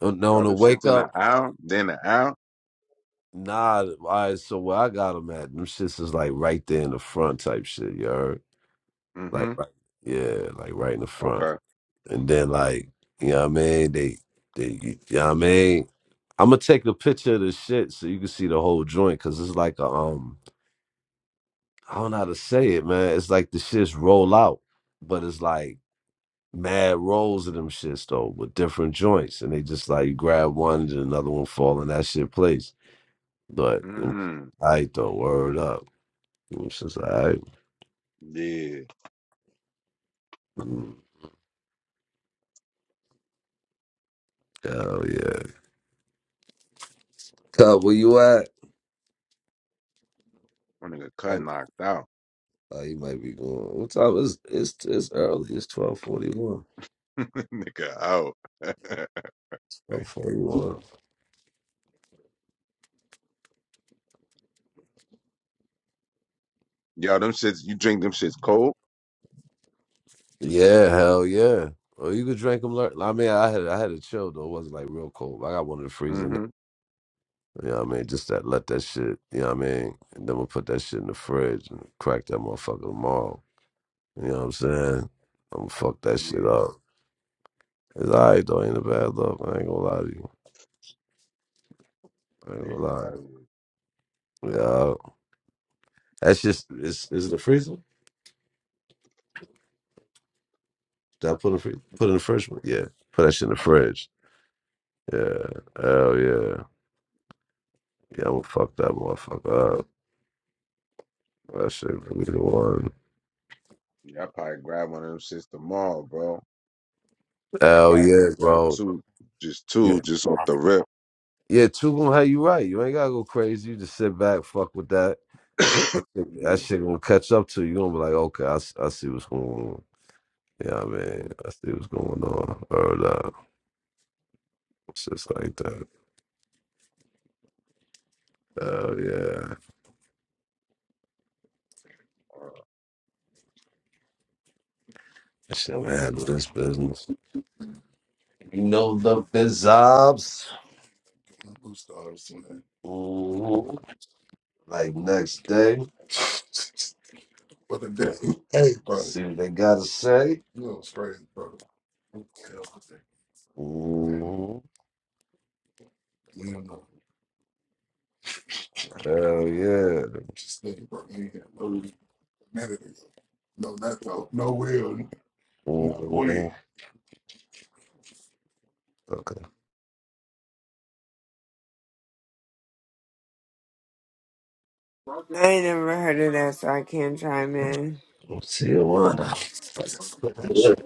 C: No,
A: Y'all,
C: on the
A: this shit's
C: wake
A: in the
C: up.
A: out, then the out.
C: Nah, all right, so where I got them at, them shits is like right there in the front type shit, you heard? Like,
A: Mm-hmm.
C: right, yeah, like right in the front.
A: Okay.
C: And then, like, you know what I mean? They, they, you know what I mean? I'm gonna take a picture of the shit so you can see the whole joint, cause it's like a, um, I don't know how to say it, man. It's like the shits roll out, but it's like mad rolls of them shits though, with different joints, and they just like you grab one and another one fall in that shit place. But,
A: Mm.
C: I though, word up. It's just alright.
A: Yeah.
C: Mm, Hell yeah. Cub, where you at?
A: My nigga cut
C: Oh,
A: knocked out.
C: oh, you might be going. What time is it's it's early. It's twelve forty one.
A: nigga out.
C: Twelve forty one.
A: Y'all, them shits, you drink them shits cold?
C: Yeah, hell yeah. Oh, you could drink them. I mean, I had I had a chill though. It wasn't like real cold. I got one in the freezer. Now.
A: Mm-hmm.
C: You know what I mean? Just that let that shit. You know what I mean? And then we'll put that shit in the fridge and crack that motherfucker tomorrow. You know what I'm saying? I'm gonna fuck that shit
A: Yeah.
C: up. It's alright though. Ain't a bad look. I ain't gonna lie to you. I ain't
A: Yeah.
C: gonna lie.
A: hell yeah.
C: Yeah. That's just is is it a freezer? Did I put in the freezer? Put in the fridge? Yeah. Put that shit in the fridge. Yeah. Hell yeah. Yeah, I'm gonna fuck that motherfucker up. That shit gonna be the one.
A: Yeah, I probably grab one of them shits tomorrow, bro. I
C: Hell
A: probably
C: yeah,
A: just grab
C: bro.
A: two, just
C: Yeah,
A: two, just off the rip.
C: yeah two gonna have you right. You ain't gotta go crazy. You just sit back, fuck with that. That shit,
A: yeah.
C: that shit gonna catch up to you. you gonna be like, okay, I, s- I see what's going on. Yeah, I mean,
A: hmm
C: I see what's going on. Or uh, shit's like that. Hell yeah. That shit gonna handle this business. You know the bizobs. Blue Stars, man. Mhm. Like next day, What an A, see what they gotta say. Mhm. Hell yeah. Not we. Mhm. Okay.
E: I ain't never heard of that, so I can't chime in.
C: Tijuana.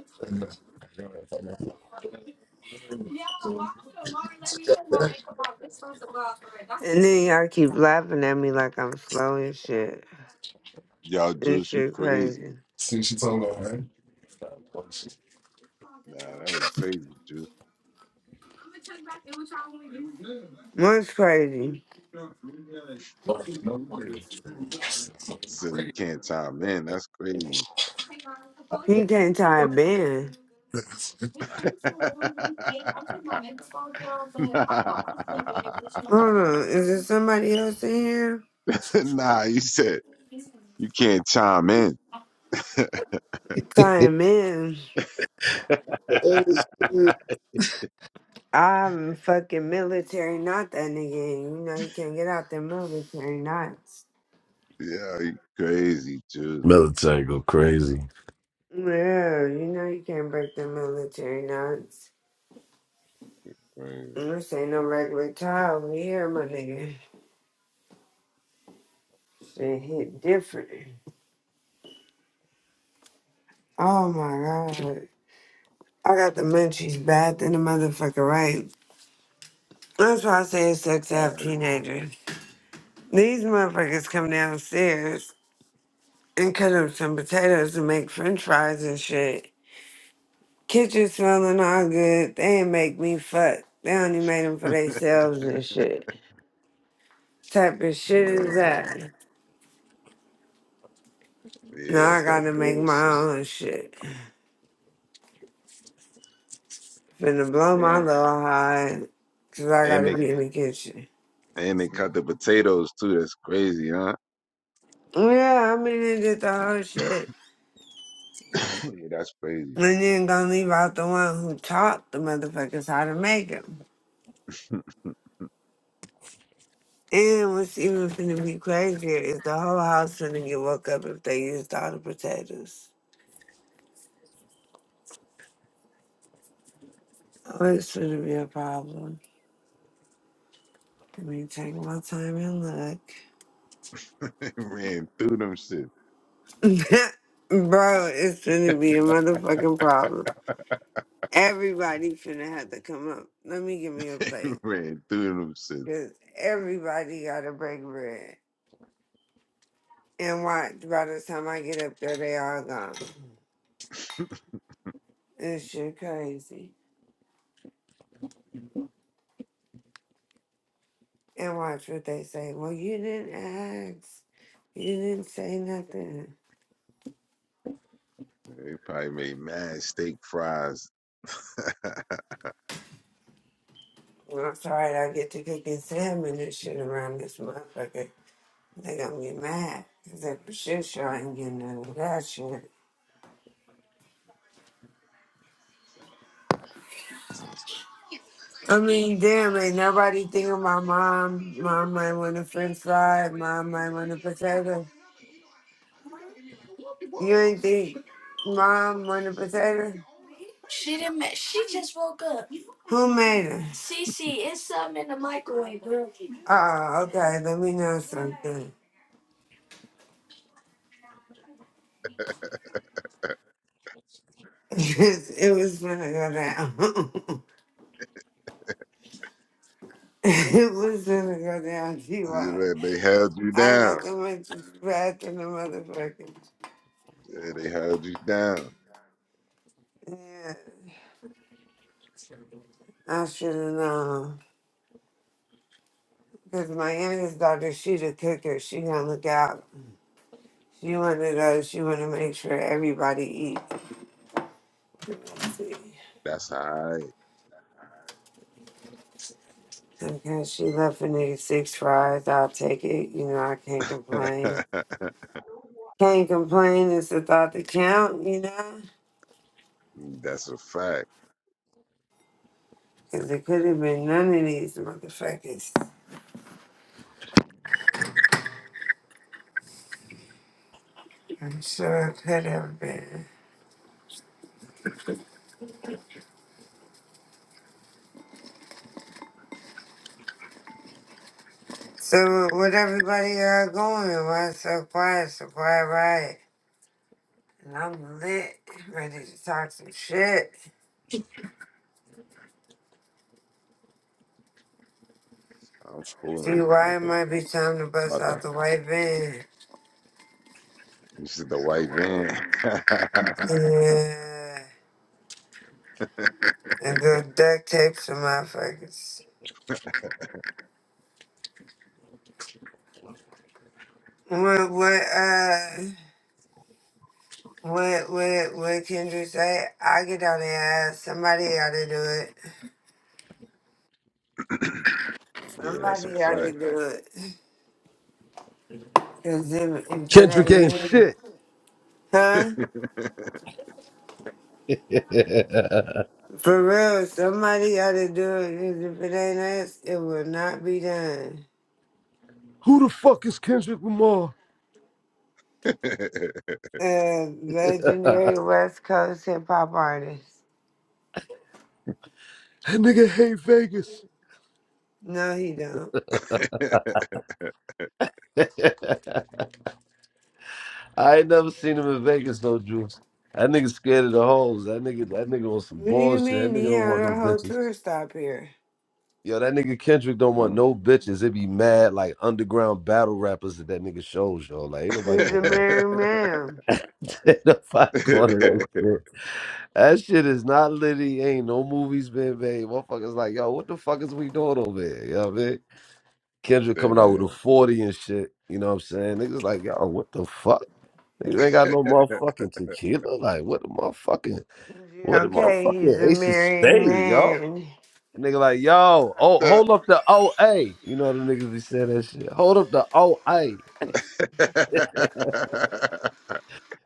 E: And then y'all keep laughing at me like I'm slow and shit.
A: Yo,
E: This
A: Juice, you
E: shit
A: crazy.
E: crazy.
A: Nah, that was crazy, Juice.
E: What's crazy?
A: So you can't time in. That's crazy.
E: He can't tie a band. Hold
A: nah.
E: on, is there somebody else in here?
A: nah, you said you can't chime in.
E: Tie a man.
A: yeah,
E: I'm fucking military, not that nigga. You know you can't get out the military knots.
A: you crazy, Juice.
C: Military go crazy.
E: Yeah, you know you can't break the military knots.
A: Crazy.
E: This ain't no regular tie over here, my nigga. Shit hit different. Oh my god. I got the munchies bad than the motherfucker, right? That's why I say it sucks to have
A: Oh, yeah.
E: teenagers. These motherfuckers come downstairs and cut up some potatoes and make french fries and shit. Kitchen smelling all good. They ain't make me fuck. They only made them for themselves and shit. Type of shit is that?
A: Damn. Yeah,
E: Now
A: that's
E: I
A: that
E: gotta make my
A: bullshit.
E: own shit. Finna blow my
A: Damn.
E: little high because I
A: And
E: gotta
A: they
E: be in the kitchen.
A: And they cut the potatoes too. That's crazy, huh?
E: Yeah, I mean, they did the whole shit.
A: yeah, that's crazy.
E: And then gonna leave out the one who taught the motherfuckers how to make 'em. And what's even finna be crazier is the whole house finna get woke up if they used all the potatoes. So it's finna be a problem. Let me take my time and look.
A: They Ran through them shit.
E: Bro, it's finna be a motherfucking problem. Everybody finna have to come up. Let me give me a
A: They
E: plate.
A: Ran through them shit.
E: Cause everybody gotta break bread. And watch, by the time I get up there, they all gone. This shit crazy. And watch what they say. Well, you didn't ask. You didn't say nothing.
A: They probably made mad steak fries. See
E: Well, I'm sorry that I get to cooking salmon and shit around this motherfucker. They gonna get mad. Cause that shit sure sure ain't getting none of that shit. I mean, damn, ain't nobody think of my mom. Mom might want a french fry. Mom might want a potato. You ain't think mom want a potato? Who made us? Oh, okay, let me know something. it was gonna go down. Listen to go down TY.
A: that? they held you
E: I got
A: down.
E: to make this bad in the motherfuckers.
A: Yeah, They held you down.
E: Yeah. I should have known. Because my youngest daughter, she the cooker. She gonna look out. She one of those. She wanna make sure everybody eats. Let's see.
A: That's all
E: Sometimes she left a nigga six fries. I'll take it. You know, I can't
A: right.
E: complain. Can't complain. It's the thought that count, you know?
A: That's a fact.
E: Because it could have been none of these motherfuckers. I'm sure it could have been. So what everybody are going why it's so quiet, so quiet right? And I'm lit, ready to talk some shit.
A: I'm
E: See
A: pulling.
E: why
A: About
E: it
A: the,
E: might be time to bust
A: about the,
E: out the white van.
A: you see the white van.
E: Yeah. And go duct tape some motherfuckers. What what uh what what what Kendrick say? I get on the ass. Somebody oughta do it.
A: yeah, that's
E: Somebody
A: a
E: oughta do it. Cause if, if it
C: Kendrick ain't
E: ain't me,
C: shit.
E: huh? For real, somebody ought to do it. 'cause If it ain't us, it will not be done.
C: Who the fuck is Kendrick Lamar?
E: Uh, legendary West Coast hip hop artist.
C: That nigga hate Vegas.
E: No, he don't.
A: fact.
C: I ain't never seen him in Vegas, no juice. That nigga scared of the hoes. That nigga, that nigga on some
E: What do you
C: bullshit. That
E: mean?
C: nigga
E: He
C: don't want
E: had
C: no
E: a whole
C: bitches.
E: tour stop here.
C: Yo, that nigga Kendrick don't want
A: Mm.
C: no bitches. It be mad like underground battle rappers that that nigga shows, yo. Like ain't
A: I
C: nobody
E: He's a
C: going
A: know
C: on.
E: married man.
C: ain't nobody going to that
A: it.
C: shit. That shit is not litty. Ain't no movies been made. Motherfuckers like, yo, what the fuck is we doing over here? You know what I mean? Kendrick coming out with a
A: Damn.
C: 40 and shit. You know what I'm saying? Niggas like, yo, what the fuck? Niggas ain't got no motherfucking tequila. Like, what the motherfucking, what the
E: Okay, he's
C: motherfucking
E: a
C: ace of
E: married
C: spade, yo?
E: man.
C: Nigga, like, yo, oh, hold up the OA. You know them niggas be saying that shit. Hold up the OA.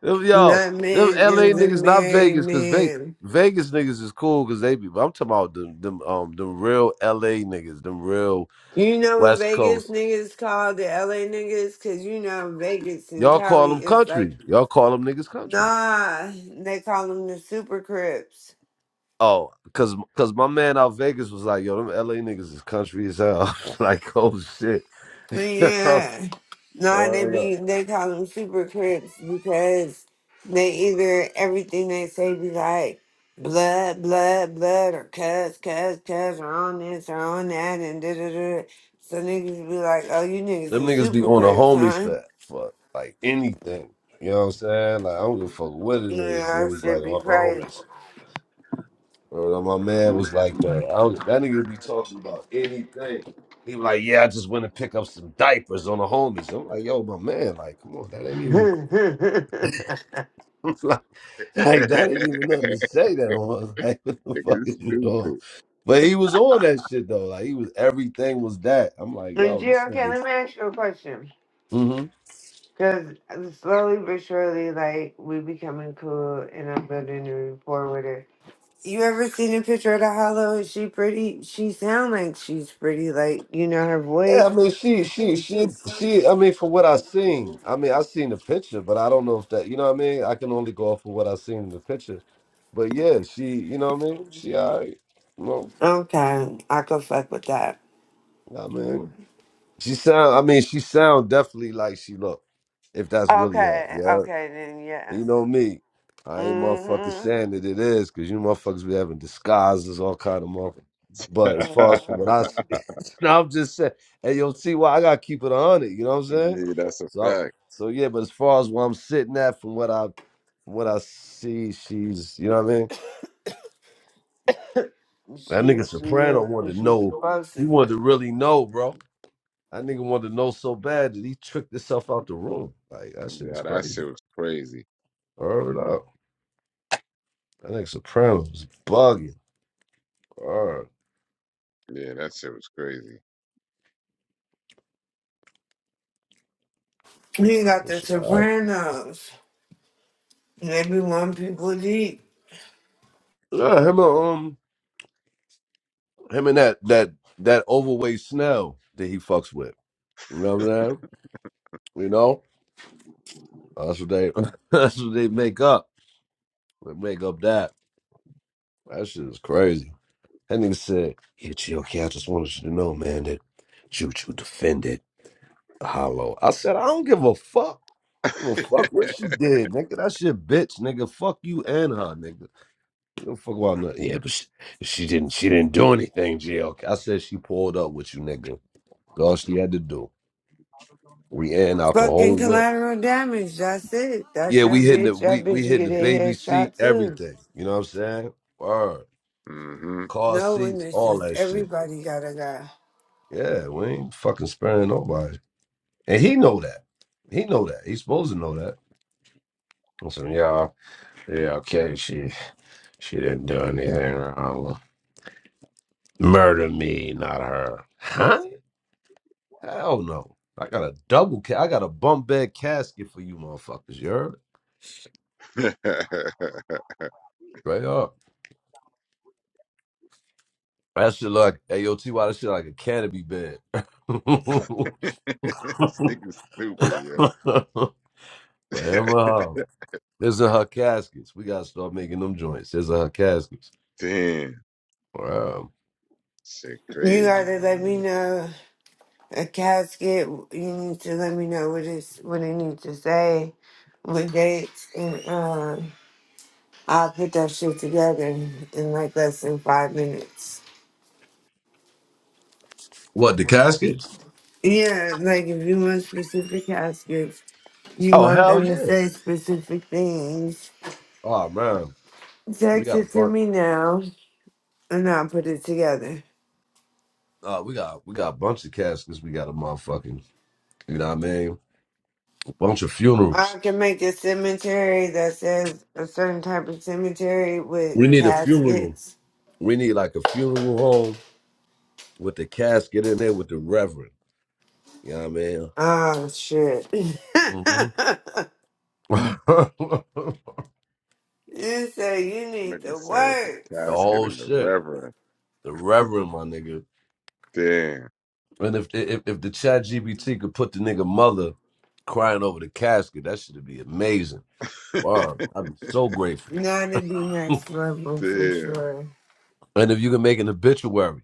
C: Them, yo,
E: Not
C: them
E: man is
C: LA
E: a
C: niggas, not
E: married
C: Vegas, because Vegas.
E: man.
C: Vegas niggas is cool because they be. but I'm talking about them, them, um, them real LA niggas, them real
E: You know what
C: West
E: Vegas
C: Coast.
E: niggas call the LA niggas? Cause you know Vegas and
C: Y'all call
E: Cali
C: them
E: is like
C: country. Y'all call them niggas country.
E: Nah, they call them the super crips.
C: Oh, cause cause my man out Vegas was like, yo, them LA niggas is country as hell. like, oh shit.
E: Yeah. Nah, they
C: Word
E: be
C: up.
E: they call them super crips because they either everything they say be like blood, blood, blood, or cuss, cuss, cuss, or on this or on that, and da da da. So niggas be like, oh, you niggas
C: them
E: is
C: niggas be
E: super
C: on the
E: crips,
C: homies
E: huh?
C: for for like anything. You know what I'm saying? Like I don't give a fuck what it
E: Yeah,
C: is.
E: that
C: Niggas
E: should
C: like
E: be
C: on
E: crazy.
C: the homies. Or my man was like that. I was, that nigga be talking about anything. He was like, yeah, I just went to pick up some diapers on the homies. I'm like, yo, my man, like, come on, that ain't even. Like that ain't even nothing to say that on. Like what the fuck
A: Nigga
C: is you doing?
A: stupid.
C: But he was on that shit though. Like he was everything was that. I'm like,
E: and
C: yo, this
E: Gio, okay, let
C: nigga's
E: me ask you a question.
C: hmm
E: Because slowly but surely, like, we becoming cool and I'm building a rapport with her. You ever seen a picture of the hollow? Is she pretty? She sound like she's pretty, like, you know, her
C: Yeah,
E: voice.
C: I mean she she she she I mean from what I seen, I mean I seen the picture, but I don't know if that you know what I mean? I can only go off of what I seen in the picture. But yeah, she you know what I mean? She all right. Well,
E: Okay, I could fuck with that.
C: I mean she sound I mean she sound definitely like she look, if that's really her.
E: Okay,
C: Yeah.
E: okay, then yeah.
C: You know me. I ain't motherfucking
E: Mm-hmm.
C: saying that it is, cause you motherfuckers be having disguises, all kind of motherfuckers. But as far as
A: yeah,
C: from what I
E: mm-hmm.
C: see, now I'm just saying, hey yo, T Y, I gotta keep it on it, you know what I'm saying?
A: that's a
C: So I-
A: fact.
C: so yeah, but as far as where I'm sitting at from what I from what I see, she's you know what I mean?
E: She,
C: That
E: she
C: nigga
E: is
C: Soprano
E: who
C: wanted to
E: she's
C: know,
E: supposed to
C: he
E: be.
C: wanted to really know, bro. That nigga wanted to know so bad that he tricked himself out the room. Like that shit is
A: Yeah, that
C: crazy.
A: shit was crazy.
C: Word up. That nigga Soprano was bugging.
A: Yeah, that shit was crazy.
E: You got
C: Rhyming
E: the
C: shit. All right.
E: Sopranos. They be one people deep.
C: Yeah, him, a, um, him and that that that overweight Snell that he fucks with. You know what I'm saying? You know that's what they that's what they make up. They make up that. That shit is crazy. That nigga said, "Yeah, chill, okay. I just wanted you to know, man, that Choo Choo defended Hollow." I said, "I don't give a fuck." Give a fuck what she did, nigga. That shit, bitch, nigga. Fuck you and her, nigga. Give a fuck about nothing. Yeah, but she, she didn't. She didn't do anything, GLK. said she pulled up with you, nigga. That's all she had to do. We airing out the
E: Fucking
C: whole whip.
E: collateral damage. That's it. That's
C: Yeah,
E: your
C: we hitting the
E: bitch. That
C: we we
E: bitch, you
C: hitting
E: get
C: the
E: a
C: baby seat,
E: headshot too.
C: everything. You know what I'm saying? Word.
A: Mm-hmm.
C: Car
E: No
C: seats, all
E: witnesses.
C: that shit.
E: Everybody gotta go.
C: Yeah, we ain't fucking sparing nobody. And he know that. He know that. He's supposed to know that. So yeah, yeah, okay. She she didn't do anything wrong. Murder me, not her. Huh? Hell no. I got a double ca- I got a bump bed casket for you motherfuckers, you heard? Straight up. That shit look AOT. Why that shit like a canopy bed?
A: this nigga stupid, yo.
C: Forever home. This is her caskets. We gotta start making them joints. This is her caskets.
A: Damn.
C: Wow.
A: Shit
E: You
A: crazy,
E: gotta
A: my
E: let me
A: nigga.
E: know a casket. You need to let me know what it's what it needs to say, what dates, and um, I'll put that shit together in like less than five minutes.
C: What the caskets?
E: Yeah, like if you want specific caskets, you
C: Oh
E: want
C: hell
E: them to
C: yeah!
E: say specific things.
C: Oh man, we
E: Text
C: got
E: it
C: a
E: to
C: bunch.
E: me now. and I'll put it together.
C: Uh, we got we got a bunch of caskets. We got a motherfucking. You know what I mean? A bunch of funerals.
E: I can make a cemetery that says a certain type of cemetery with
C: We need a funeral.
E: caskets.
C: We need like a funeral home with the casket in there with the reverend. You know
E: Oh shit. you
C: what I mean? hmm
E: say you need
A: Nigga
E: the
A: said with the
C: The
E: words.
A: casket
C: whole
A: and the
C: shit.
A: reverend.
C: The Reverend, my nigga.
A: Damn.
C: And if if if the Chat GBT could put the nigga mother crying over the casket, that shit'd be amazing. Wow, I'd be so grateful.
E: Now to be next level for
A: Damn.
E: sure.
C: and if you can make an obituary,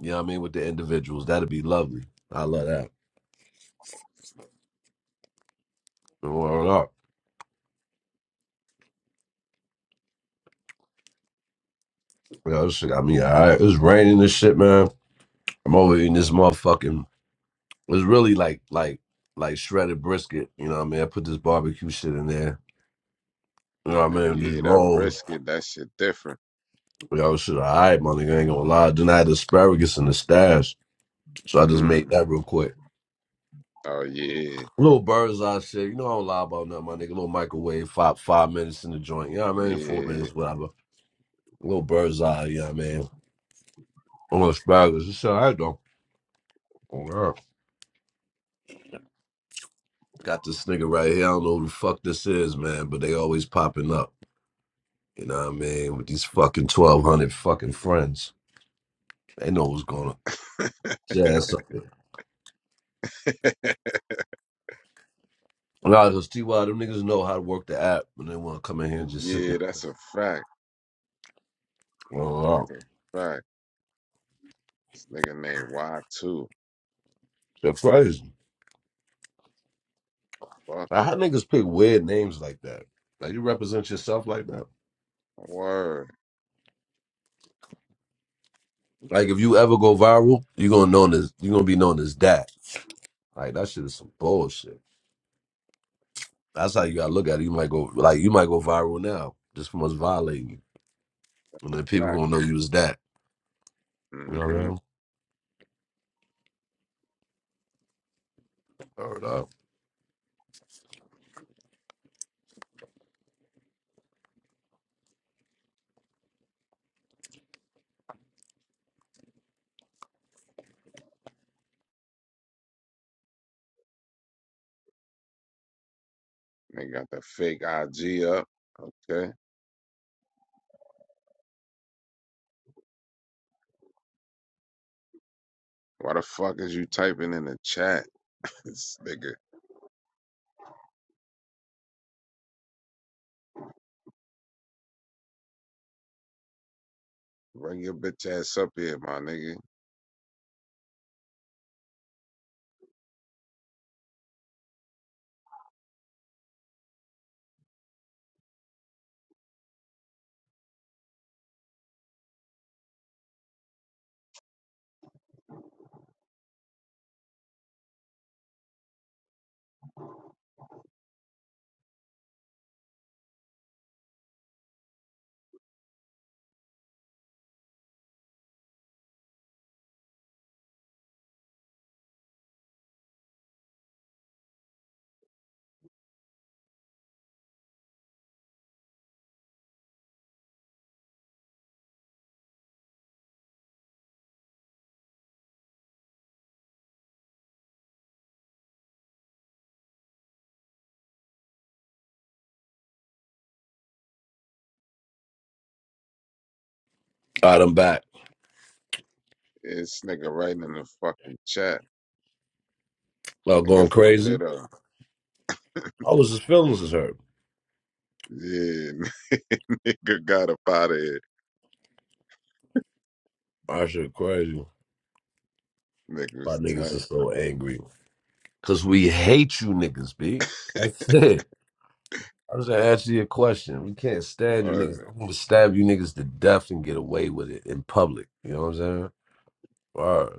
C: you know what I mean, with the individuals, that'd be lovely. I love that. Word up. Yo, this shit got me all right. It was raining and shit, man. I'm over eating this motherfucking it's really like like like shredded brisket, you know what I mean? I put this barbecue shit in there. You know what
A: Oh
C: I mean? These
A: yeah, that
C: rolls.
A: brisket, that shit different.
C: Yo, shit, all right, my nigga, ain't gonna lie. Then I had asparagus in the stash, so I just made
A: Mm.
C: that real quick.
A: Oh yeah,
C: Little bird's eye shit, you know I don't lie about nothing, my nigga. Little microwave, five five minutes in the joint, you know what I mean? Four
A: yeah,
C: minutes, whatever. Little bird's eye, you know what I mean? I'm On asparagus, it's all right though. Oh, yeah. Got this nigga right here, I don't know who the fuck this is, man, but they always popping up, you know what I mean? With these fucking 1200 fucking friends. They know what's going on. Yeah. up here. Nah, because T.Y., them niggas know how to work the app, and they want to come in here and just sit there.
A: yeah. That's a fact.
C: Well, wow.
A: That's a fact. This nigga named Y two.
C: That's crazy.
A: Fuck
C: Now, How niggas pick weird names like that? Like you represent yourself like that?
A: word.
C: Like if you ever go viral, you gonna known as you gonna be known as that. Like that shit is some bullshit. That's how you gotta look at it. You might go like you might go viral now just from us violating you, and then people
A: Fact.
C: gonna know you as that. You know what I
A: Mm-hmm.
C: mean? Word up.
A: They got the fake IG up. Okay. Why the fuck is you typing in the chat? This nigga, bring your bitch ass up here, my nigga.
C: All right, I'm back.
A: This nigga writing in the fucking chat.
C: Uh, going
A: Nigga's a
C: crazy.
A: weirdo.
C: I was just feelings is hurt.
A: Yeah, nigga got up out
C: I shit crazy.
A: Nigga
C: Why
A: was
C: niggas
A: tight.
C: is so angry? Cause we hate you niggas, b. That's it. I was gonna ask you a question. We can't stab you niggas.
A: Word.
C: I'm gonna stab you niggas to death and get away with it in public. You know what I'm saying? Or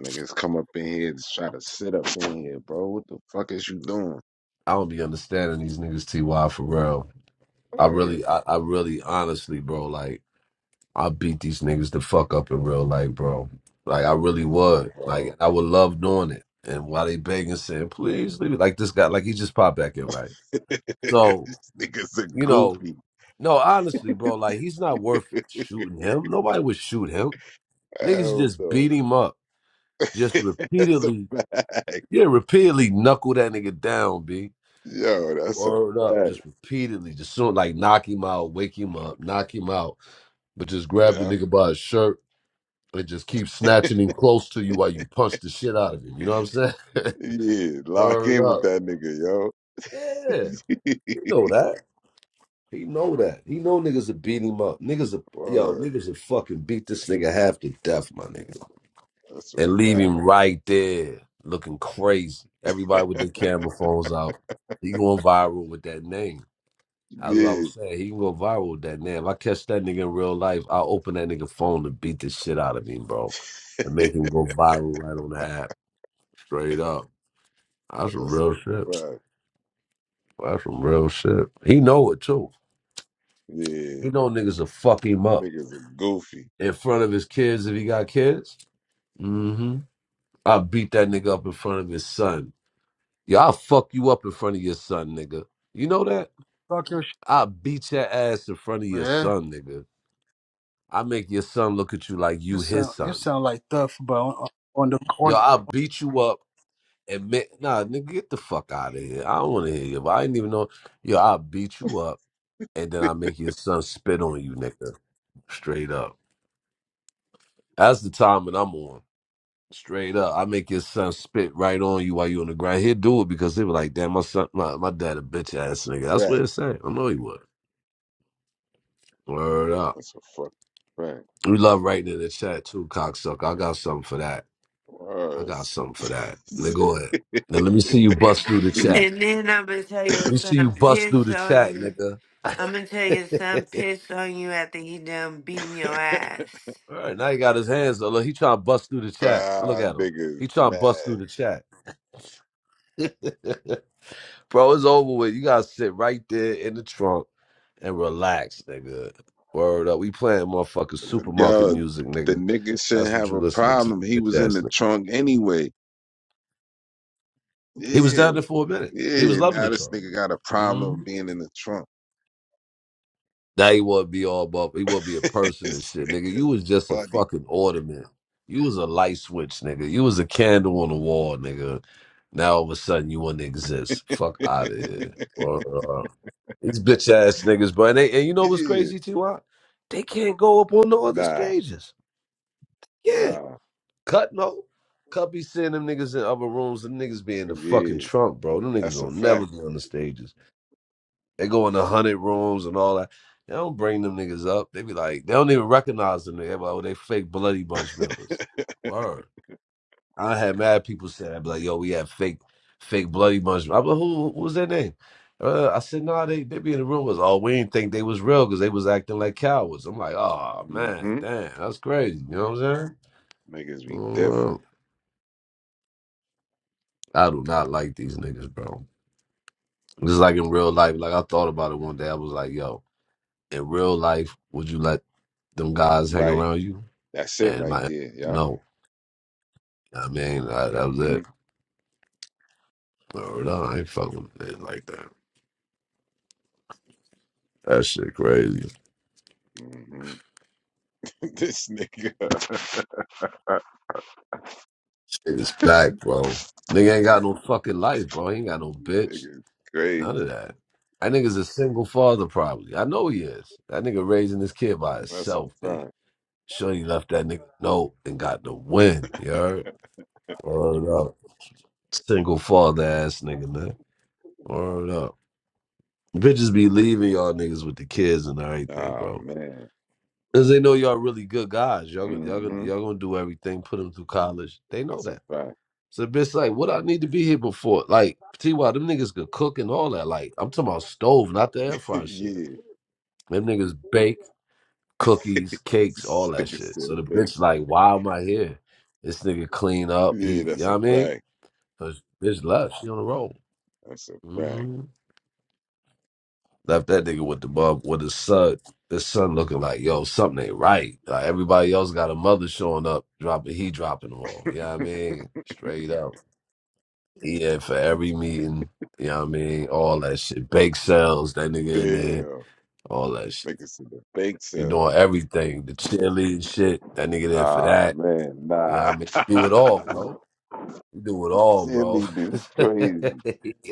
A: Niggas come up in here to try to sit up in here, bro. What the fuck is you doing?
C: I don't be understanding these niggas TY for real. I
A: Word.
C: really I, I really honestly, bro, like I beat these niggas to fuck up in real life, bro. Like I really
A: Come on,
C: would. Like
A: bro.
C: I would love doing it. And while they begging saying, please leave it like this guy, like he just popped back in, right? So,
A: These niggas are
C: you know,
A: goofy.
C: no, honestly, bro, like he's not worth shooting him. Nobody would shoot him. Niggas
A: Hell
C: just
A: no.
C: beat him up. Just
A: that's a
C: repeatedly,
A: fact.
C: yeah, repeatedly knuckle that nigga down, B.
A: Yo, that's a
C: Word up,
A: fact.
C: just repeatedly, just soon like knock him out, wake him up, knock him out, but just grab the
A: Yeah.
C: nigga by his shirt and just keep snatching him close to you while you punch the shit out of him. You know what I'm saying?
A: Yeah. Lock
C: Word
A: in with
C: up.
A: that nigga,
C: Yeah,
A: yo.
C: he know that. He know that. He know niggas are beat him up. Niggas are yo,
A: Word.
C: niggas are fucking beat this nigga half to death, my nigga.
A: That's a
C: and leave
A: fact.
C: him right there looking crazy. Everybody with their camera phones out. He going viral with that name. That's what I
A: Yeah.
C: was saying. He can go viral with that name. If I catch that nigga in real life, I'll open that nigga phone and beat the shit out of him, bro. And make him go viral right on the app. Straight up. That's some
A: That's a
C: real shit.
A: fact.
C: That's some real shit. He know it too.
A: Yeah.
C: He know niggas will fuck him up
A: Niggas are goofy.
C: in front of his kids if he got kids. Mm-hmm. I beat that nigga up in front of his son Yeah, I'll fuck you up in front of your son, nigga. You know that?
K: Talk your shit,
C: I'll beat your ass in front of your
K: man.
C: son, nigga. I make your son look at you like
K: You
C: you his
K: sound you
C: son.
K: sound like Duff, but on, on the
C: Yo,
K: on
C: I'll beat you up and make nah, nigga, get the fuck out of here. I don't wanna hear you. But I didn't even know. Yo, I'll beat you up and then I make your son spit on you, nigga. Straight up. That's the time that I'm on. Straight up. I make your son spit right on you while you on the ground. he would do it because they were like, damn, my son my, my dad a bitch ass
A: That's a
C: nigga. That's what
A: fact.
C: it said. I know he would. Word up.
A: That's a fucking fact.
C: We love writing in the chat too, cocksucker. I got something for that. I got
A: Was.
C: something for that. Nigga, go ahead. Now let me see you bust through the chat.
E: And then I'm gonna tell your
C: Let me see you
E: son
C: bust through
E: piss
C: the
E: on
C: chat,
E: you.
C: nigga.
E: I'm gonna tell your son piss on you after he done beating your ass.
C: All right, now he got his hands up. Look, he trying to bust through the chat. Look
A: ah,
C: at him. He
A: niggas
C: trying to
A: mad.
C: bust through the chat. Bro, it's over with. You gotta sit right there in the trunk and relax, nigga. Word up. We playing motherfucking supermarket
A: Yo,
C: music,
A: the
C: nigga.
A: nigga shouldn't
C: That's what
A: have
C: you
A: a
C: listening to,
A: problem. He
C: bitch
A: was in
C: ass
A: the
C: nigga.
A: trunk anyway.
C: He was
A: Yeah,
C: down there for a minute. He was
A: yeah.
C: loving
A: Now
C: the
A: this
C: trunk.
A: nigga got a
C: Mm-hmm.
A: problem being in the trunk.
C: Now he wouldn't be all buff. He wouldn't be a person and
A: this
C: shit, nigga. You
A: nigga's
C: was just a
A: funny.
C: fucking ornament. You was a light switch, nigga. You was a candle on the wall, nigga. Now all of a sudden you wouldn't exist. Fuck out of here. Or, uh, these bitch ass niggas, but and, they, and you know what's
A: yeah.
C: crazy, T.Y.? They can't go up on the other
A: Nah,
C: stages. Yeah,
A: nah.
C: cut no. Cut be seeing them niggas in other rooms. Them niggas be in the fucking
A: Yeah,
C: trunk, bro. Them niggas
A: that's a
C: don't never
A: fact.
C: be on the stages. They go in the hundred rooms and all that. They don't bring them niggas up. They be like, they don't even recognize them. They be like, oh, they fake bloody bunch members. Word. I had mad people say that, be like, yo, we have fake, fake bloody bunch. I'm like, who, who was their name? Uh, I said, no, nah, they they be in the room was, oh, we didn't think they was real because they was acting like cowards. I'm like, oh
A: mm
C: man,
A: hmm
C: damn, that's crazy. You know what I'm saying?
A: Niggas
C: I
A: be
C: don't
A: different.
C: know. I do not like these niggas, bro. Just like in real life, like I thought about it one day. I was like, yo. in real life, would you let them guys hang
A: Right.
C: around you?
A: That's it
C: And
A: right
C: my answer
A: there.
C: was
A: Yeah.
C: no. I mean, I, that was
A: hmm
C: it. Or no, I ain't fucking with niggas like that. That shit crazy.
A: hmm this nigga,
C: Shit is back, bro. Nigga ain't got no fucking life, bro. He ain't got no bitch.
A: nigga is
C: None
A: crazy.
C: of that. That nigga's a single father, probably. I know he is. That nigga raising his kid by
A: That's a
C: himself, B.
A: fact.
C: Sure, he left that nigga note and got the win. You heard? Word up. Single father ass nigga, man. Word up. Bitches be leaving y'all niggas with the kids and everything,
A: Oh
C: bro.
A: man.
C: Cause they know y'all really good guys. Y'all y'all gonna
A: hmm
C: y'all gonna do everything, put them through college. They know
A: That's a
C: that.
A: fact.
C: So bitch, like, what I need to be here before? Like, T Y, them niggas could cook and all that. Like, I'm talking about stove, not the air fryer shit.
A: yeah.
C: Them niggas bake cookies, cakes,
A: this
C: all that
A: nigga
C: shit. So
A: still
C: the
A: big.
C: bitch like, why am I here? This nigga clean up. He
A: Yeah,
C: you
A: that's
C: know
A: a
C: what I mean?
A: fact.
C: Cause bitch left. She on the road.
A: That's a fact.
C: Mm-hmm. Left that nigga with the mom with his son. His son looking like, yo, something ain't right. Like everybody else got a mother showing up, dropping he dropping them all. You know what I mean? Straight up. Yeah, for every meeting. You know what I mean? All that shit. Bake sales, that nigga in there.
A: Damn.
C: All that shit.
A: Nigga said the fake
C: You
A: sales.
C: doing everything. The cheerleading shit. That nigga there for
A: Oh
C: that.
A: man,
C: You know what I
A: nah.
C: mean? Do it all, bro. You do it all, bro.
A: Silly dude. It's crazy.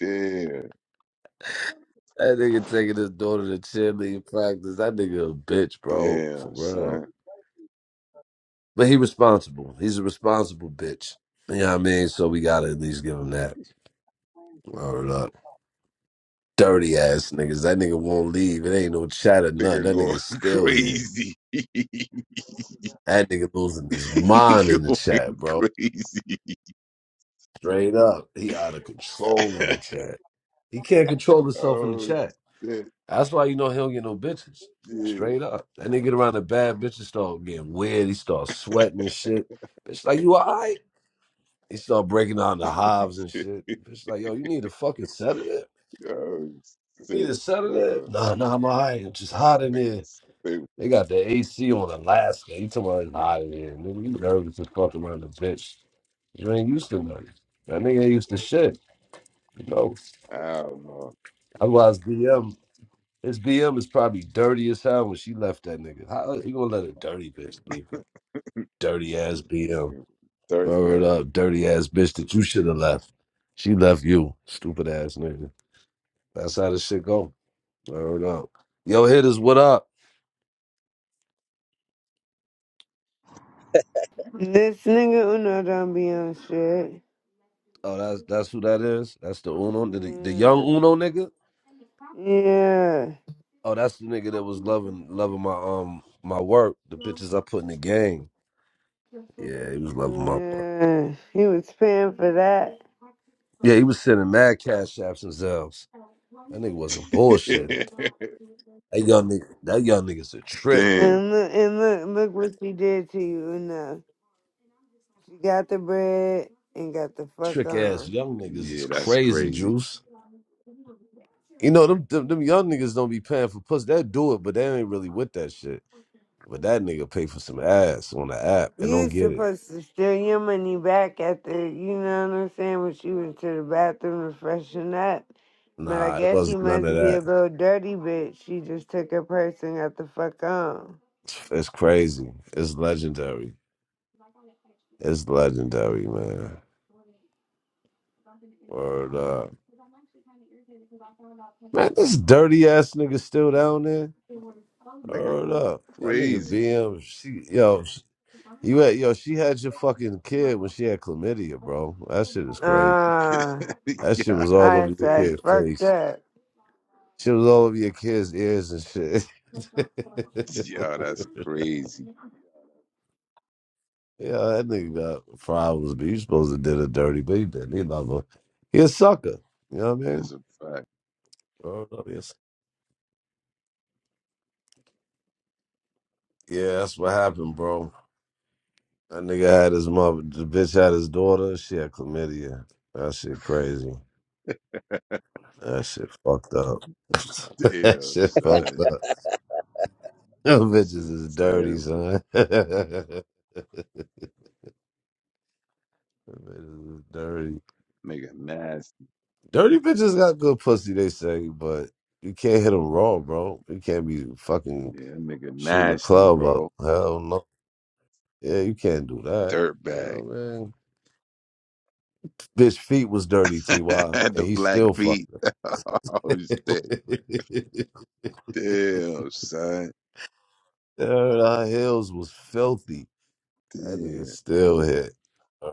A: Damn.
C: That nigga taking his daughter to cheerleading practice. That nigga a bitch, bro. For
A: Damn,
C: real.
A: son.
C: But he responsible. He's a responsible bitch. You know what I mean? So we gotta at least give him that. Word up. Dirty ass niggas. That nigga won't leave. It ain't no chat or nothing.
A: Nigga
C: That
A: going
C: nigga's still here.
A: crazy.
C: That nigga losing his
A: He
C: mind in the
A: going
C: chat, bro.
A: crazy.
C: Straight up. He out of control in the chat. He can't control himself in the
A: oh
C: chat.
A: shit,
C: That's why you know he don't get no bitches.
A: dude.
C: Straight up. That nigga get around the bad bitches start getting weird. He starts sweating and shit. Bitch, like you alright? He started breaking down the hives and shit. It's like, yo, you need a fucking sedative.
A: oh
C: You need a
A: shit,
C: sedative?
A: yo.
C: Nah, nah, I'm all right. It's just
A: This
C: hot in here.
A: nigga
C: They
A: stupid.
C: got the AC on Alaska. You talking about it's hot in here. Nigga, you nervous as fuck around the bitch. You ain't used to nervous. That nigga ain't used to shit. You know?
A: I don't know.
C: Otherwise, BM, his BM is probably dirty as hell when she left that nigga. How you gonna let a dirty bitch leave? you? Dirty ass BM. Word
A: Dirtbag.
C: up, dirty ass bitch that you should have left. She left you, stupid ass nigga. That's how this shit go. Word up. Yo, hitters, what up?
E: This nigga Uno don't be on shit.
C: Oh, that's that's who that is. That's the Uno, the, the young Uno nigga.
E: Yeah. Yeah.
C: Oh, that's the nigga that was loving loving my um my work, the bitches I put in the game. Yeah, he was loving my work.
E: Yeah, he was paying for that.
C: Yeah, he was sending mad cash apps and zelfs. That nigga wasn't bullshitting. That young nigga, that young nigga's a trick.
A: Damn.
E: And look, and look, look what she did to you, Una. She got the bread and got the fuck
C: Trick ass
E: on.
C: young niggas is
A: Yeah, that's
C: crazy,
A: crazy.
C: Juice. You know them, them them young niggas don't be paying for puss. They do it, but they ain't really with that shit. But that nigga pay for some ass on the app and
E: You
C: don't
E: was
C: get it.
E: supposed to steal your money back after, you know what I'm saying, when she went to the bathroom to freshen up. But I
C: Nah, it
E: guess she
C: wasn't none of
E: must be a
C: that.
E: little dirty bitch. She just took her purse and got the fuck on.
C: It's crazy. It's legendary. It's legendary, man. Word up. Man, this dirty ass nigga still down there.
A: Nigga
C: Word
A: going
C: up. That nigga
A: crazy.
C: BM, she yo, sh- you had yo, she had your fucking kid when she had chlamydia, bro. That shit is crazy.
E: Ah,
A: God
C: That shit was all over
E: I
C: your
E: said,
A: damn.
C: kid's
E: fucked
C: face.
E: up.
C: Shit was all over your kid's ears and
A: Yo, that's
C: shit.
A: crazy.
C: Yeah, that nigga got problems, but you supposed to did a dirty beat then. He love a he a sucker. You know what I mean?
A: That's a fact.
C: Oh, no, yes. Yeah, that's what happened, bro. That nigga had his mother the bitch had his daughter, she had chlamydia. That shit crazy. That shit fucked up. that
A: Damn,
C: shit
A: son.
C: fucked up. Them
A: This shit
C: bitches is dirty,
A: terrible.
C: son. Them bitches is dirty.
A: Nigga nasty.
C: Dirty bitches got good pussy, they say, but you can't hit them raw, bro. You can't be fucking
A: Yeah, that nigga
C: shooting the
A: nasty,
C: club up.
A: bro.
C: Hell no. Yeah, you can't do that. You know
A: Dirtbag.
C: what I mean? Bitch feet was dirty, T Y,
A: Had the
C: and he
A: black
C: still
A: feet.
C: fucked her.
A: Oh shit. Damn, son.
C: Heard our heels was filthy. That nigga
A: Damn.
C: still hit.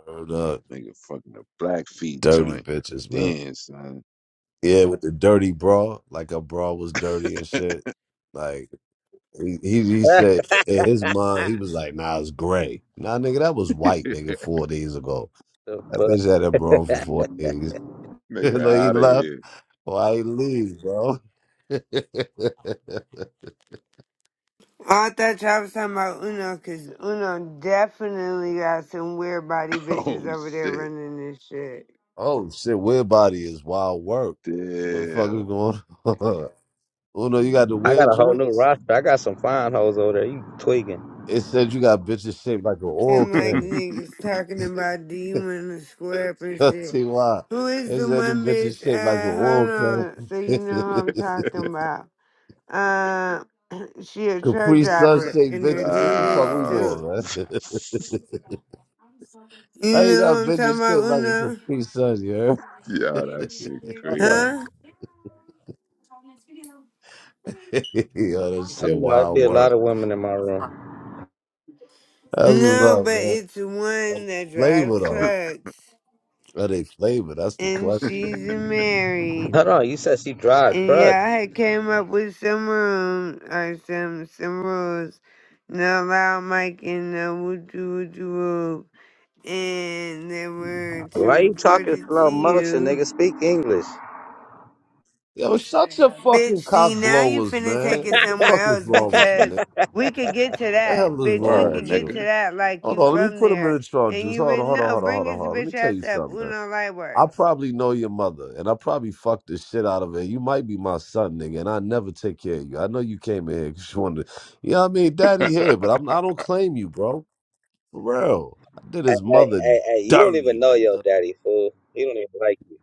C: Heard up.
A: Nigga fucking the black feet
C: Dirty
A: joint.
C: bitches, man.
A: Damn, son.
C: Yeah, with the dirty bra, like a bra was dirty and shit. Like he, he he said in his mind, he was like, "Nah, it's gray." Nah, nigga, that was white, nigga, four days ago.
L: The
C: That
L: fuck?
C: bitch had him bro for four days.
A: nigga
C: like he
A: out of
C: left.
A: here.
C: Why he leave, bro?
E: Well, I thought y'all was talking about Uno, cause Uno definitely got some weird body bitches
A: Oh
E: over there
A: shit.
E: running this shit.
C: oh shit, weird body is wild work. What the fuck is
A: Damn.
C: going on? Uno, you got the
L: I got
C: weird
L: a whole new
C: joints?
L: roster. I got some fine hoes over there. You twigging.
C: It said you got bitches shaped like an oil
E: And like
C: can.
E: niggas talking about do you want to square up and shit.
C: See why?
E: Who is
C: It
E: the
C: said them
E: one
C: bitches
E: bitch?
C: shaped like an
E: Uh, hold
C: oil can.
E: on, so you know who I'm talking about. Uh, she a truck
C: Capri Sun
E: driver,
C: shaped
E: and her
C: bitches. What
E: dude
C: the fuck
E: is
C: we
A: nah.
E: too.
C: doing, man?
E: You
C: I ain't
E: know
C: got
E: who I'm talking
C: bitches
E: about,
C: shaped like a
E: Uno?
C: complete son, you heard?
A: Yo, that shit
L: What you talking about?
A: crazy.
E: Huh?
C: Yo, that
L: You
C: shit
L: talking about it'd be
C: wild
L: a
C: work.
L: lot of women in my room.
C: That's what's
E: No,
C: up,
E: but
C: man.
E: it's
C: Are
E: one
C: they
E: that drive
C: flavor though?
E: trucks.
C: Are they flavor? That's the
E: and
C: question.
E: she's
L: Hold
E: married.
L: on, you said she drive
E: And
L: truck.
E: yeah, I had came up with some rules or some some rules. No loud mic and no wooju wooju woo. And they were to
L: Why you
E: report
L: talking
E: it to
L: slow motion,
E: you.
L: nigga? Speak English.
C: Yo, shut your
E: Bitch,
C: fucking cock
E: see now you
C: blowers,
E: finna take
C: man.
E: it
C: What the
E: somewhere
C: fuck is
E: else
C: wrong with you,
E: because
C: nigga?
E: we could get to
C: The hell
E: that.
C: is
E: Bitch, we
C: wrong
A: Alright,
E: could
C: with
E: get
C: you?
E: to
A: nigga.
E: that like
C: Hold
E: you
C: on, let me
E: from
C: put him in
E: there.
C: the
E: And
C: charges.
E: you
C: Hold
E: would
C: on, hold on,
E: no,
C: hold on,
E: bring
C: hold on,
E: his
C: hold on. Let me
E: bitch
C: tell
E: ass
C: you
E: up.
C: something, man.
E: Uno light work.
C: I probably know your mother, and I probably fucked the shit out of her. You might be my son, nigga, and I never take care of you. I know you came in here because you wanted, to, you know what I mean, daddy here, but I'm, I don't claim you, bro. For real, I did
L: Hey,
C: his
L: hey,
C: mother
L: hey, hey, you don't even
C: dirty,
L: know your
C: nigga.
L: daddy, fool. He don't even like you.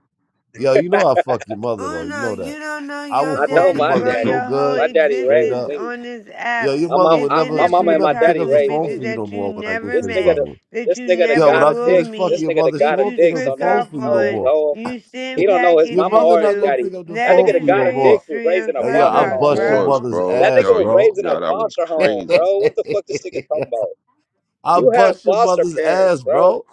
C: Yo, you know I fuck your mother though. You
E: Uno,
C: know
E: you
C: that.
E: don't know
C: I will
E: your
L: I
C: fuck
L: know
C: your
E: daddy,
L: my
C: mother
E: bro.
L: daddy.
C: so
E: Your whole
C: good,
L: My daddy
C: straight
L: raised
E: existence
C: up.
L: me.
E: on this
C: Yo,
E: app
C: your
L: My
C: mother
L: mom,
E: is
C: would
L: I,
E: sitting
L: my
C: never,
E: up
C: she
L: mama
C: would
L: and
E: here
L: my
C: never pick
L: daddy
E: talking
C: up
E: to
C: the
L: raised
C: phone
E: bitches
L: me.
C: for you no
E: that you
C: more when I get
E: never
L: This
C: finished
L: nigga,
E: met,
L: the,
C: fucking. with-
E: that
L: this
E: you
L: nigga, the
C: Yo,
E: never
C: when
L: god
C: I
L: of
E: will
C: finish
L: dicks.
C: fucking
L: This
E: meet,
C: your
L: nigga, the
C: mother, she
L: god
E: that
L: of
C: won't
E: you
C: pick
L: dicks.
C: up the
L: Don't
E: trick
L: know
C: phone
L: his
E: off
C: for you no
L: know his
E: on,
C: more.
L: whole
E: you
L: He
E: send
L: don't know his
C: Your
L: mama
E: packages
C: mother
L: or
C: not
L: his
C: gonna
E: to.
L: daddy.
C: pick up the
L: That
E: That
L: nigga
C: phone
L: that
C: for
E: is
C: you
E: your
L: got
C: no
L: a dick
C: more.
L: was
E: history
L: raised
E: on
L: in a
C: Hey, yo, I
L: foster
A: yo,
E: Clubhouse,
L: home.
C: bust your
E: bro.
A: pause,
C: mother's
A: bro.
L: That nigga
C: ass,
A: Yo,
L: was
A: you
L: raised
C: bro.
L: in a
A: yo, that was
L: foster home,
A: crazy.
L: bro. What the fuck this nigga talking about?
C: I
L: You have
C: bust your
L: foster
C: mother's
L: parents,
C: ass,
L: bro.
C: bro.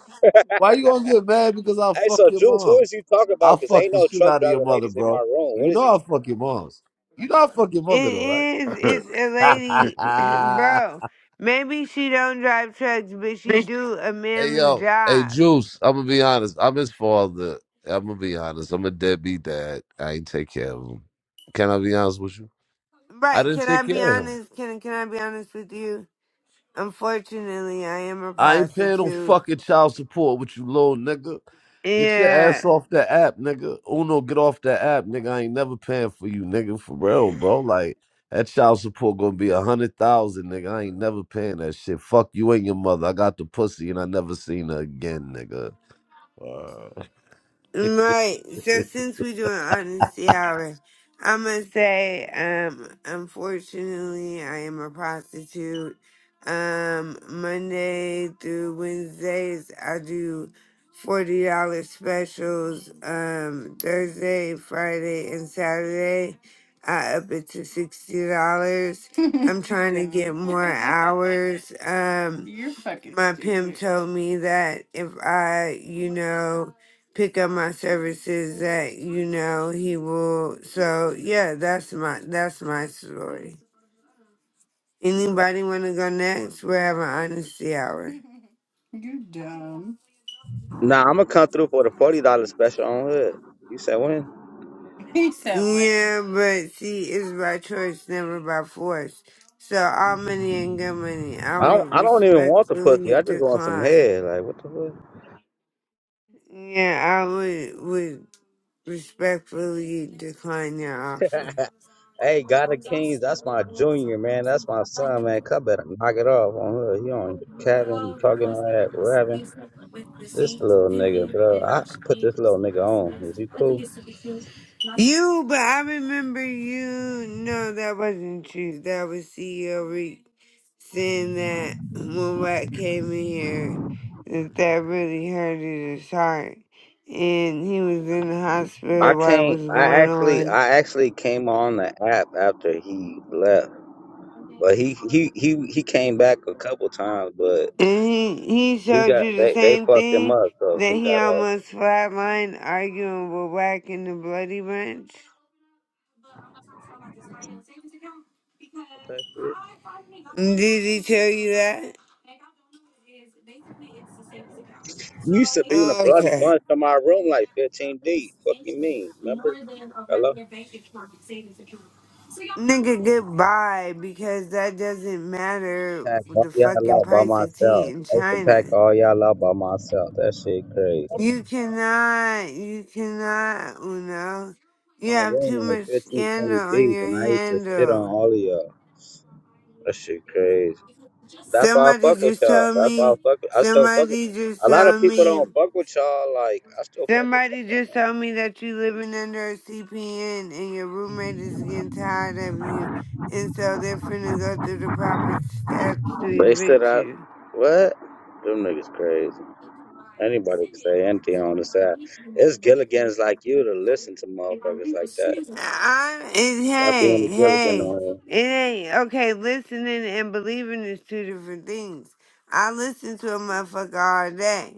C: Why you gonna get mad because I
L: Hey,
C: fuck
L: so
C: your
L: Juice, who is
C: moms?
L: you talking
C: I
L: about? Cause
C: fuck
L: ain't
C: the
L: no
C: shit
L: truck
C: out of
L: driver
C: your mother,
L: ladies in my
C: bro.
L: room. What
C: You
L: is you?
C: know
L: T-
C: I fuck your moms. You know I fuck your
E: It
C: mother though, right?
E: is. It's a lady, bro. Maybe she don't drive trucks, but she do a
C: hey
E: manly
C: yo, hey
E: job.
C: Juice. I'm gonna be honest. I'm his father. I'm gonna be honest. I'm a deadbeat dad. I ain't take care of him. Can I be honest with you? I
E: Right?
C: didn't
E: Can I
C: take
E: be
C: care of him.
E: honest? Can Can I be honest with you? Unfortunately, I am a
C: I ain't paying no
E: prostitute.
C: fucking child support with you little nigga. Get your ass
E: Yeah,
C: off that app, nigga. Uno, get off that app, nigga. I ain't never paying for you, nigga. For real, bro. Like that child support gonna be a hundred thousand, nigga. I ain't never paying that shit. Fuck you and your mother. I got the pussy and I never seen her again, nigga. Word.
E: right. So since we do an honesty hour, I'm gonna say, um, unfortunately, I am a prostitute. Um, Monday through Wednesdays, I do forty dollars specials. Um, Thursday, Friday, and Saturday, I up it to sixty dollars. I'm trying to get more hours. Um. my pimp told me that if I, you know, pick up my services that, you know, he will so yeah, that's my that's my story. Anybody wanna go next? We're having honesty hour.
L: nah, I'ma come through for the forty dollars special on hood. You said when?
E: Tell me. Yeah, but see it's by choice, never by force. So all money ain't good money. I
L: I don't.
E: would
L: I don't even want the pussy.
E: respectfully
L: I just want some
E: decline.
L: head. Like what the fuck?
E: Yeah, I would would respectfully decline your offer.
L: Hey, God of Kings, that's my junior man. That's my son, man. Cut better knock it off on hood. He on cabin, talking all that, rapping. This little nigga, bro. I put this little nigga on. Is he cool?
E: You, but I remember you. No, that wasn't you. That was CEO Reek saying that when Rat came in here, that that really hurted his heart. And he was in the
L: I
E: hospital while it was
L: can't. I
E: going
L: actually,
E: on.
L: I actually came on the app after he left, but he he he he came back a couple times, but
E: And he, he
L: he
E: showed
L: got
E: you the
L: they they
E: same
L: fucked him
E: thing
L: up, so
E: that
L: he
E: he
L: got off.
E: almost flatlined arguing with Wack in the Bloody Bunch.
L: Okay, shit.
E: Did he tell you that?
L: You used to be in a
E: Oh,
L: bloody
E: Okay.
L: bunch to my room like 15 deep. Fucking me, remember? Hello.
E: Nigga, goodbye, because that doesn't matter
L: Pack
E: with
L: all
E: the fucking
L: y'all out by
E: price of tea
L: myself.
E: in
L: I used to
E: China.
L: pack all y'all out by myself. That shit crazy.
E: You cannot, you cannot, Uno. You
L: my
E: have too
L: room
E: much
L: like 15,
E: scandal
L: 20
E: on
L: deep,
E: your
L: and I used to sit on
E: handle.
L: all of y'all. That shit crazy. That's why I
E: Somebody
L: fuck with
E: just
L: y'all.
E: told
L: That's why I
E: me,
L: fuck. With, I still fuck with.
E: somebody just
L: A lot of
E: told
L: people
E: me,
L: don't fuck with y'all. Like I still fuck with
E: somebody
L: y'all.
E: just told me that you living under a CPN and your roommate is getting tired of you. And so they're finna go through the proper steps to
L: They sit
E: evict
L: out.
E: you.
L: What? Them niggas crazy. Anybody can say anything on the side. It's Gilligan's like you to listen to motherfuckers like that.
E: I, it,
L: Stop
E: hey,
L: being a Gilligan
E: hey,
L: on here.
E: it ain't okay. Listening and believing is two different things. I listen to a motherfucker all day,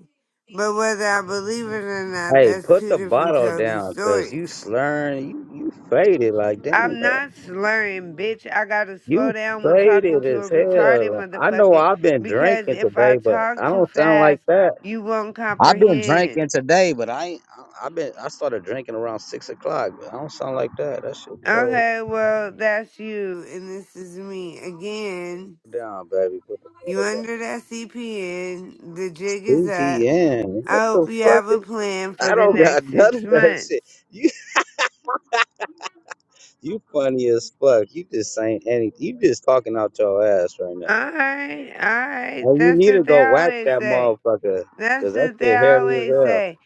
E: but whether I believe it or not,
L: Hey,
E: that's
L: put
E: two
L: the
E: different
L: bottle
E: totally
L: down, cause you
E: stories.
L: slurring, you, you faded like
E: I'm
L: damn.
E: not slurring, bitch. I gotta slow
L: You
E: down when talking
L: faded
E: to
L: as
E: a retarded
L: hell. I know
E: motherfucker
L: I've been
E: because
L: drinking
E: if I
L: today, but
E: talk
L: I
E: too
L: don't sound like
E: fast,
L: that.
E: you won't
L: I've been drinking
E: comprehend.
L: today, but I ain't. I- I've been. I started drinking around six o'clock. But I don't sound like that. That shit crazy.
E: Okay, well, that's you, and this is me again.
L: Down, baby. Put the
E: You
L: metal down.
E: under that CPN. The jig is up.
L: BTN. What
E: I
L: the
E: hope you
L: fuck
E: have a
L: is?
E: plan for
L: I
E: the
L: don't got
E: next
L: none
E: six
L: of that
E: months.
L: shit. You you funny as fuck. You just saying anything. You just talking out your ass right now.
E: Alright, alright.
L: And you
E: That's
L: need to
E: what they
L: go wax
E: always
L: that
E: say.
L: motherfucker,
E: That's
L: cause that
E: what they
L: shit hairy as
E: always
L: hell.
E: say.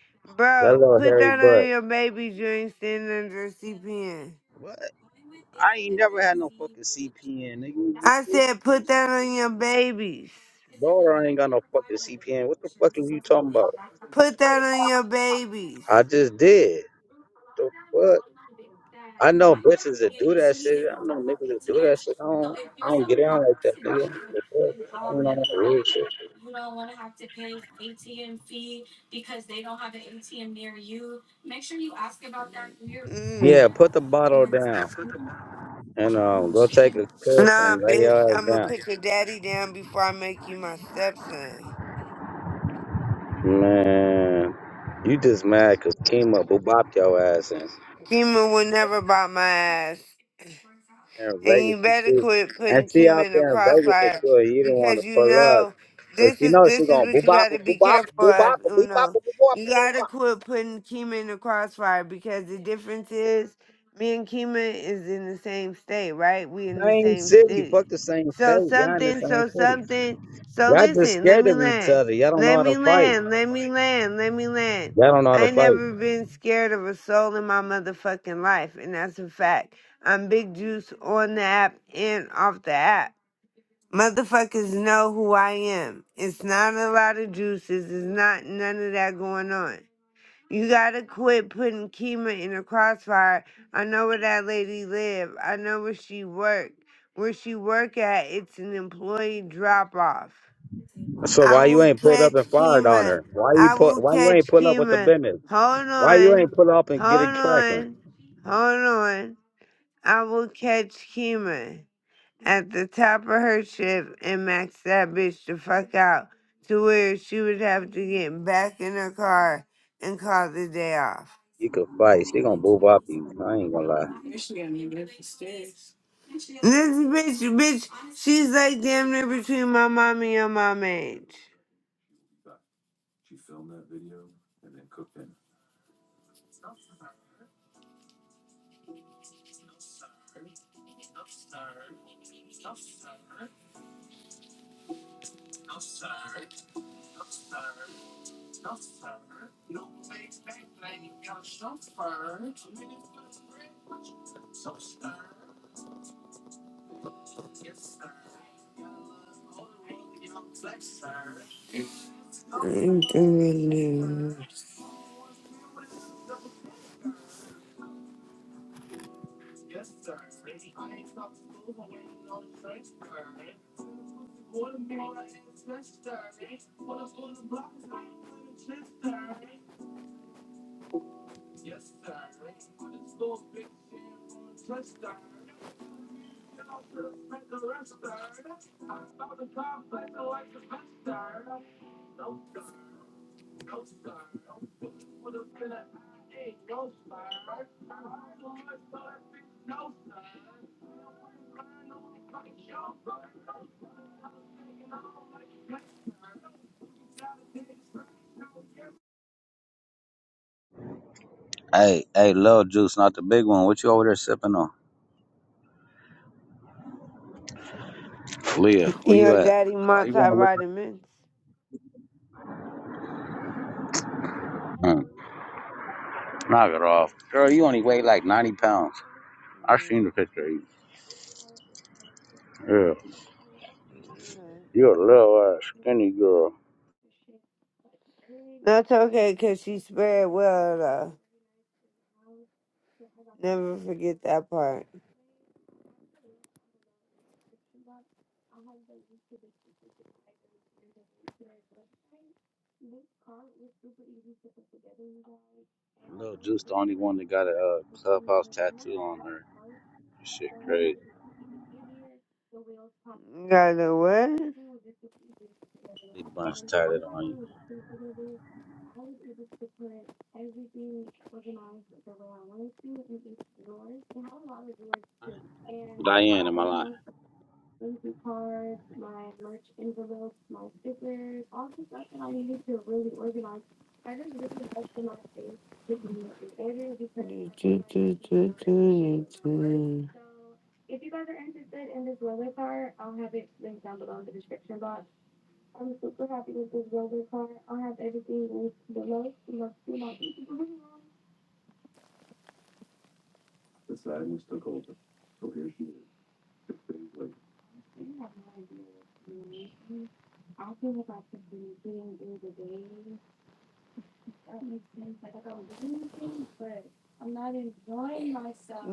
L: That
E: Bro,
L: little
E: put
L: hairy
E: that on
L: butt.
E: your babies you ain't standing under a CPN.
L: What? I ain't never had no fucking CPN,
E: I
L: nigga.
E: said put that on your babies.
L: Daughter ain't got no fucking CPN. What the fuck are you talking about?
E: Put that on your babies.
L: I just did. The fuck? I know bitches that do that shit. I know niggas that do that shit. I don't, I don't get down like that, nigga. The fuck? I don't know that weird shit.
E: Mm.
L: Yeah, put the bottle down and um, go take a piss
E: Nah,
L: and lay
E: bitch,
L: your ass
E: I'm gonna
L: down.
E: put your daddy down before I make you my stepson.
L: Man, you just mad 'cause Kima boo bopped your ass in,
E: Kima will never bite my ass.
L: in
E: and you
L: Vegas
E: better
L: too.
E: quit
L: And
E: putting
L: she
E: Kim
L: out
E: in the
L: there in Vegas for
E: crossfire
L: sure. You didn't want
E: because
L: to
E: you
L: pull up.
E: know
L: Cause
E: this
L: you
E: is
L: know she
E: this is
L: going boo
E: what you got
L: bop
E: to
L: boo
E: be
L: bop
E: careful
L: boo
E: of,
L: bop boo bop
E: Uno.
L: boo bop
E: You
L: boo
E: gotta
L: bop.
E: quit putting Kima in the crossfire because the difference is me and Kima is in the same state, right? We in the
L: Same
E: same
L: city,
E: city.
L: fuck the same state.
E: So
L: Y'all in the
E: something,
L: same
E: so
L: city.
E: something, so
L: Y'all just
E: listen, let
L: scared
E: me
L: of each
E: land.
L: other. Y'all don't know
E: Let
L: how
E: me
L: to fight.
E: land, let me land, let me land.
L: Y'all don't know how
E: I
L: to
E: ain't
L: fight.
E: never been scared of a soul in my motherfucking life, and that's a fact. I'm Big Juice on the app and off the app. Motherfuckers know who I am. It's not a lot of juices. It's not none of that going on. You gotta quit putting Kima in a crossfire. I know where that lady live. I know where she work. Where she work at, it's an employee drop off.
L: So
E: I
L: why you
E: will
L: ain't pulled up
E: catch
L: and fired on
E: Kima.
L: her? Why you
E: I
L: put?
E: will
L: Why you ain't
E: catch
L: pull up with the
E: Kima.
L: business?
E: Hold
L: Why you
E: on.
L: ain't pull up and get
E: Hold
L: it cracking?
E: on. Hold on. I will catch Kima at the top of her shift and maxed that bitch the fuck out to where she would have to get back in her car and call the day off.
L: You could fight. She gonna boo bop you. I ain't gonna lie.
E: This bitch, bitch, she's like damn near between my mom and your mom age.
L: Hey, hey, little juice, not the big one. What you over there sipping on? Leah, where you
E: Your
L: at?
E: daddy
L: Why you want to look?
E: multivitamins.
L: Mm, knock it off, girl. You only weigh like ninety pounds. I seen the picture. Of you. Yeah, you a little uh, skinny girl.
E: That's okay, cause she spread well though. Never forget that part.
L: Little Juice, the only one that got a uh, clubhouse tattoo on her. Shit, crazy.
E: You gotta what?
L: Big bunch tatted on you. Diane, am I lying?
E: Do, do, do, do, do, do.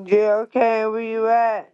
E: JLK, where you at?